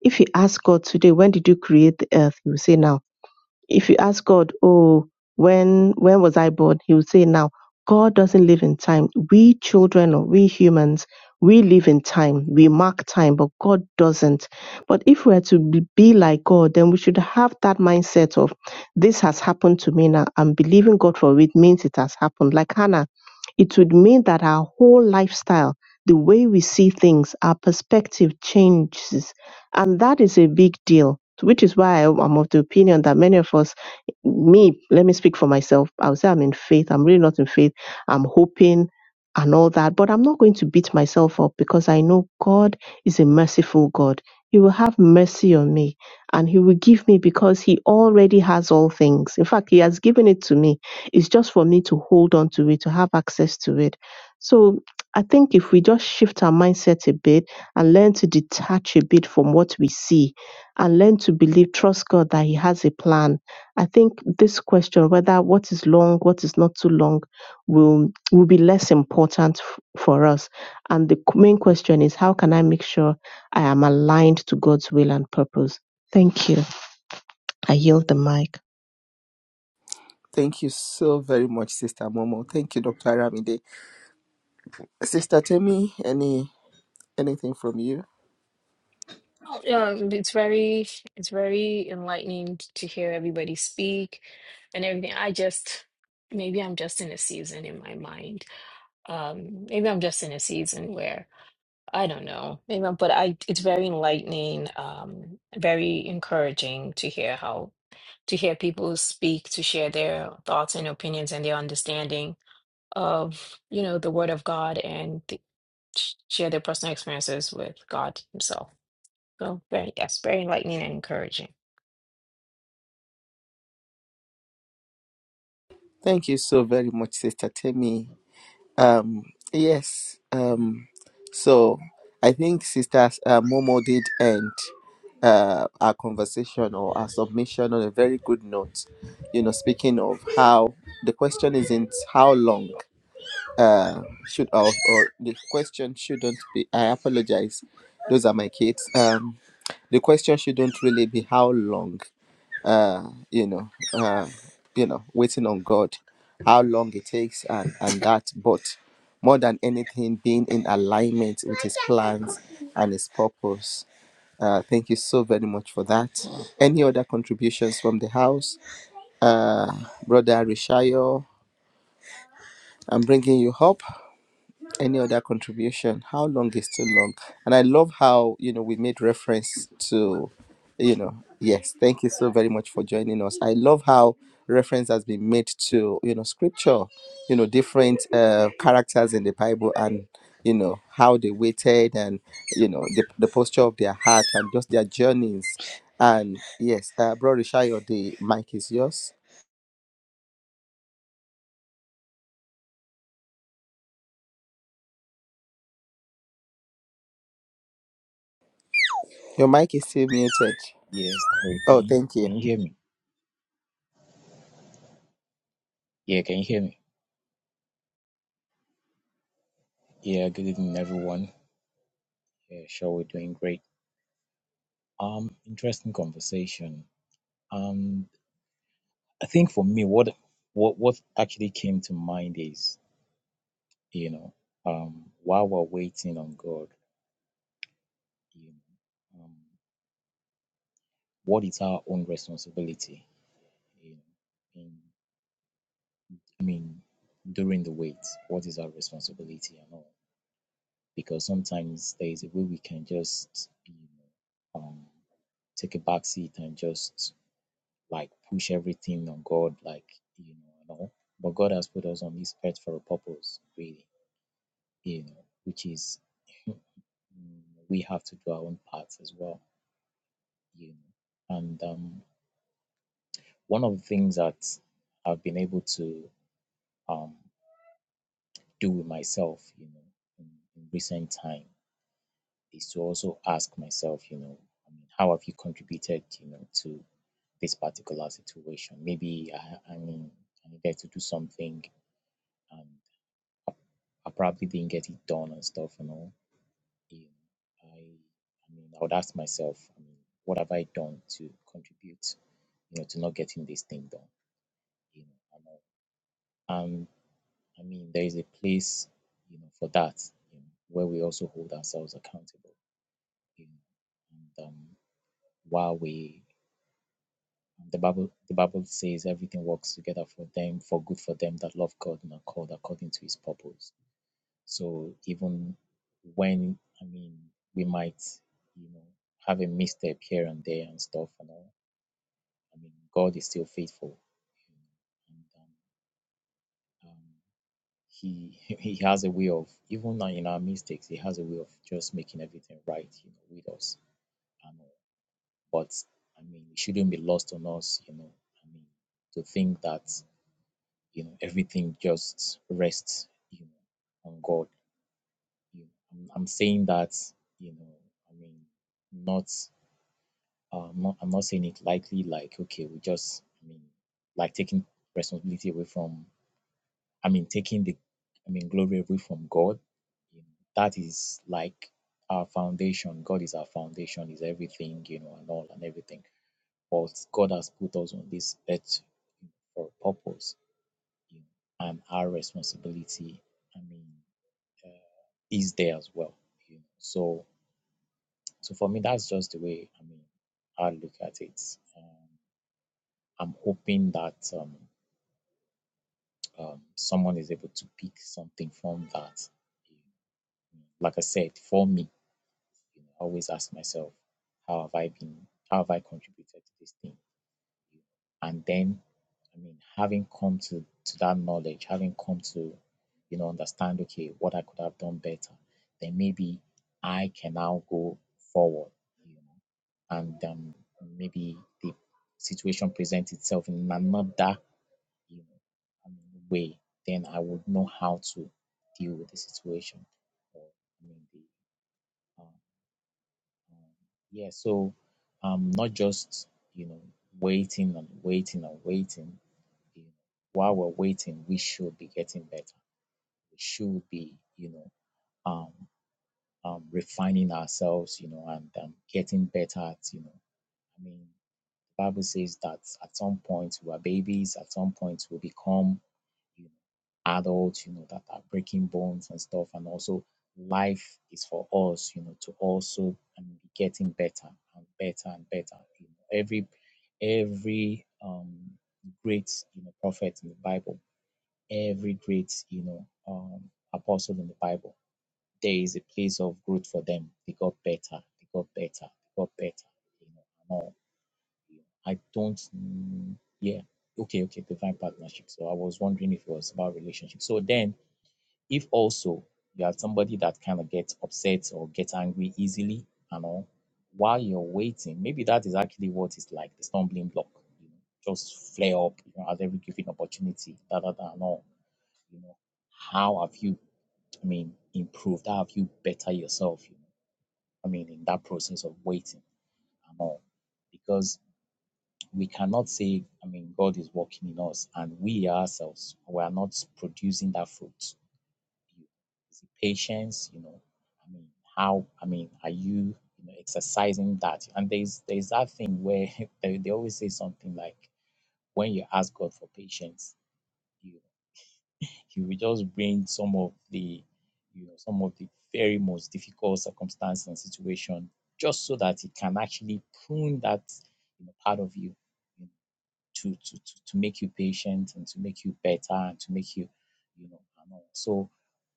E: If you ask God today, when did you create the earth? He will say now if you ask God, oh, when when was I born? He will say now. God doesn't live in time. We children or we humans, we live in time. We mark time, but God doesn't. But if we're to be be like God, then we should have that mindset of this has happened to me now. I'm believing God for it means it has happened. Like Hannah, it would mean that our whole lifestyle, the way we see things, our perspective changes. And that is a big deal which is why I, I'm of the opinion that many of us, me, let me speak for myself. i would say I'm in faith. I'm really not in faith. I'm hoping and all that, but I'm not going to beat myself up because I know God is a merciful God. He will have mercy on me and He will give me because He already has all things. In fact, He has given it to me. It's just for me to hold on to it, to have access to it. So I think if we just shift our mindset a bit and learn to detach a bit from what we see and learn to believe, trust God that He has a plan. I think this question, whether what is long, what is not too long, will will be less important f- for us. And the q- main question is, how can I make sure I am aligned to God's will and purpose? Thank you. I yield the mic.
B: Thank you so very much, Sister Momo. Thank you, Dr. Aramide. Sister Temi, any anything from you?
C: Yeah, it's very it's very enlightening to hear everybody speak and everything. I just maybe I'm just in a season in my mind. Um, maybe I'm just in a season where I don't know. Maybe I'm, but I it's very enlightening, um, very encouraging to hear how to hear people speak, to share their thoughts and opinions and their understanding of, you know, the Word of God and th- share their personal experiences with God Himself. So very yes, very enlightening and encouraging.
B: Thank you so very much, Sister Temi. Um, yes. Um, so I think sisters uh, Momo did end uh, our conversation or our submission on a very good note. You know, speaking of how the question isn't how long uh, should or, or the question shouldn't be. I apologize. Those are my kids. Um, the question shouldn't really be how long uh, you know, uh, you know, waiting on God, how long it takes, and and that. But more than anything, being in alignment with His plans and His purpose. Uh, thank you so very much for that. Any other contributions from the house, uh, brother Rishayo? I'm bringing you up any other contribution how long is too long and i love how you know we made reference to you know yes thank you so very much for joining us i love how reference has been made to you know scripture you know different uh, characters in the bible and you know how they waited and you know the, the posture of their heart and just their journeys and yes uh bro Rishayo, the mic is yours your mic is still muted
F: Yes, Mary, can
B: oh
F: you,
B: thank
F: can
B: you
F: you hear me? Yeah, can you hear me? Yeah, good evening, everyone. Yeah, sure, we're doing great. Um, interesting conversation. Um, I think for me, what what what actually came to mind is, you know, um, while we're waiting on God, you know, um, what is our own responsibility? You know, in, I mean, during the wait, what is our responsibility and all? Because sometimes there is a way we can just, you know. um, take a back seat and just like push everything on God, like, you know, and all. But God has put us on this earth for a purpose, really, you know, which is we have to do our own parts as well, you know. And um, one of the things that I've been able to um, do with myself, you know, in, in recent time is to also ask myself, you know, I mean, how have you contributed, you know, to this particular situation. Maybe I, I mean, I needed to do something and I probably didn't get it done and stuff, you know. Yeah, I, I mean, I would ask myself, I mean, what have I done to contribute, you know, to not getting this thing done, you know? And, I- I mean, there is a place, you know, for that, you know, where we also hold ourselves accountable, you know, and um, while we The Bible, the Bible says everything works together for them, for good for them that love God and are called according to His purpose. So even when I mean we might, you know, have a misstep here and there and stuff and all, I mean God is still faithful, and um, um, He He has a way of even in our mistakes, He has a way of just making everything right, you know, with us and all. But I mean, it shouldn't be lost on us, you know. I mean, to think that. you know everything just rests you know on god you know, I'm, I'm saying that you know i mean not uh, not i'm not saying it lightly like okay we just i mean like taking responsibility away from i mean taking the i mean glory away from god you know, that is like our foundation god is our foundation is everything you know and all and everything but god has put us on this earth for a purpose you know, and our responsibility, I mean, is there as well. You know. So, so for me, that's just the way I mean I look at it. Um, I'm hoping that um, um, someone is able to pick something from that. Like I said, for me, you know, I always ask myself, how have I been? How have I contributed to this thing? and then i mean having come to to that knowledge having come to you know understand okay what i could have done better then maybe i can now go forward you know and um, maybe the situation presents itself in another you know I mean, way then i would know how to deal with the situation or i mean the um, um, Yeah, so um, not just, you know, waiting and waiting and waiting. You know, while we're waiting, we should be getting better. We should be, you know, um, um, refining ourselves, you know, and um, getting better at, you know, I mean, the Bible says that at some point we are babies, at some point we become you know, adults, you know, that are breaking bones and stuff. And also, life is for us, you know, to also I mean, be getting better and better and better. You know, every every um, great you know prophet in the Bible, every great you know um, apostle in the Bible, there is a place of growth for them. They got better. They got better. They got better. You know, and all. I don't, mm, yeah, okay, okay, divine partnership. So I was wondering if it was about relationship. So then, if also you are somebody that kind of gets upset or gets angry easily and all, while you're waiting, maybe that is actually what is like the stumbling block. You know, just flare up, you know, at every given opportunity, da da da, and all. You know, how have you? I mean, improved? How have you better yourself? You know, I mean, in that process of waiting and all, because we cannot say, I mean, God is working in us and we ourselves, we are not producing that fruit. Is it patience? You know, I mean, how, I mean, are you, you know, exercising that? And there's, there's that thing where they, they always say something like, when you ask God for patience, you, he will just bring some of the, you know, some of the very most difficult circumstance and situation just so that he can actually prune that you know, part of you you know, to to to, to make you patient and to make you better and to make you you know and all. so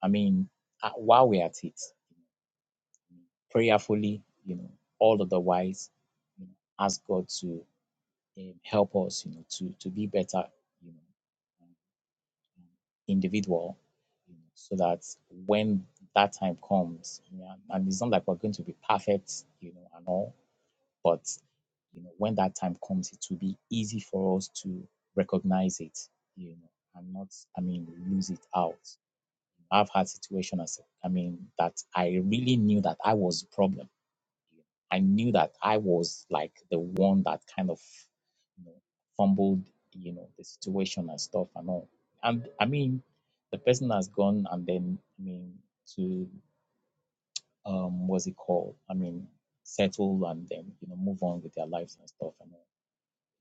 F: i mean uh, while we're at it you know, prayerfully you know all otherwise you know, ask god to um, help us you know to to be better you know um, individual you know, so that when that time comes you know, and it's not like we're going to be perfect you know and all but you know, when that time comes, it will be easy for us to recognize it, you know, and not, I mean, lose it out. I've had situations, I mean, that I really knew that I was the problem. I knew that I was like the one that kind of, you know, fumbled, you know, the situation and stuff and all. And I mean, the person has gone and then, I mean, to um what's it called? I mean, settle and then you know move on with their lives and stuff and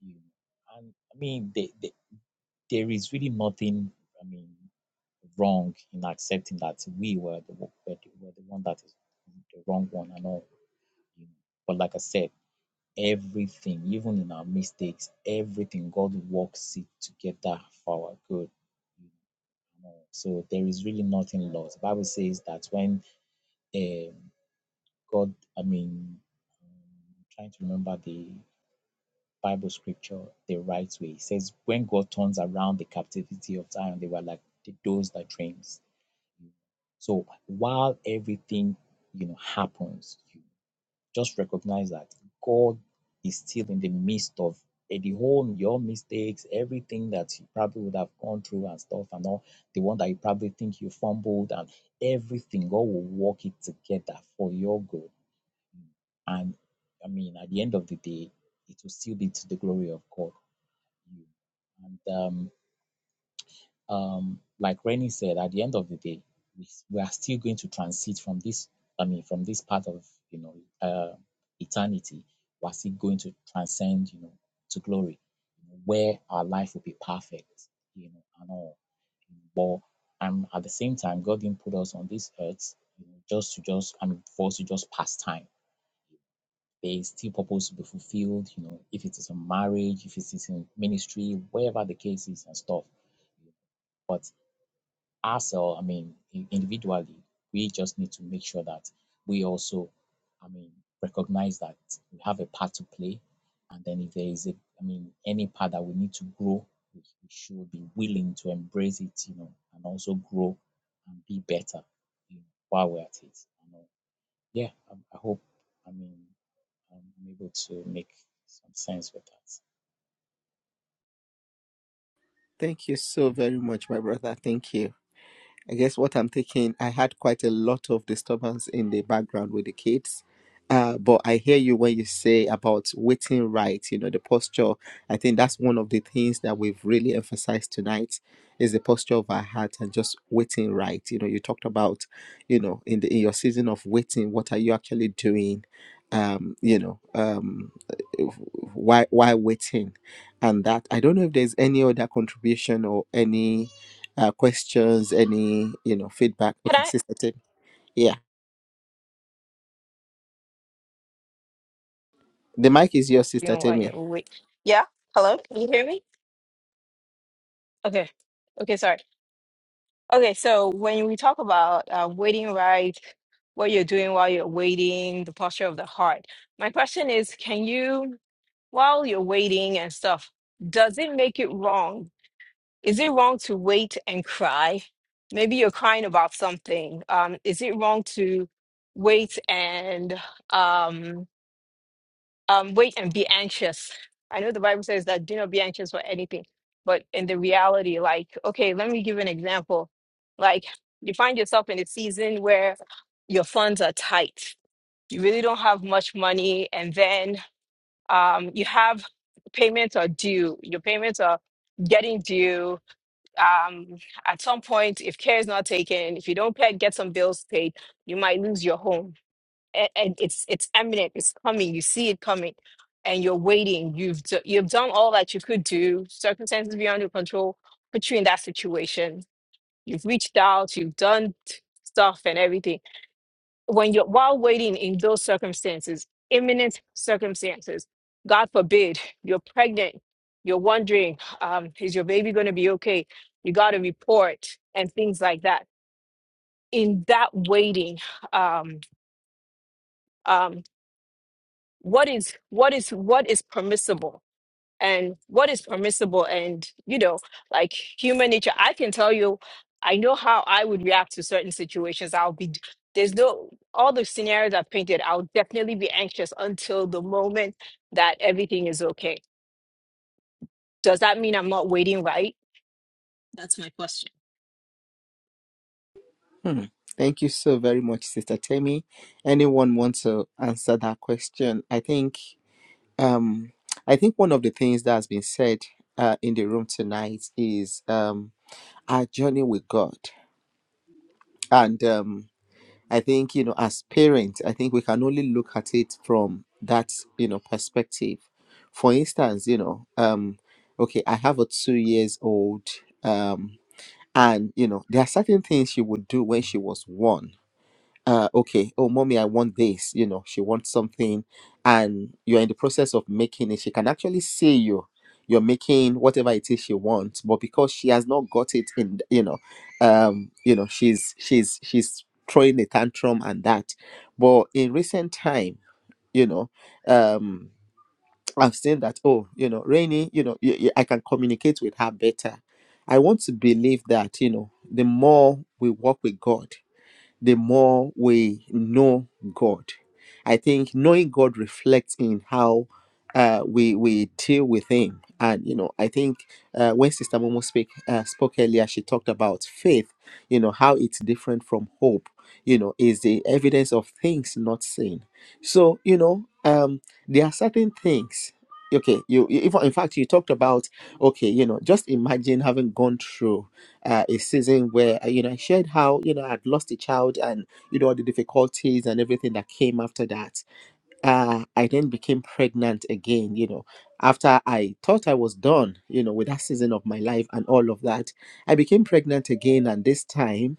F: You know. And I mean, they, they, there is really nothing. I mean, wrong in accepting that we were the were the, were the one that is the wrong one and all. You know. But like I said, everything, even in our mistakes, everything, God works it together for our good. So there is really nothing lost. The Bible says that when um God, I mean, um, trying to remember the Bible scripture the right way. It says, when God turns around the captivity of Zion, they were like the those that dreams. So while everything, you know, happens, you just recognize that God is still in the midst of eh, the whole your mistakes, everything that you probably would have gone through and stuff and all the one that you probably think you fumbled and everything. God will work it together for your good and I mean, at the end of the day, it will still be to the glory of God. and um, um, like Rennie said, at the end of the day, we, we are still going to transit from this. I mean, from this part of you know uh, eternity, we are still going to transcend, you know, to glory, where our life will be perfect, you know, and all. But and at the same time, God didn't put us on this earth you know, just to just I mean, for us to just pass time there's still purpose to be fulfilled, you know, if it is in marriage, if it is in ministry, wherever the case is and stuff. But ourselves, I mean, individually, we just need to make sure that we also, I mean, recognize that we have a part to play. And then if there is a, I mean, any part that we need to grow, we we should be willing to embrace it, you know, and also grow and be better you know, while we're at it. You know. Yeah, I, I hope, I mean, um, I'm able to make some sense with that.
B: thank you so very much my brother thank you I guess what I'm thinking, I had quite a lot of disturbance in the background with the kids. Uh, but I hear you when you say about waiting right, you know, the posture. I think that's one of the things that we've really emphasized tonight is the posture of our heart and just waiting right. You know, you talked about, you know, in the in your season of waiting, what are you actually doing? Um, you know, um why why waiting? And that I don't know if there's any other contribution or any uh, questions, any you know feedback.
C: Can
B: Okay,
C: I?
B: Sister Temi. Yeah, the mic is yours,
C: You
B: Sister
C: know, while you're
B: Temi.
C: awake. Yeah. Hello. Can you hear me? Okay. Okay. Sorry. Okay. So when we talk about uh, waiting right, what you're doing while you're waiting, the posture of the heart. My question is, can you, while you're waiting and stuff, does it make it wrong? Is it wrong to wait and cry? Maybe you're crying about something. Um, is it wrong to wait and um, um, wait and be anxious. I know the Bible says that do not be anxious for anything, but in the reality, like, okay, let me give an example. Like, you find yourself in a season where your funds are tight, you really don't have much money, and then um, you have payments are due, your payments are getting due. Um, at some point, if care is not taken, if you don't pay, get some bills paid, you might lose your home a- and it's it's imminent it's coming you see it coming and you're waiting you've d- you've done all that you could do circumstances beyond your control put you in that situation you've reached out you've done t- stuff and everything when you're while waiting in those circumstances imminent circumstances god forbid you're pregnant you're wondering um, is your baby going to be okay you got to report and things like that in that waiting um, um, what is what is what is permissible and what is permissible and you know like human nature i can tell you i know how i would react to certain situations i'll be there's no all the scenarios i've painted i'll definitely be anxious until the moment that everything is okay does that mean i'm not waiting right that's my question
B: Hmm. Thank you so very much, Sister Temi. Anyone wants to answer that question? I think um, I think one of the things that has been said uh, in the room tonight is um, our journey with God, and um, I think, you know, as parents, I think we can only look at it from that, you know, perspective. For instance, you know, um, okay, I have a two years old, um, and you know, there are certain things she would do when she was one uh okay oh mommy i want this you know she wants something and you're in the process of making it she can actually see you you're making whatever it is she wants but because she has not got it in th- you know um you know she's she's she's throwing a tantrum and that but in recent time you know um i've seen that oh you know rainy you know y- y- i can communicate with her better i want to believe that you know the more we walk with god the more we know God. I think knowing God reflects in how uh, we we deal with Him, and you know, I think uh, when Sister Momo speak uh, spoke earlier, she talked about faith. You know how it's different from hope. You know, is the evidence of things not seen. So you know, um, there are certain things. Okay, you you- even in fact you talked about okay, you know, just imagine having gone through uh, a season where uh, you know I shared how you know I'd lost a child and you know all the difficulties and everything that came after that uh, I then became pregnant again, you know, after I thought I was done, you know, with that season of my life and all of that. I became pregnant again, and this time,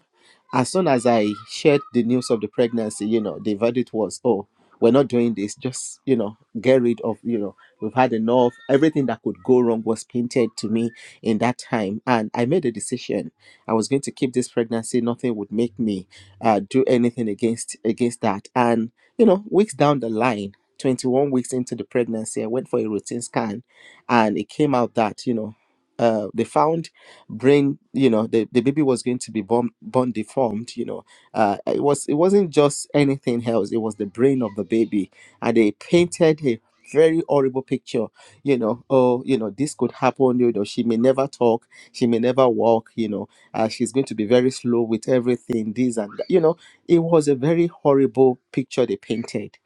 B: as soon as I shared the news of the pregnancy, you know, the verdict was, oh, we're not doing this, just, you know, get rid of, you know, we've had enough. Everything that could go wrong was painted to me in that time. And I made a decision. I was going to keep this pregnancy. Nothing would make me uh, do anything against against that. And you know, weeks down the line, 21 weeks into the pregnancy, I went for a routine scan and it came out that, you know, uh, they found brain, you know, the, the baby was going to be born, born deformed, you know. Uh, it was it wasn't just anything else, it was the brain of the baby. And they painted a very horrible picture, you know, oh, you know, this could happen, you know, she may never talk, she may never walk, you know, uh, she's going to be very slow with everything, this and that, you know it was a very horrible picture they painted.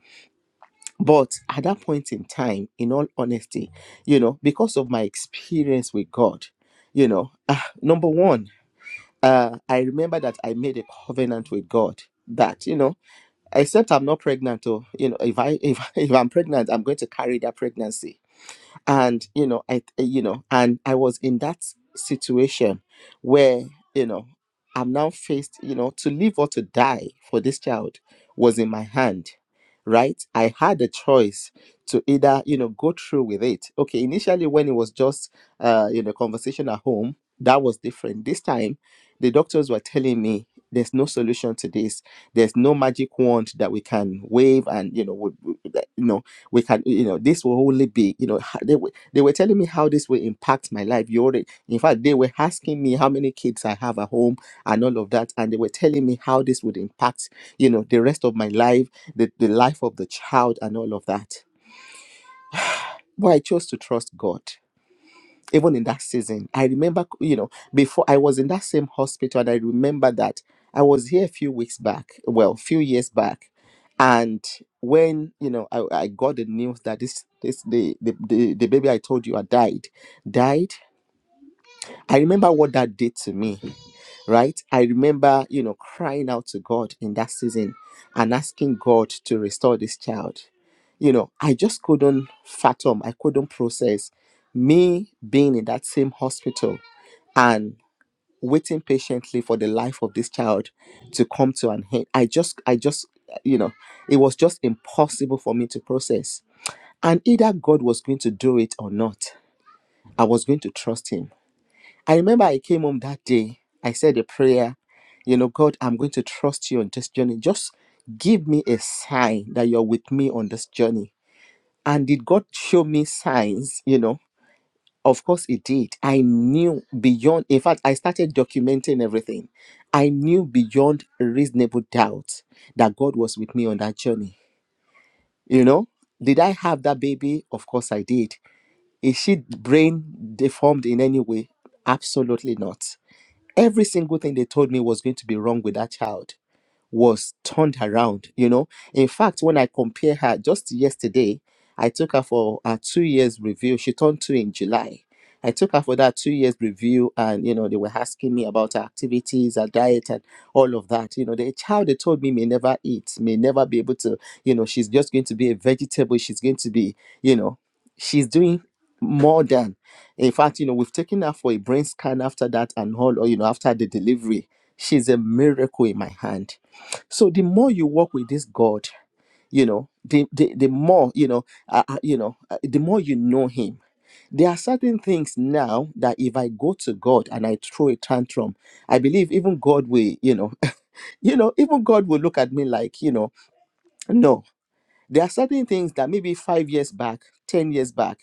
B: But at that point in time, in all honesty, you know, because of my experience with God, you know, ah, number one, uh, I remember that I made a covenant with God that, you know, except I'm not pregnant, or, you know, if I if, if I'm pregnant, I'm going to carry that pregnancy and you know i you know and i was in that situation where you know i'm now faced you know to live or to die for this child was in my hand right i had a choice to either you know go through with it okay initially when it was just uh you know conversation at home that was different this time the doctors were telling me there's no solution to this there's no magic wand that we can wave and you know would we can you know this will only be you know ha- they were, they were telling me how this will impact my life you already in fact they were asking me how many kids i have at home and all of that and they were telling me how this would impact you know the rest of my life the, the life of the child and all of that but i chose to trust god even in that season. I remember, you know, before I was in that same hospital, and I remember that I was here a few weeks back, well, few years back, and when you know I, I got the news that this this the, the the the baby I told you had died died I remember what that did to me, right? I remember, you know, crying out to God in that season and asking God to restore this child. You know, I just couldn't fathom, I couldn't process me being in that same hospital and waiting patiently for the life of this child to come to an end. I just, I just, you know, it was just impossible for me to process. And either God was going to do it or not, I was going to trust Him I remember I came home that day. I said a prayer, you know, God, I'm going to trust you on this journey. Just give me a sign that you're with me on this journey. And did God show me signs, you know? Of course, it did. I knew beyond, in fact, I started documenting everything. I knew beyond reasonable doubt that God was with me on that journey, you know? Did I have that baby? Of course, I did. Is she brain deformed in any way? Absolutely not Every single thing they told me was going to be wrong with that child was turned around, you know. In fact, when I compare her just yesterday, I took her for a two years review. She turned two in July. I took her for that two years review, and you know, they were asking me about her activities, her diet, and all of that. You know, the child they told me may never eat, may never be able to, you know, she's just going to be a vegetable, she's going to be, you know, she's doing more than in fact, you know, we've taken her for a brain scan after that and all, or you know, after the delivery. She's a miracle in my hand so the more you walk with this God, you know, the the, the more you know, uh, uh, you know, uh, the more you know Him. There are certain things now that if I go to God and I throw a tantrum, I believe even God will, you know, you know, even God will look at me like, you know, no. There are certain things that maybe five years back, ten years back,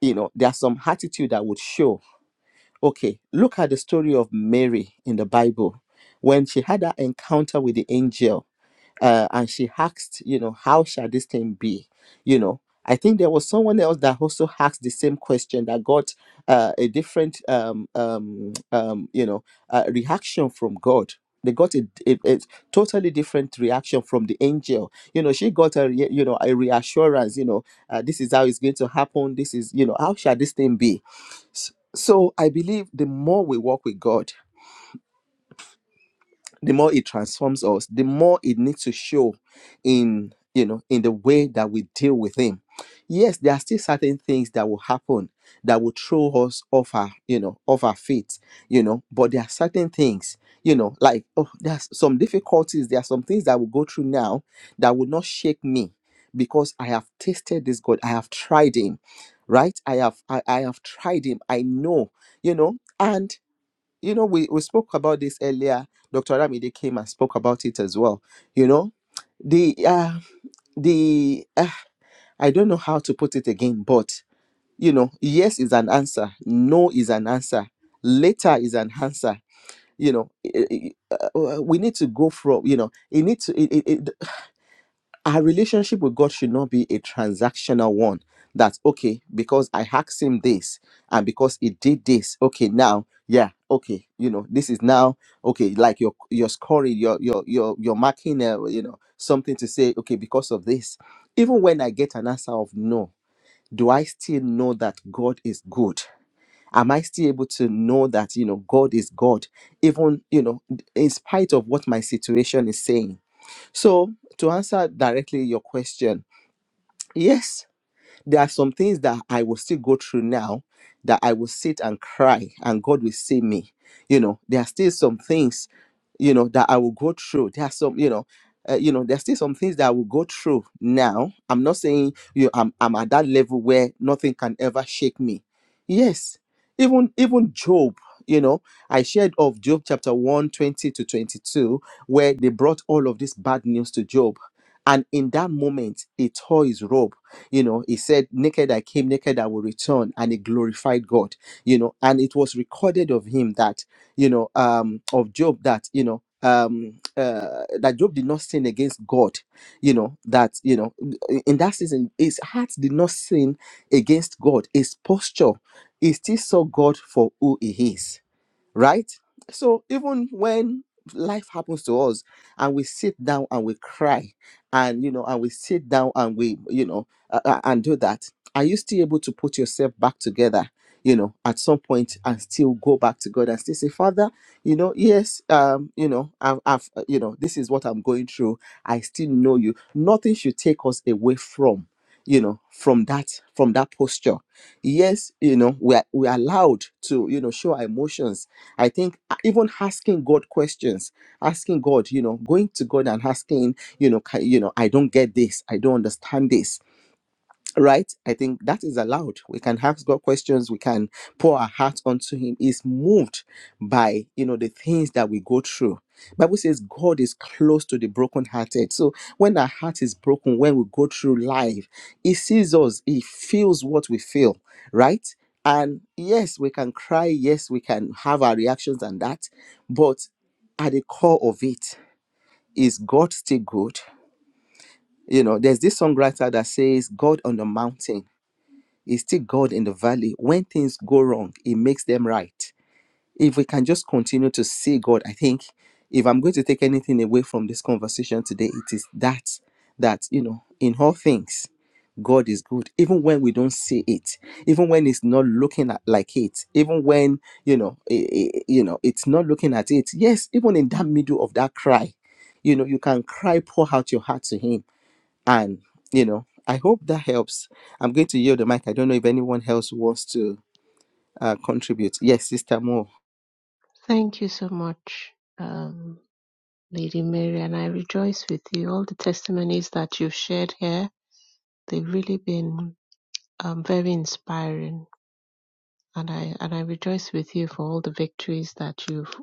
B: you know, there's some attitude that would show. Okay, look at the story of Mary in the Bible when she had that encounter with the angel uh, and she asked, you know, how shall this thing be? You know, I think there was someone else that also asked the same question that got uh, a different, um, um, um, you know, uh, reaction from God. They got a, a, a totally different reaction from the angel. You know, she got a, re- you know, a reassurance. You know, uh, this is how it's going to happen. This is, you know, how shall this thing be? S- So I believe the more we walk with God, the more it transforms us the more it needs to show in you know in the way that we deal with him yes there are still certain things that will happen that will throw us off our you know off our feet you know but there are certain things you know like oh there's some difficulties there are some things that I will go through now that will not shake me because i have tasted this god i have tried him right i have i, I have tried him i know you know and you know, we, we spoke about this earlier. Dr. Ramide came and spoke about it as well. You know, the uh, the uh, I don't know how to put it again, but you know, yes is an answer, no is an answer, later is an answer. You know, eh, eh, eh, uh, we need to go from you know, it needs to. it it. it- our relationship with God should not be a transactional one. That okay, because I asked him this and because he did this, okay, now, yeah, okay, you know, this is now okay, like your your scoring, your your your you're marking, uh, you know, something to say, okay, because of this. Even when I get an answer of no, do I still know that God is good? Am I still able to know that you know God is God, even you know, in spite of what my situation is saying? So, to answer directly your question, yes, there are some things that I will still go through now that I will sit and cry and God will see me. You know, there are still some things, you know, that I will go through. There are some, you know, uh, you know, there's still some things that I will go through now. I'm not saying you I'm I'm at that level where nothing can ever shake me. Yes, even even Job, you know, I shared of Job chapter one 20 to 22, where they brought all of this bad news to Job. And in that moment, he tore his robe. You know, he said, Naked I came, naked I will return, and he glorified God, you know, and it was recorded of him that, you know, um, of Job that, you know, um uh that job did not sin against god you know that you know in in that season his heart did not sin against god his posture he still saw god for who he is right? So even when life happens to us and we sit down and we cry and you know and we sit down and we you know uh, uh, and do that are you still able to put yourself back together you know at some point and still go back to god and still say father you know yes um you know i've, I've uh, you know this is what i'm going through i still know you nothing should take us away from you know from that from that posture yes you know we are we are allowed to you know show our emotions I think uh, even asking God questions, asking God, you know, going to God and asking, you know, "Ca- you know, I don't get this, I don't understand this right i think that is allowed we can ask god questions we can pour our heart onto him he's moved by you know the things that we go through bible says god is close to the brokenhearted so when our heart is broken when we go through life he sees us he feels what we feel right and yes we can cry yes we can have our reactions and that but at the core of it is god still good you know there's this songwriter that says god on the mountain is still God in the valley. When things go wrong, He makes them right. If we can just continue to see God, I think if I'm going to take anything away from this conversation today, it is that, that, you know, in all things, God is good, even when we don't see it, even when it's not looking at like it, even when you know, i- i- you know, it's not looking at it. Yes, even in that middle of that cry, you know, you can cry, pour out your heart to Him and you know i hope that helps i'm going to yield the mic i don't know if anyone else wants to uh, contribute yes sister mo
E: Thank you so much, um, Lady Mary, and I rejoice with you. All the testimonies that you've shared here, they've really been um, very inspiring. and I and I rejoice with you for all the victories that you've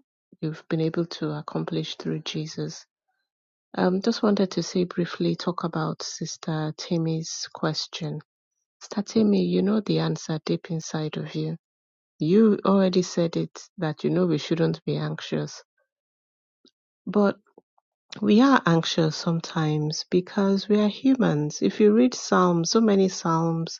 E: you've been able to accomplish through Jesus. Um, just wanted to say briefly talk about Sister Tammy's question. Sister Tammy, you know the answer deep inside of you. You already said it that you know we shouldn't be anxious, but we are anxious sometimes because we are humans. If you read Psalms, so many Psalms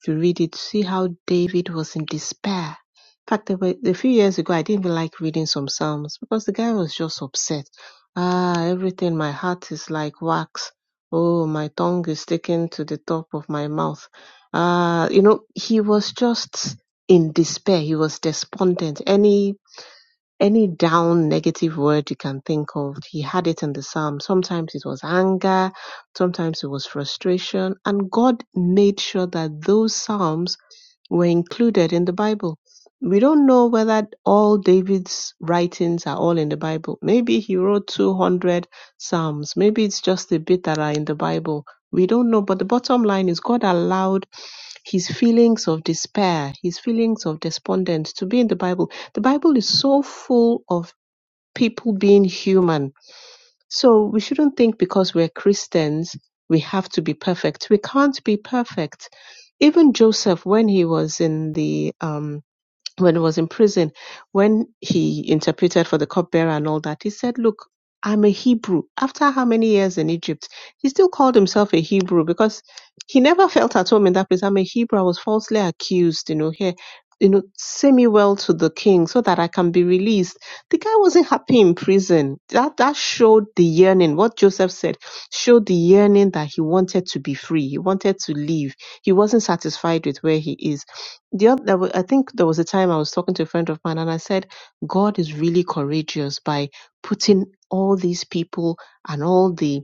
E: If you read it, see how David was in despair. In fact, there were, a few years ago, I didn't even like reading some Psalms because the guy was just upset. Ah, everything, my heart is like wax. Oh, my tongue is sticking to the top of my mouth. Ah, you know, he was just in despair. He was despondent. Any any down negative word you can think of, he had it in the psalm. Sometimes it was anger, sometimes it was frustration, and God made sure that those psalms were included in the Bible. We don't know whether all David's writings are all in the Bible. Maybe he wrote 200 psalms, maybe it's just a bit that are in the Bible. We don't know, but the bottom line is God allowed his feelings of despair, his feelings of despondence to be in the Bible. The Bible is so full of people being human. So we shouldn't think because we're Christians, we have to be perfect. We can't be perfect. Even Joseph, when he was in the um, when he was in prison, when he interpreted for the cupbearer and all that, he said, Look, I'm a Hebrew. After how many years in Egypt? He still called himself a Hebrew because he never felt at home in that place. I'm a Hebrew. I was falsely accused, you know, here. You know, send me well to the king so that I can be released. The guy wasn't happy in prison. That that showed the yearning. What Joseph said showed the yearning that he wanted to be free. He wanted to leave. He wasn't satisfied with where he is the other, there wa- I think there was a time I was talking to a friend of mine and I said, God is really courageous by putting all these people and all the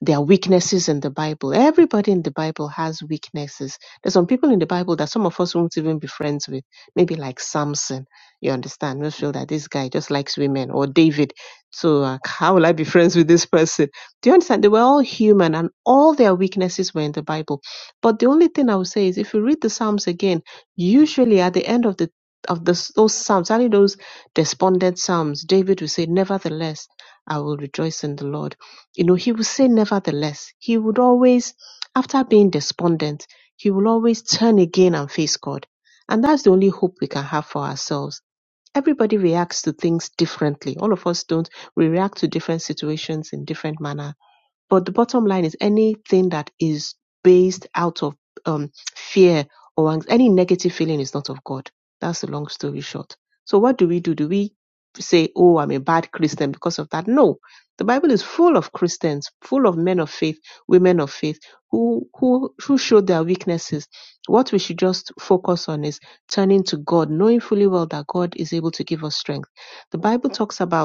E: there are weaknesses in the Bible. Everybody in the Bible has weaknesses. There's some people in the Bible that some of us won't even be friends with. Maybe like Samson, you understand? We feel that this guy just likes women, or David. So uh, how will I be friends with this person? Do you understand? They were all human, and all their weaknesses were in the Bible. But the only thing I would say is, if you read the Psalms again, usually at the end of the of the, those psalms, only those despondent psalms, David will say, "Nevertheless, I will rejoice in the Lord." You know, he would say nevertheless. He would always, after being despondent, he will always turn again and face God. And that's the only hope we can have for ourselves. Everybody reacts to things differently. All of us don't. We react to different situations in different manners but the bottom line is anything that is based out of um, fear or anx- any negative feeling is not of God. That's the long story short. So, what do we do? Do we say, oh, I'm a bad Christian because of that? No. The Bible is full of Christians, full of men of faith, women of faith who, who, who showed their weaknesses. What we should just focus on is turning to God, knowing fully well that God is able to give us strength. The Bible talks about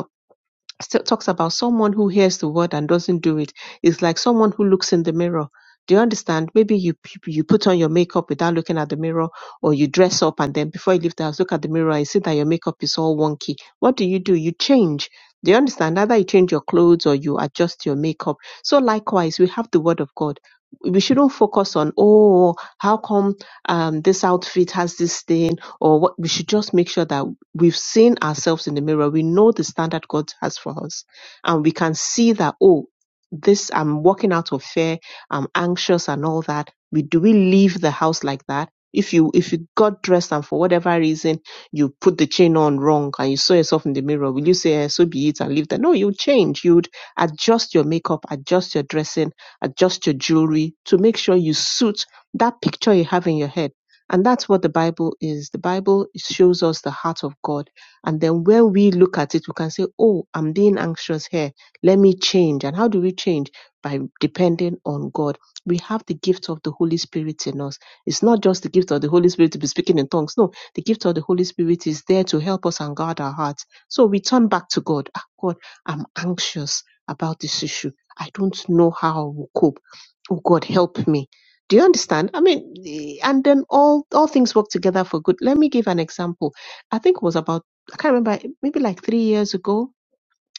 E: st- talks about someone who hears the word and doesn't do it. it is like someone who looks in the mirror. Do you understand? Maybe you p- you put on your makeup without looking at the mirror, or you dress up and then before you leave the house, look at the mirror and see that your makeup is all wonky. What do you do? You change. Do you understand? Either you change your clothes or you adjust your makeup. So likewise, we have the word of God. We shouldn't focus on oh how come um, this outfit has this thing or what. We should just make sure that we've seen ourselves in the mirror, we know the standard God has for us, and we can see that, oh, this I'm walking out of fear, I'm anxious and all that. We do we leave the house like that? If you if you got dressed and for whatever reason you put the chain on wrong and you saw yourself in the mirror, will you say eh, so be it and leave that? No, you'll change. You'd adjust your makeup, adjust your dressing, adjust your jewelry to make sure you suit that picture you have in your head and that's what the Bible is. The Bible shows us the heart of God. And then when we look at it, we can say, Oh, I'm being anxious here. Let me change. And how do we change? By depending on God. We have the gift of the Holy Spirit in us. It's not just the gift of the Holy Spirit to be speaking in tongues. No, the gift of the Holy Spirit is there to help us and guard our hearts. So we turn back to God. Ah, God, I'm anxious about this issue. I don't know how I will cope. Oh God, help me do you understand? I mean, the- and then all all things work together for good. Let me give an example. I think it was about I can't remember maybe like three years ago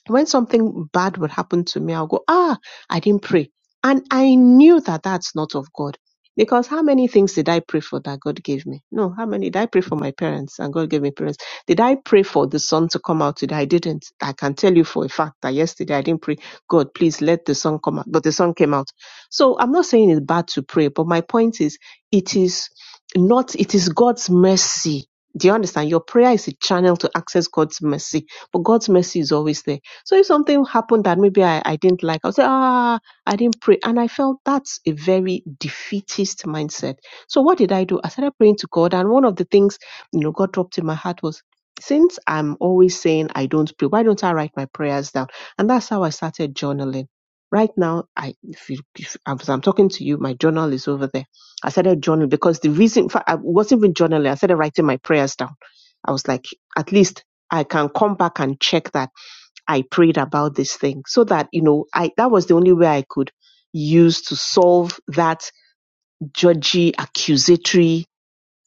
E: when something bad would happen to me, I'll go, ah, I didn't pray. And I knew that that's not of God. Because how many things did I pray for that God gave me? No, how many did I pray for my parents and God gave me parents? Did I pray for the sun to come out today? I didn't. I can tell you for a fact that yesterday I didn't pray, God, please let the sun come out. But the sun came out. So I'm not saying it's bad to pray, but my point is it is not, it is God's mercy. Do you understand? Your prayer is a channel to access God's mercy, but God's mercy is always there. So if something happened that maybe I, I didn't like, I'll say, ah, I didn't pray. And I felt that's a very defeatist mindset. So what did I do? I started praying to God. And one of the things, you know, God dropped in my heart was, since I'm always saying I don't pray, why don't I write my prayers down? And that's how I started journaling. Right now, I, if you, if, as I'm talking to you, my journal is over there. I started journaling because the reason, in fact, I wasn't even journaling. I started writing my prayers down. I was like, at least I can come back and check that I prayed about this thing so that, you know, I, that was the only way I could use to solve that judgy, accusatory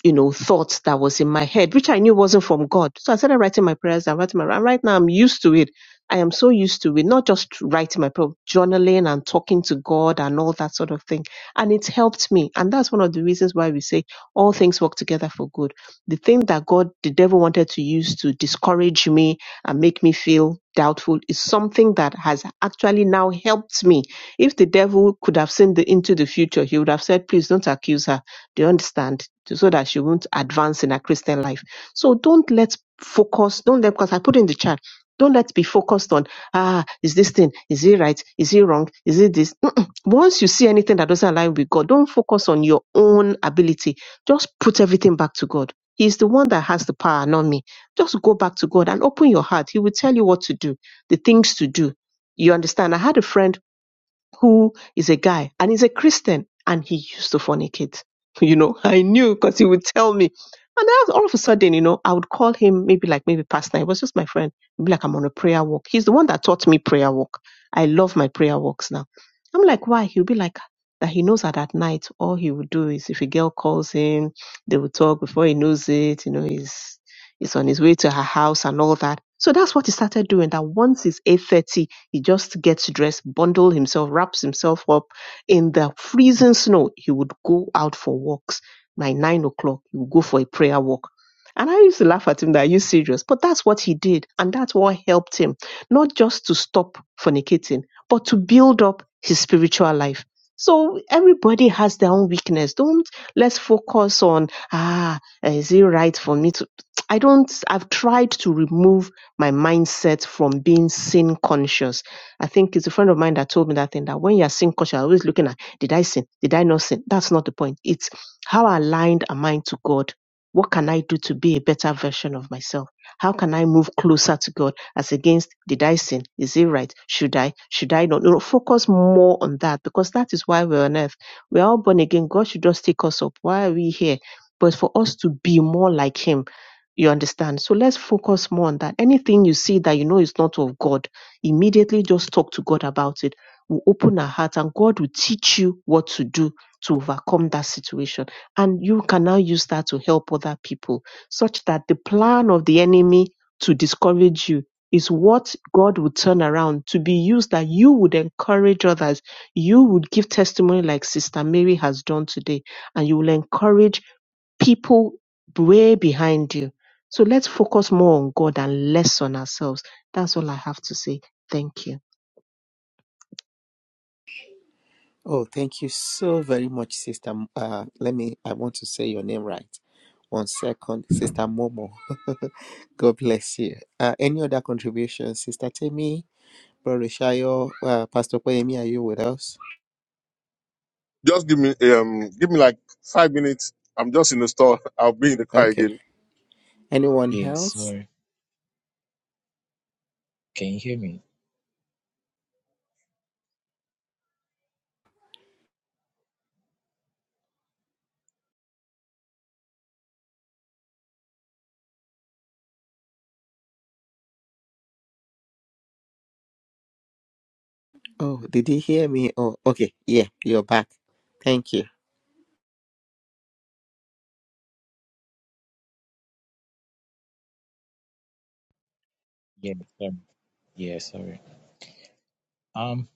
E: you know, thoughts that was in my head, which I knew wasn't from God. So I started writing my prayers down, writing my, and right now I'm used to it. I am so used to it, not just writing my prayer, journaling and talking to God and all that sort of thing. And it's helped me. And that's one of the reasons why we say all things work together for good. The thing that God, the devil wanted to use to discourage me and make me feel doubtful is something that has actually now helped me. If the devil could have seen the, into the future, he would have said, please don't accuse her do you understand? So that she won't advance in her Christian life. So don't let focus, don't let, because I put in the chat, don't let be focused on, ah, is this thing, is it right? Is it wrong? Is it this? Mm-mm. Once you see anything that doesn't align with God, don't focus on your own ability. Just put everything back to God. He's the one that has the power, not me. Just go back to God and open your heart. He will tell you what to do, the things to do. You understand? I had a friend who is a guy and he's a Christian and he used to fornicate. You know, I knew because he would tell me. And then all of a sudden, you know, I would call him maybe like maybe past nine. It was just my friend. Maybe like I'm on a prayer walk. He's the one that taught me prayer walk. I love my prayer walks now. I'm like, why? He'll be like that he knows that at night all he would do is if a girl calls him, they will talk before he knows it, you know, he's he's on his way to her house and all that. So that's what he started doing. That once it's eight thirty he just gets dressed, bundles himself, wraps himself up. In the freezing snow, he would go out for walks. By nine o'clock, he would go for a prayer walk. And I used to laugh at him that are you serious? But that's what he did. And that's what helped him, not just to stop fornicating, but to build up his spiritual life. So everybody has their own weakness. Don't let's focus on, ah, is it right for me to? I don't, I've tried to remove my mindset from being sin conscious I think it's a friend of mine that told me that thing that when you're sin culture, you're always looking at did I sin? Did I not sin? That's not the point. It's how aligned am I to God? What can I do to be a better version of myself? How can I move closer to God as against did I sin? Is it right? Should I? Should I not? You know, focus more on that because that is why we're on earth. We're all born again. God should just take us up. Why are we here? But for us to be more like Him, you understand? So let's focus more on that. Anything you see that you know is not of God immediately just talk to God about it. We'll open our heart and God will teach you what to do to overcome that situation. And you can now use that to help other people such that the plan of the enemy to discourage you is what God would turn around to be used that you would encourage others. You would give testimony like Sister Mary has done today, and you will encourage people way behind you. So let's focus more on God and less on ourselves. That's all I have to say. Thank you.
B: oh thank you so very much sister M- uh, let me i want to say your name right one second sister momo god bless you uh, any other contributions sister temi brother shayo uh, pastor Poyemi, are you with us
A: Just give me um give me like five minutes. I'm just in the store. I'll be in the car
B: okay
A: again.
B: anyone
F: Yeah,
B: else
F: sorry. Can you hear me?
B: oh did he hear me oh okay yeah you're back thank you
F: Yeah, sorry. Yeah, sorry. Um,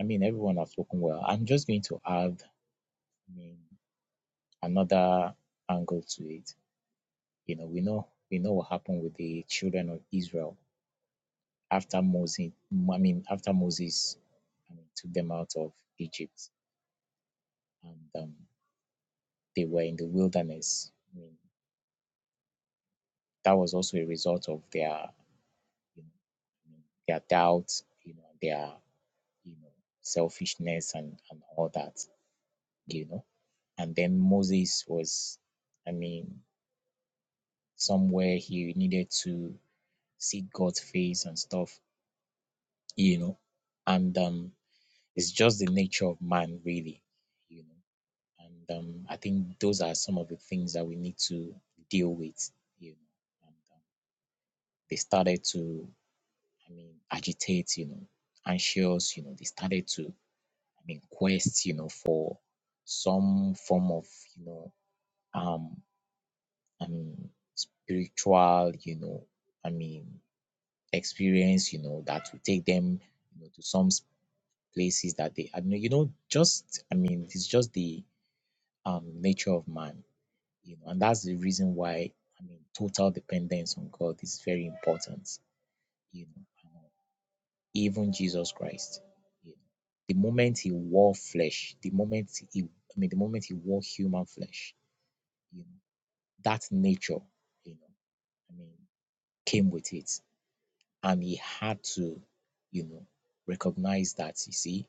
F: I mean, everyone has spoken well. I'm just going to add, I mean, another angle to it. You know, we know we know what happened with the children of Israel after Moses. I mean, after Moses, I mean, took them out of Egypt, and um, they were in the wilderness. I mean, that was also a result of their, you know, I mean, their doubts, you know, their you know, selfishness and, and all that, you know. And then Moses was, I mean, somewhere he needed to see God's face and stuff, you know. And um, it's just the nature of man, really, you know. And um, I think those are some of the things that we need to deal with, you know. And um, they started to, I mean, agitate, you know, anxious, you know, they started to I mean, quest, you know, for some form of, you know, um, I mean, spiritual, you know, I mean, experience, you know, that will take them, you know, to some s- places that they, I mean, you know, just, I mean, it's just the um nature of man, you know, and that's the reason why, I mean, total dependence on God is very important, you know. um, even Jesus Christ, the moment he wore flesh, the moment he, I mean, the moment he wore human flesh, you know, that nature, you know, I mean, came with it, and he had to, you know, recognize that. You see,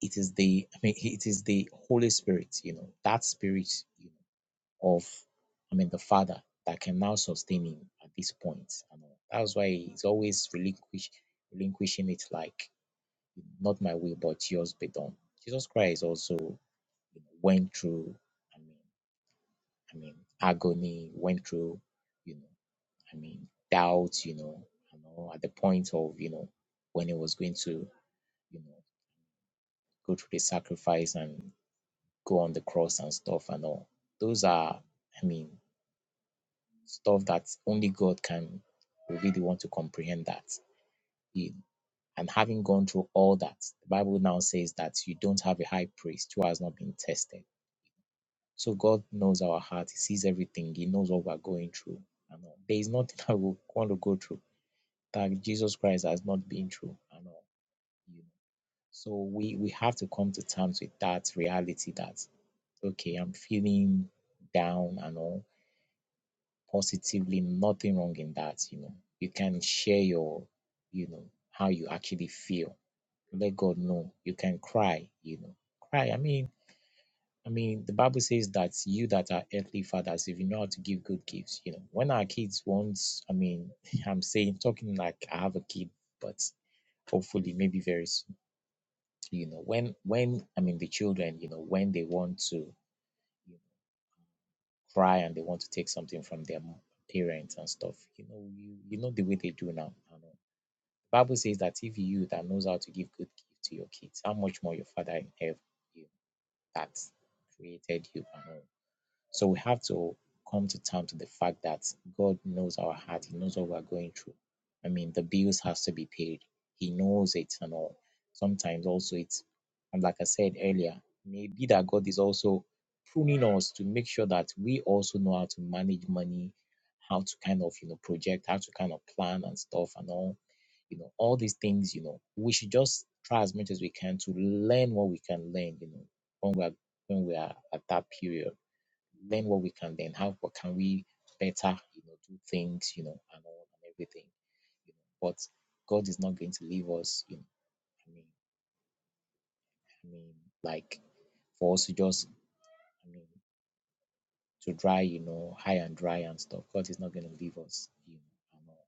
F: it is the, I mean, it is the Holy Spirit, you know, that spirit, you know, of, I mean, the Father that can now sustain him at this point. And that's why he's always relinquish, relinquishing it, like Not my will, but yours be done. Jesus Christ also you know, went through, I mean, I mean, agony, went through, you know, I mean, doubts. you know, you know, at the point of, you know, when he was going to, you know, go through the sacrifice and go on the cross and stuff and all. Those are, I mean, stuff that only God can really want to comprehend that. He- and having gone through all that, the Bible now says that you don't have a high priest who has not been tested So God knows our heart. He sees everything. He knows what we're going through. And all. There is nothing that we want to go through that Jesus Christ has not been through. And all. You know. So we we have to come to terms with that reality that okay, I'm feeling down and all positively, nothing wrong in that, you know. You can share your, you know, how you actually feel. Let God know. You can cry, you know. Cry. I mean, I mean, the Bible says that you that are earthly fathers, if you know how to give good gifts, you know, when our kids want, I mean, I'm saying, talking like I have a kid, but hopefully maybe very soon, you know, when, when, I mean, the children, you know, when they want to you know, cry and they want to take something from their mo- parents and stuff, you know, you, you know the way they do now. you know. The Bible says that if you that knows how to give good gifts to your kids, how much more your father in heaven you know, that created you and all So we have to come to terms with the fact that God knows our heart. He knows what we're going through. I mean, the bills has to be paid. He knows it and all. Sometimes also it's, and like I said earlier, maybe that God is also pruning us to make sure that we also know how to manage money, how to kind of, you know, project, how to kind of plan and stuff and all. You know, all these things, you know, we should just try as much as we can to learn what we can learn, you know, when we are when we are at that period learn what we can learn. How what can we better, you know, do things, you know, and all and everything. You know, but God is not going to leave us, you know. I mean, I mean, like for us to just, I mean, to dry, you know, high and dry and stuff. God is not going to leave us, you know, and all.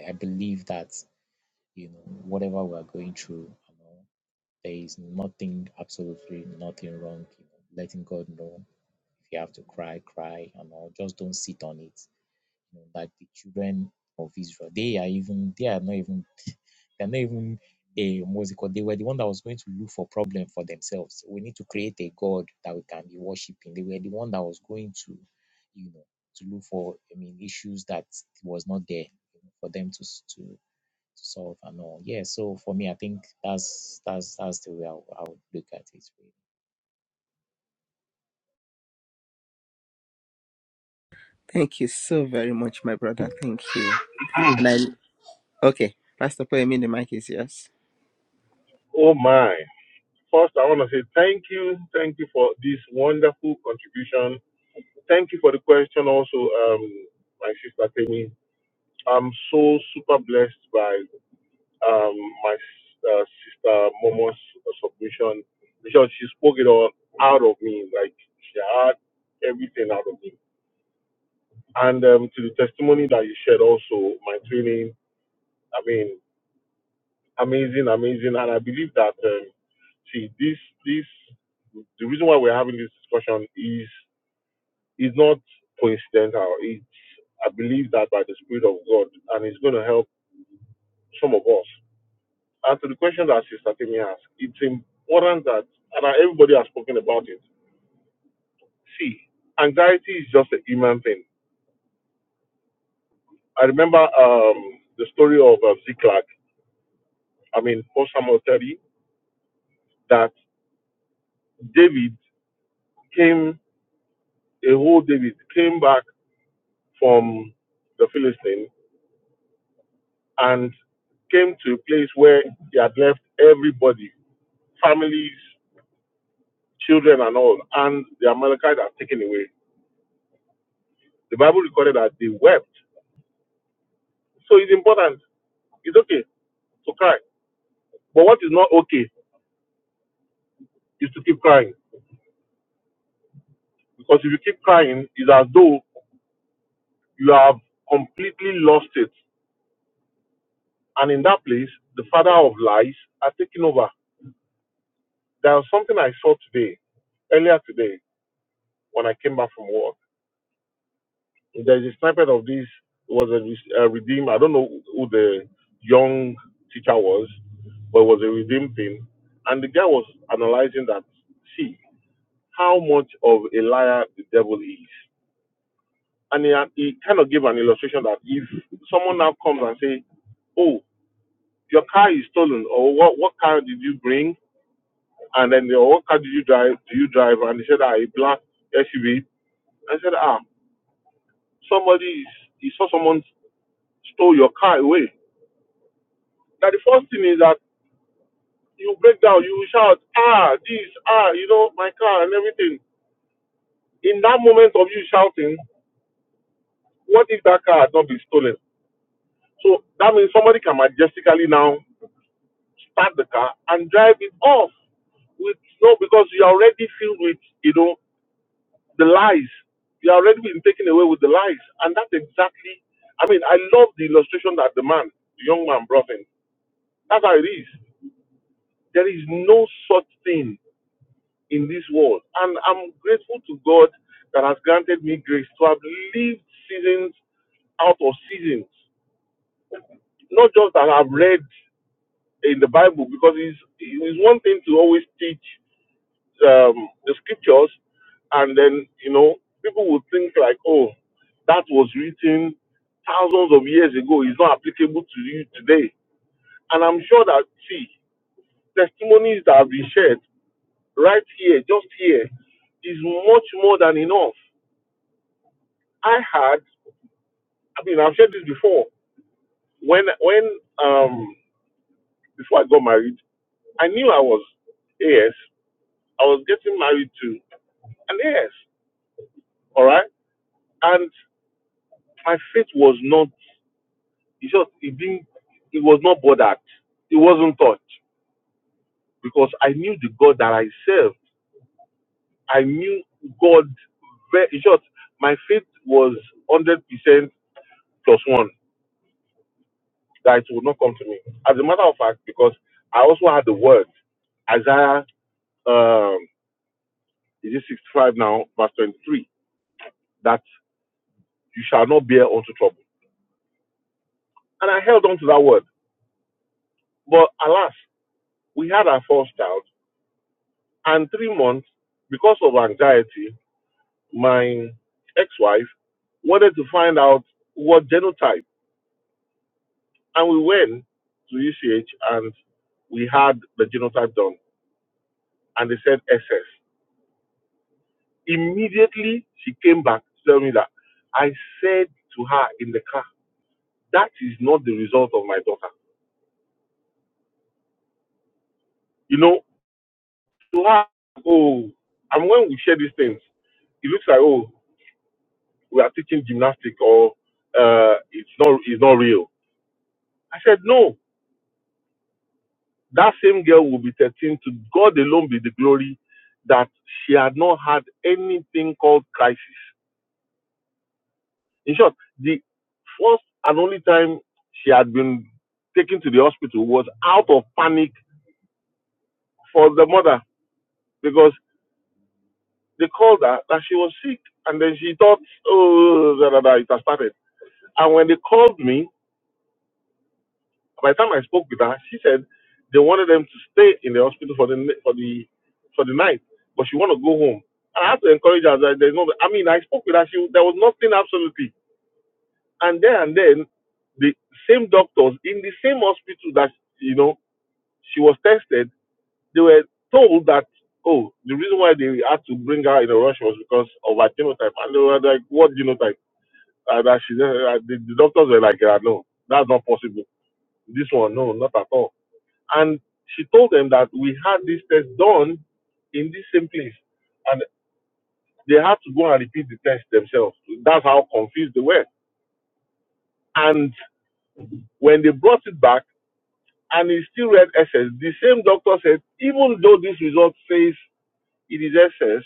F: You know. And I, I, I believe that, you know, whatever we are going through, and know there is nothing, absolutely nothing wrong, you know, letting God know if you have to cry, cry and all. Just don't sit on it. you know, like the children of Israel. They are even they are not even they're not even a musical. They were the one that was going to look for problem for themselves. So We need to create a God that we can be worshiping. They were the one that was going to, you know, to look for I mean issues that was not there you know, for them to s- to to solve and all. Yeah. So for me, I think that's that's that's the way I, would- I would look at it. really.
B: thank you so very much my brother thank you And I okay, Pastor Poyemi, the mic is yours.
A: Oh my. First, I want to say thank you. Thank you for this wonderful contribution. Thank you for the question also, um, my sister Penny. I'm so super blessed by. um, my uh, sister Momo's submission because she spoke it all out of me, like she had everything out of me. And um, to the testimony that you shared, also my training, I mean, amazing, amazing. And I believe that um, see this this the reason why we're having this discussion is is not coincidental. It's I believe that by the Spirit of God, and it's going to help some of us. As to the question that Sister Timmy asked, it's important that, and everybody has spoken about it. See, anxiety is just a human thing. I remember um, the story of uh, Ziklag, I mean, 1 Samuel 30, that David came, a whole David came back from the Philistine and came to a place where he had left everybody, families, children, and all, and the Amalekites had taken away. The Bible recorded that they wept. So it's important. It's okay to cry. But what is not okay is to keep crying. Because if you keep crying, it's as though you have completely lost it. And in that place, the father of lies are taking over. There was something I saw today, earlier today, when I came back from work. There is a snippet of this, it was a, re- a redeem. I don't know who the young teacher was, but it was a redeem thing. And the guy was analyzing that, see, how much of a liar the devil is And he, he kind of gave an illustration that if someone now comes and say, "Oh, your car is stolen," or "What what car did you bring?" and then they, "Oh, "What car did you drive? Do you drive?" and he said, "Ah, a black SUV." I said, "Ah, somebody is, he saw someone stole your car away." Now the first thing is that you break down, you shout, "Ah, this, ah, you know, my car and everything." In that moment of you shouting, what if that car had not been stolen? So that means somebody can majestically now park the car and drive it off with no because you're already filled with you know the lies you're already been taken away with the lies and that's exactly i mean i love the illustration that the man the young man brought in that's how it is there is no such thing in this world and i'm grateful to god that has granted me grace to have lived seasons out of seasons. Not just that I've read in the Bible, because it's, it's one thing to always teach. um, the scriptures, and then you know people would think like, oh, that was written thousands of years ago. It's not applicable to you today. And I'm sure that see testimonies that have been shared right here, just here, is much more than enough. I had, I mean, I've shared this before. When when um before I got married, I knew I was AS. I was getting married to an AS. All right, and my faith was not. It just it didn't it was not bothered. It wasn't touched because I knew the God that I served. I knew God very in short, my faith was hundred percent plus one that it would not come to me. As a matter of fact, because I also had the word Isaiah um is it sixty five now, verse twenty three, that you shall not bear unto trouble. And I held on to that word. But alas, we had our first child and three months because of anxiety my ex-wife wanted to find out what genotype, and we went to UCH and we had the genotype done, and they said SS. Immediately she came back to tell me that I said to her in the car, "That is not the result of my daughter." You know, to her, oh, and when we share these things, it looks like oh, we are teaching gymnastics or uh, it's not it's not real. I said no. That same girl will be 13. To God alone be the glory that she had not had anything called crisis. In short, the first and only time she had been taken to the hospital was out of panic for the mother because they called her that she was sick. And then she thought, oh, da, da, da, it has started. And when they called me, By the time I spoke with her, she said they wanted them to stay in the hospital for the for the for the night, but she wanted to go home. And I had to encourage her. That there's no. I mean, I spoke with her. She there was nothing absolutely. And then and then, the same doctors in the same hospital that you know she was tested, they were told that oh, the reason why they had to bring her in a rush was because of her genotype. And they were like, what genotype? Uh, that she uh, the, the doctors were like, uh, no, that's not possible. This one, no, not at all and she told them that we had this test done in this same place. And they had to go and repeat the test themselves. That's how confused they were. And when they brought it back and it still read S S, the same doctor said, even though this result says it is S S,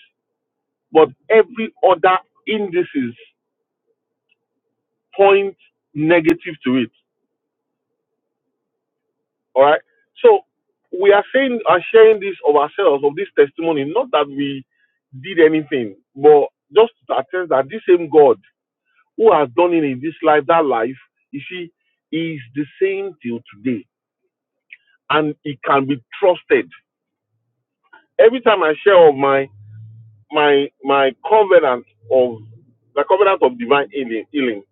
A: but every other indices point negative to it. All right. So we are saying are sharing this of ourselves of this testimony, not that we did anything, but just to attest that this same God who has done it in this life, that life, you see, is the same till today, and it can be trusted. Every time I share of my my my covenant of the covenant of divine healing, healing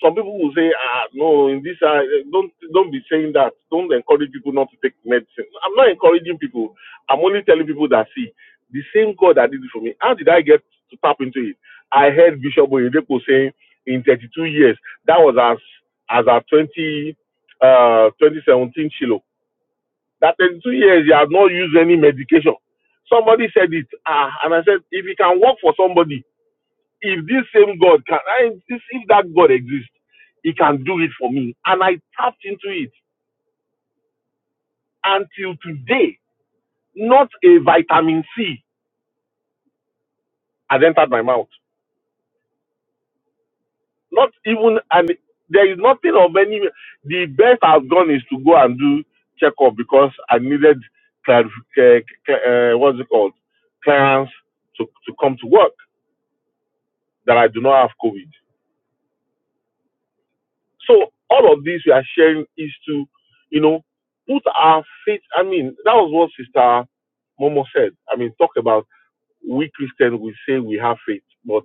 A: Some people will say, ah, no, in this, uh, don't don't be saying that. Don't encourage people not to take medicine. I'm not encouraging people. I'm only telling people that see the same God that did it for me. How did I get to tap into it? I heard Bishop Oyedepo saying in 32 years. That was as as at 20 uh 2017 Shiloh. That 32 years he has not used any medication. Somebody said it, ah, and I said if it can work for somebody if this same God can, I, this, if that God exists, He can do it for me. And I tapped into it until today. Not a vitamin C has entered my mouth. Not even, and there is nothing of any. The best I've done is to go and do checkup because I needed clar- cl- cl- uh, what's it called clearance to to come to work that I do not have COVID. So all of this we are sharing is to, you know, put our faith. I mean, that was what Sister Momo said. I mean, talk about we Christians we say we have faith, but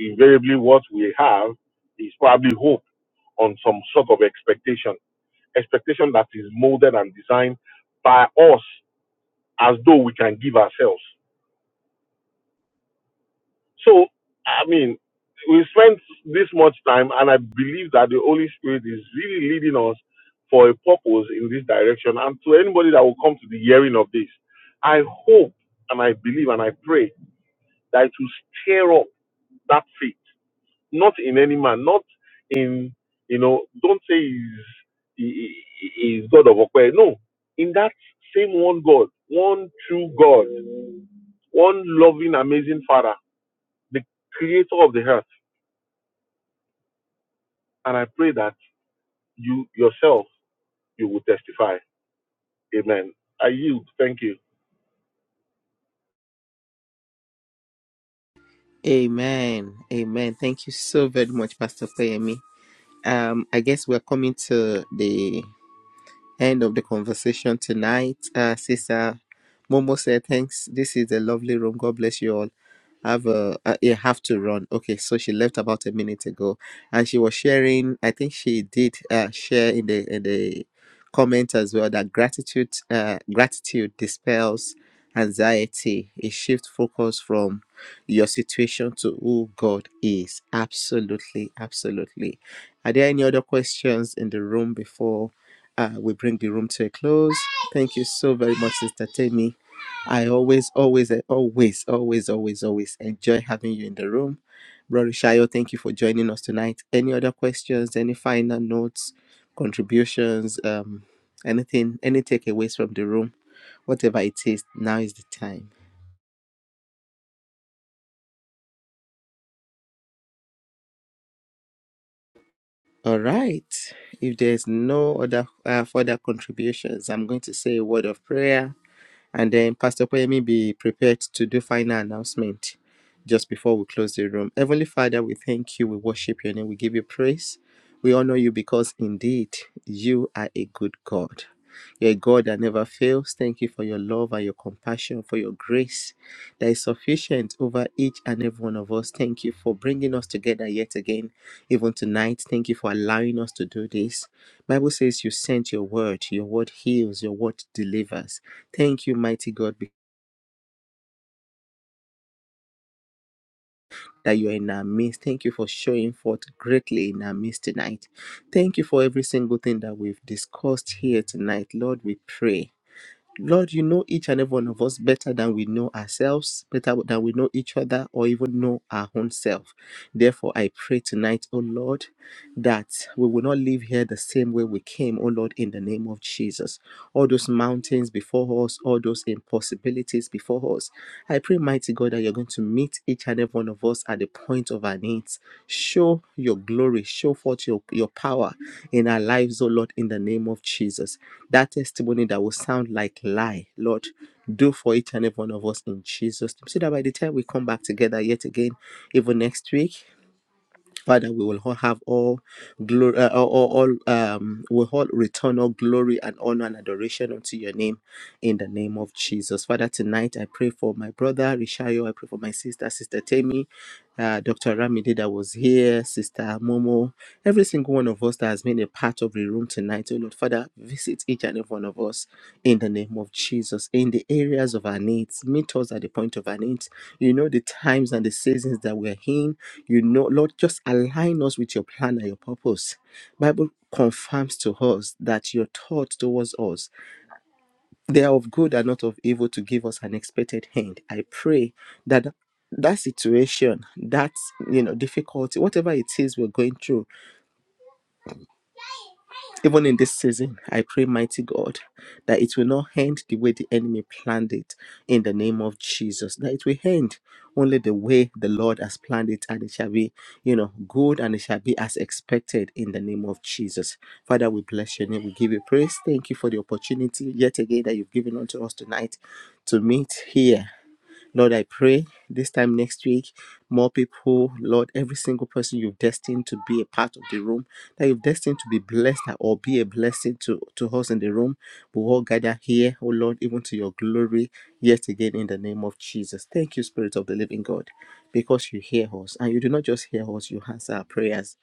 A: invariably what we have is probably hope on some sort of expectation, expectation that is molded and designed by us as though we can give ourselves. So, I mean, we spent this much time, and I believe that the Holy Spirit is really leading us for a purpose in this direction. And to anybody that will come to the hearing of this, I hope and I believe and I pray that it will stir up that faith, not in any man, not in, you know, don't say he's, he, he- he- he's God of Okwe. No, in that same one God, one true God, one loving, amazing Father, the creator of the earth And I pray that you yourself you will testify. Amen. I yield. Thank you.
B: Amen. Amen. Thank you so very much, Pastor Poyemi. Um, I guess we're coming to the end of the conversation tonight. Uh, Sister Momo said, Thanks. This is a lovely room. God bless you all. Have a, uh, yeah, have to run. Okay, so she left about a minute ago and she was sharing. I think she did uh, share in the in the comment as well that gratitude uh, gratitude dispels anxiety. It shifts focus from your situation to who God is. Absolutely, absolutely. Are there any other questions in the room before? uh, we bring the room to a close. Thank you so very much, Sister Temi. I always, always, eh, always, always, always, always enjoy having you in the room. Brother Shayo, thank you for joining us tonight. Any other questions, any final notes, contributions, um, anything, any takeaways from the room, whatever it is, now is the time. All right. If there's no other uh, further contributions, I'm going to say a word of prayer And then Pastor Koyemi be prepared to do final announcement just before we close the room. Heavenly Father, we thank you, we worship your name, we give you praise. We honor you because indeed you are a good God. You're a God that never fails. Thank you for your love and your compassion, for your grace that is sufficient over each and every one of us. Thank you for bringing us together yet again, even tonight. Thank you for allowing us to do this. Bible says you sent your word. Your word heals. Your word delivers. Thank you, mighty God, that you are in our midst. Thank you for showing forth greatly in our midst tonight. Thank you for every single thing that we've discussed here tonight. Lord, we pray. Lord, you know each and every one of us better than we know ourselves, better than we know each other, or even know our own self. Therefore, I pray tonight, O Lord, that we will not leave here the same way we came, O Lord, in the name of Jesus. All those mountains before us, all those impossibilities before us. I pray, mighty God, that you're going to meet each and every one of us at the point of our needs. Show your glory, show forth your, your power in our lives, O Lord, in the name of Jesus that testimony that will sound like lie, Lord, do for each and every one of us in Jesus' name. So that by the time we come back together yet again, even next week. Father, we will all have all glory, uh, all, all all, um, we will all return all glory and honor and adoration unto your name in the name of Jesus. Father, tonight I pray for my brother Rishayo, I pray for my sister, Sister Temi, uh, Dr. Ramide that was here, Sister Momo, every single one of us that has been a part of the room tonight. Oh Lord, Father, visit each and every one of us in the name of Jesus, in the areas of our needs. Meet us at the point of our needs. You know the times and the seasons that we're in. You know, Lord, just align us with your plan and your purpose. Bible confirms to us that your thoughts towards us, they are of good and not of evil to give us an expected end. I pray that that situation, that you know, difficulty, whatever it is we're going through, even in this season, I pray, mighty God, that it will not end the way the enemy planned it in the name of Jesus. That it will end only the way the Lord has planned it, and it shall be, you know, good and it shall be as expected in the name of Jesus. Father, we bless your name. We give you praise. Thank you for the opportunity yet again that you've given unto us tonight to meet here Lord, I pray this time next week, more people, Lord, every single person you've destined to be a part of the room, that you've destined to be blessed or be a blessing to, to us in the room, we all gather here, oh Lord, even to your glory, yet again in the name of Jesus. Thank you, Spirit of the Living God, because you hear us and you do not just hear us, you answer our prayers.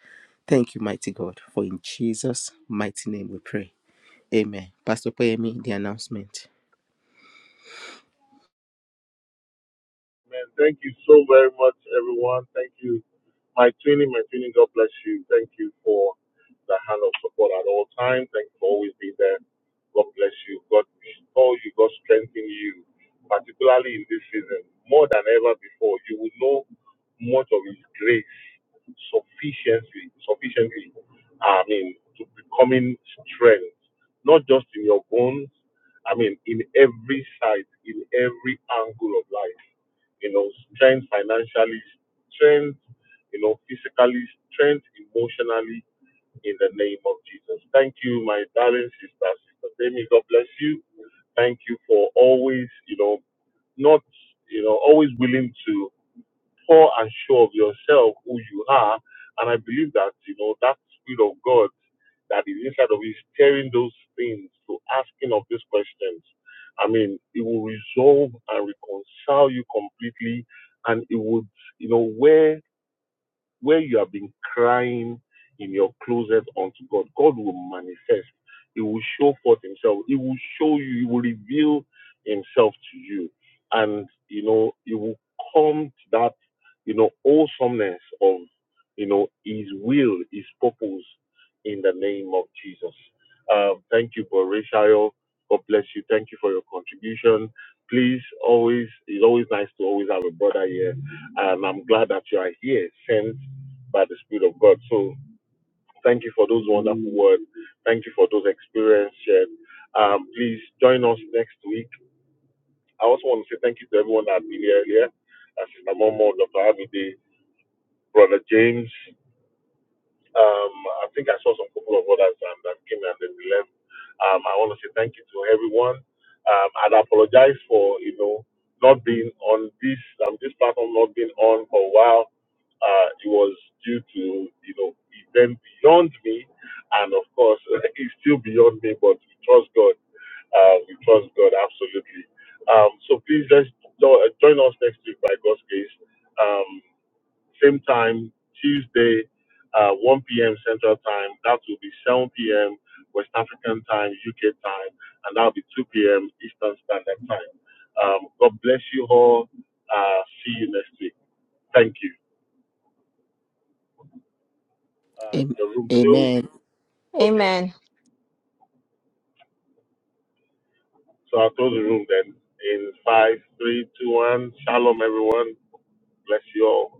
B: Thank you, mighty God, for in Jesus' mighty name we pray. Amen. Pastor Poyemi, the announcement.
A: Man, thank you so very much, everyone. Thank you, my twinning, my twinning. God bless you. Thank you for the hand of support at all times. Thank you for always being there. God bless you. God restore you. God strengthen you, particularly in this season more than ever before. You will know much of His grace sufficiently, sufficiently. I mean, to becoming strength, not just in your bones. I mean, in every side, in every angle of life you know, strength financially, strength, you know, physically, strength emotionally in the name of Jesus. Thank you, my darling sister, sister Demi. God bless you. Thank you for always, you know, not, you know, always willing to poor and sure of yourself, who you are. And I believe that, you know, that Spirit of God that is inside of you is stirring those things to asking of these questions. I mean, it will resolve and reconcile you completely. And it would, you know, where where you have been crying in your closet unto God, God will manifest. He will show forth himself. He will show you, he will reveal himself to you. And, you know, you will come to that, you know, awesomeness of, you know, his will, his purpose in the name of Jesus. Um, thank you, Borishayo. God bless you. Thank you for your contribution. Please always, it's always nice to always have a brother here and I'm glad that you are here. Send by the Spirit of God. So thank you for those wonderful words. Thank you for those experiences shared. Um, please join us next week. I also want to say thank you to everyone that had been here earlier, uh, Sister Momo, Dr. Abide, Brother James, Um, I think I saw some couple of others and um, that came and then we left. Um, I want to say thank you to everyone. Um, and I apologize for you know not being on this um, this platform not being on for a while. Uh, it was due to you know event beyond me, and of course it's still beyond me. But we trust God. Uh, we trust God absolutely. Um, so please just jo- uh, join us next week by God's grace. Um, same time, Tuesday, uh, 1 p.m. Central Time. That will be 7 p.m. West African Time, UK Time, and that'll be 2 p.m. Eastern Standard Time. Um, God bless you all. Uh, see you next week. Thank you. Uh,
B: Am-
A: the room closed.
B: Amen.
A: Okay,
C: amen
A: so I'll close the room then. In five, three, two, one. Shalom, everyone. Bless you all.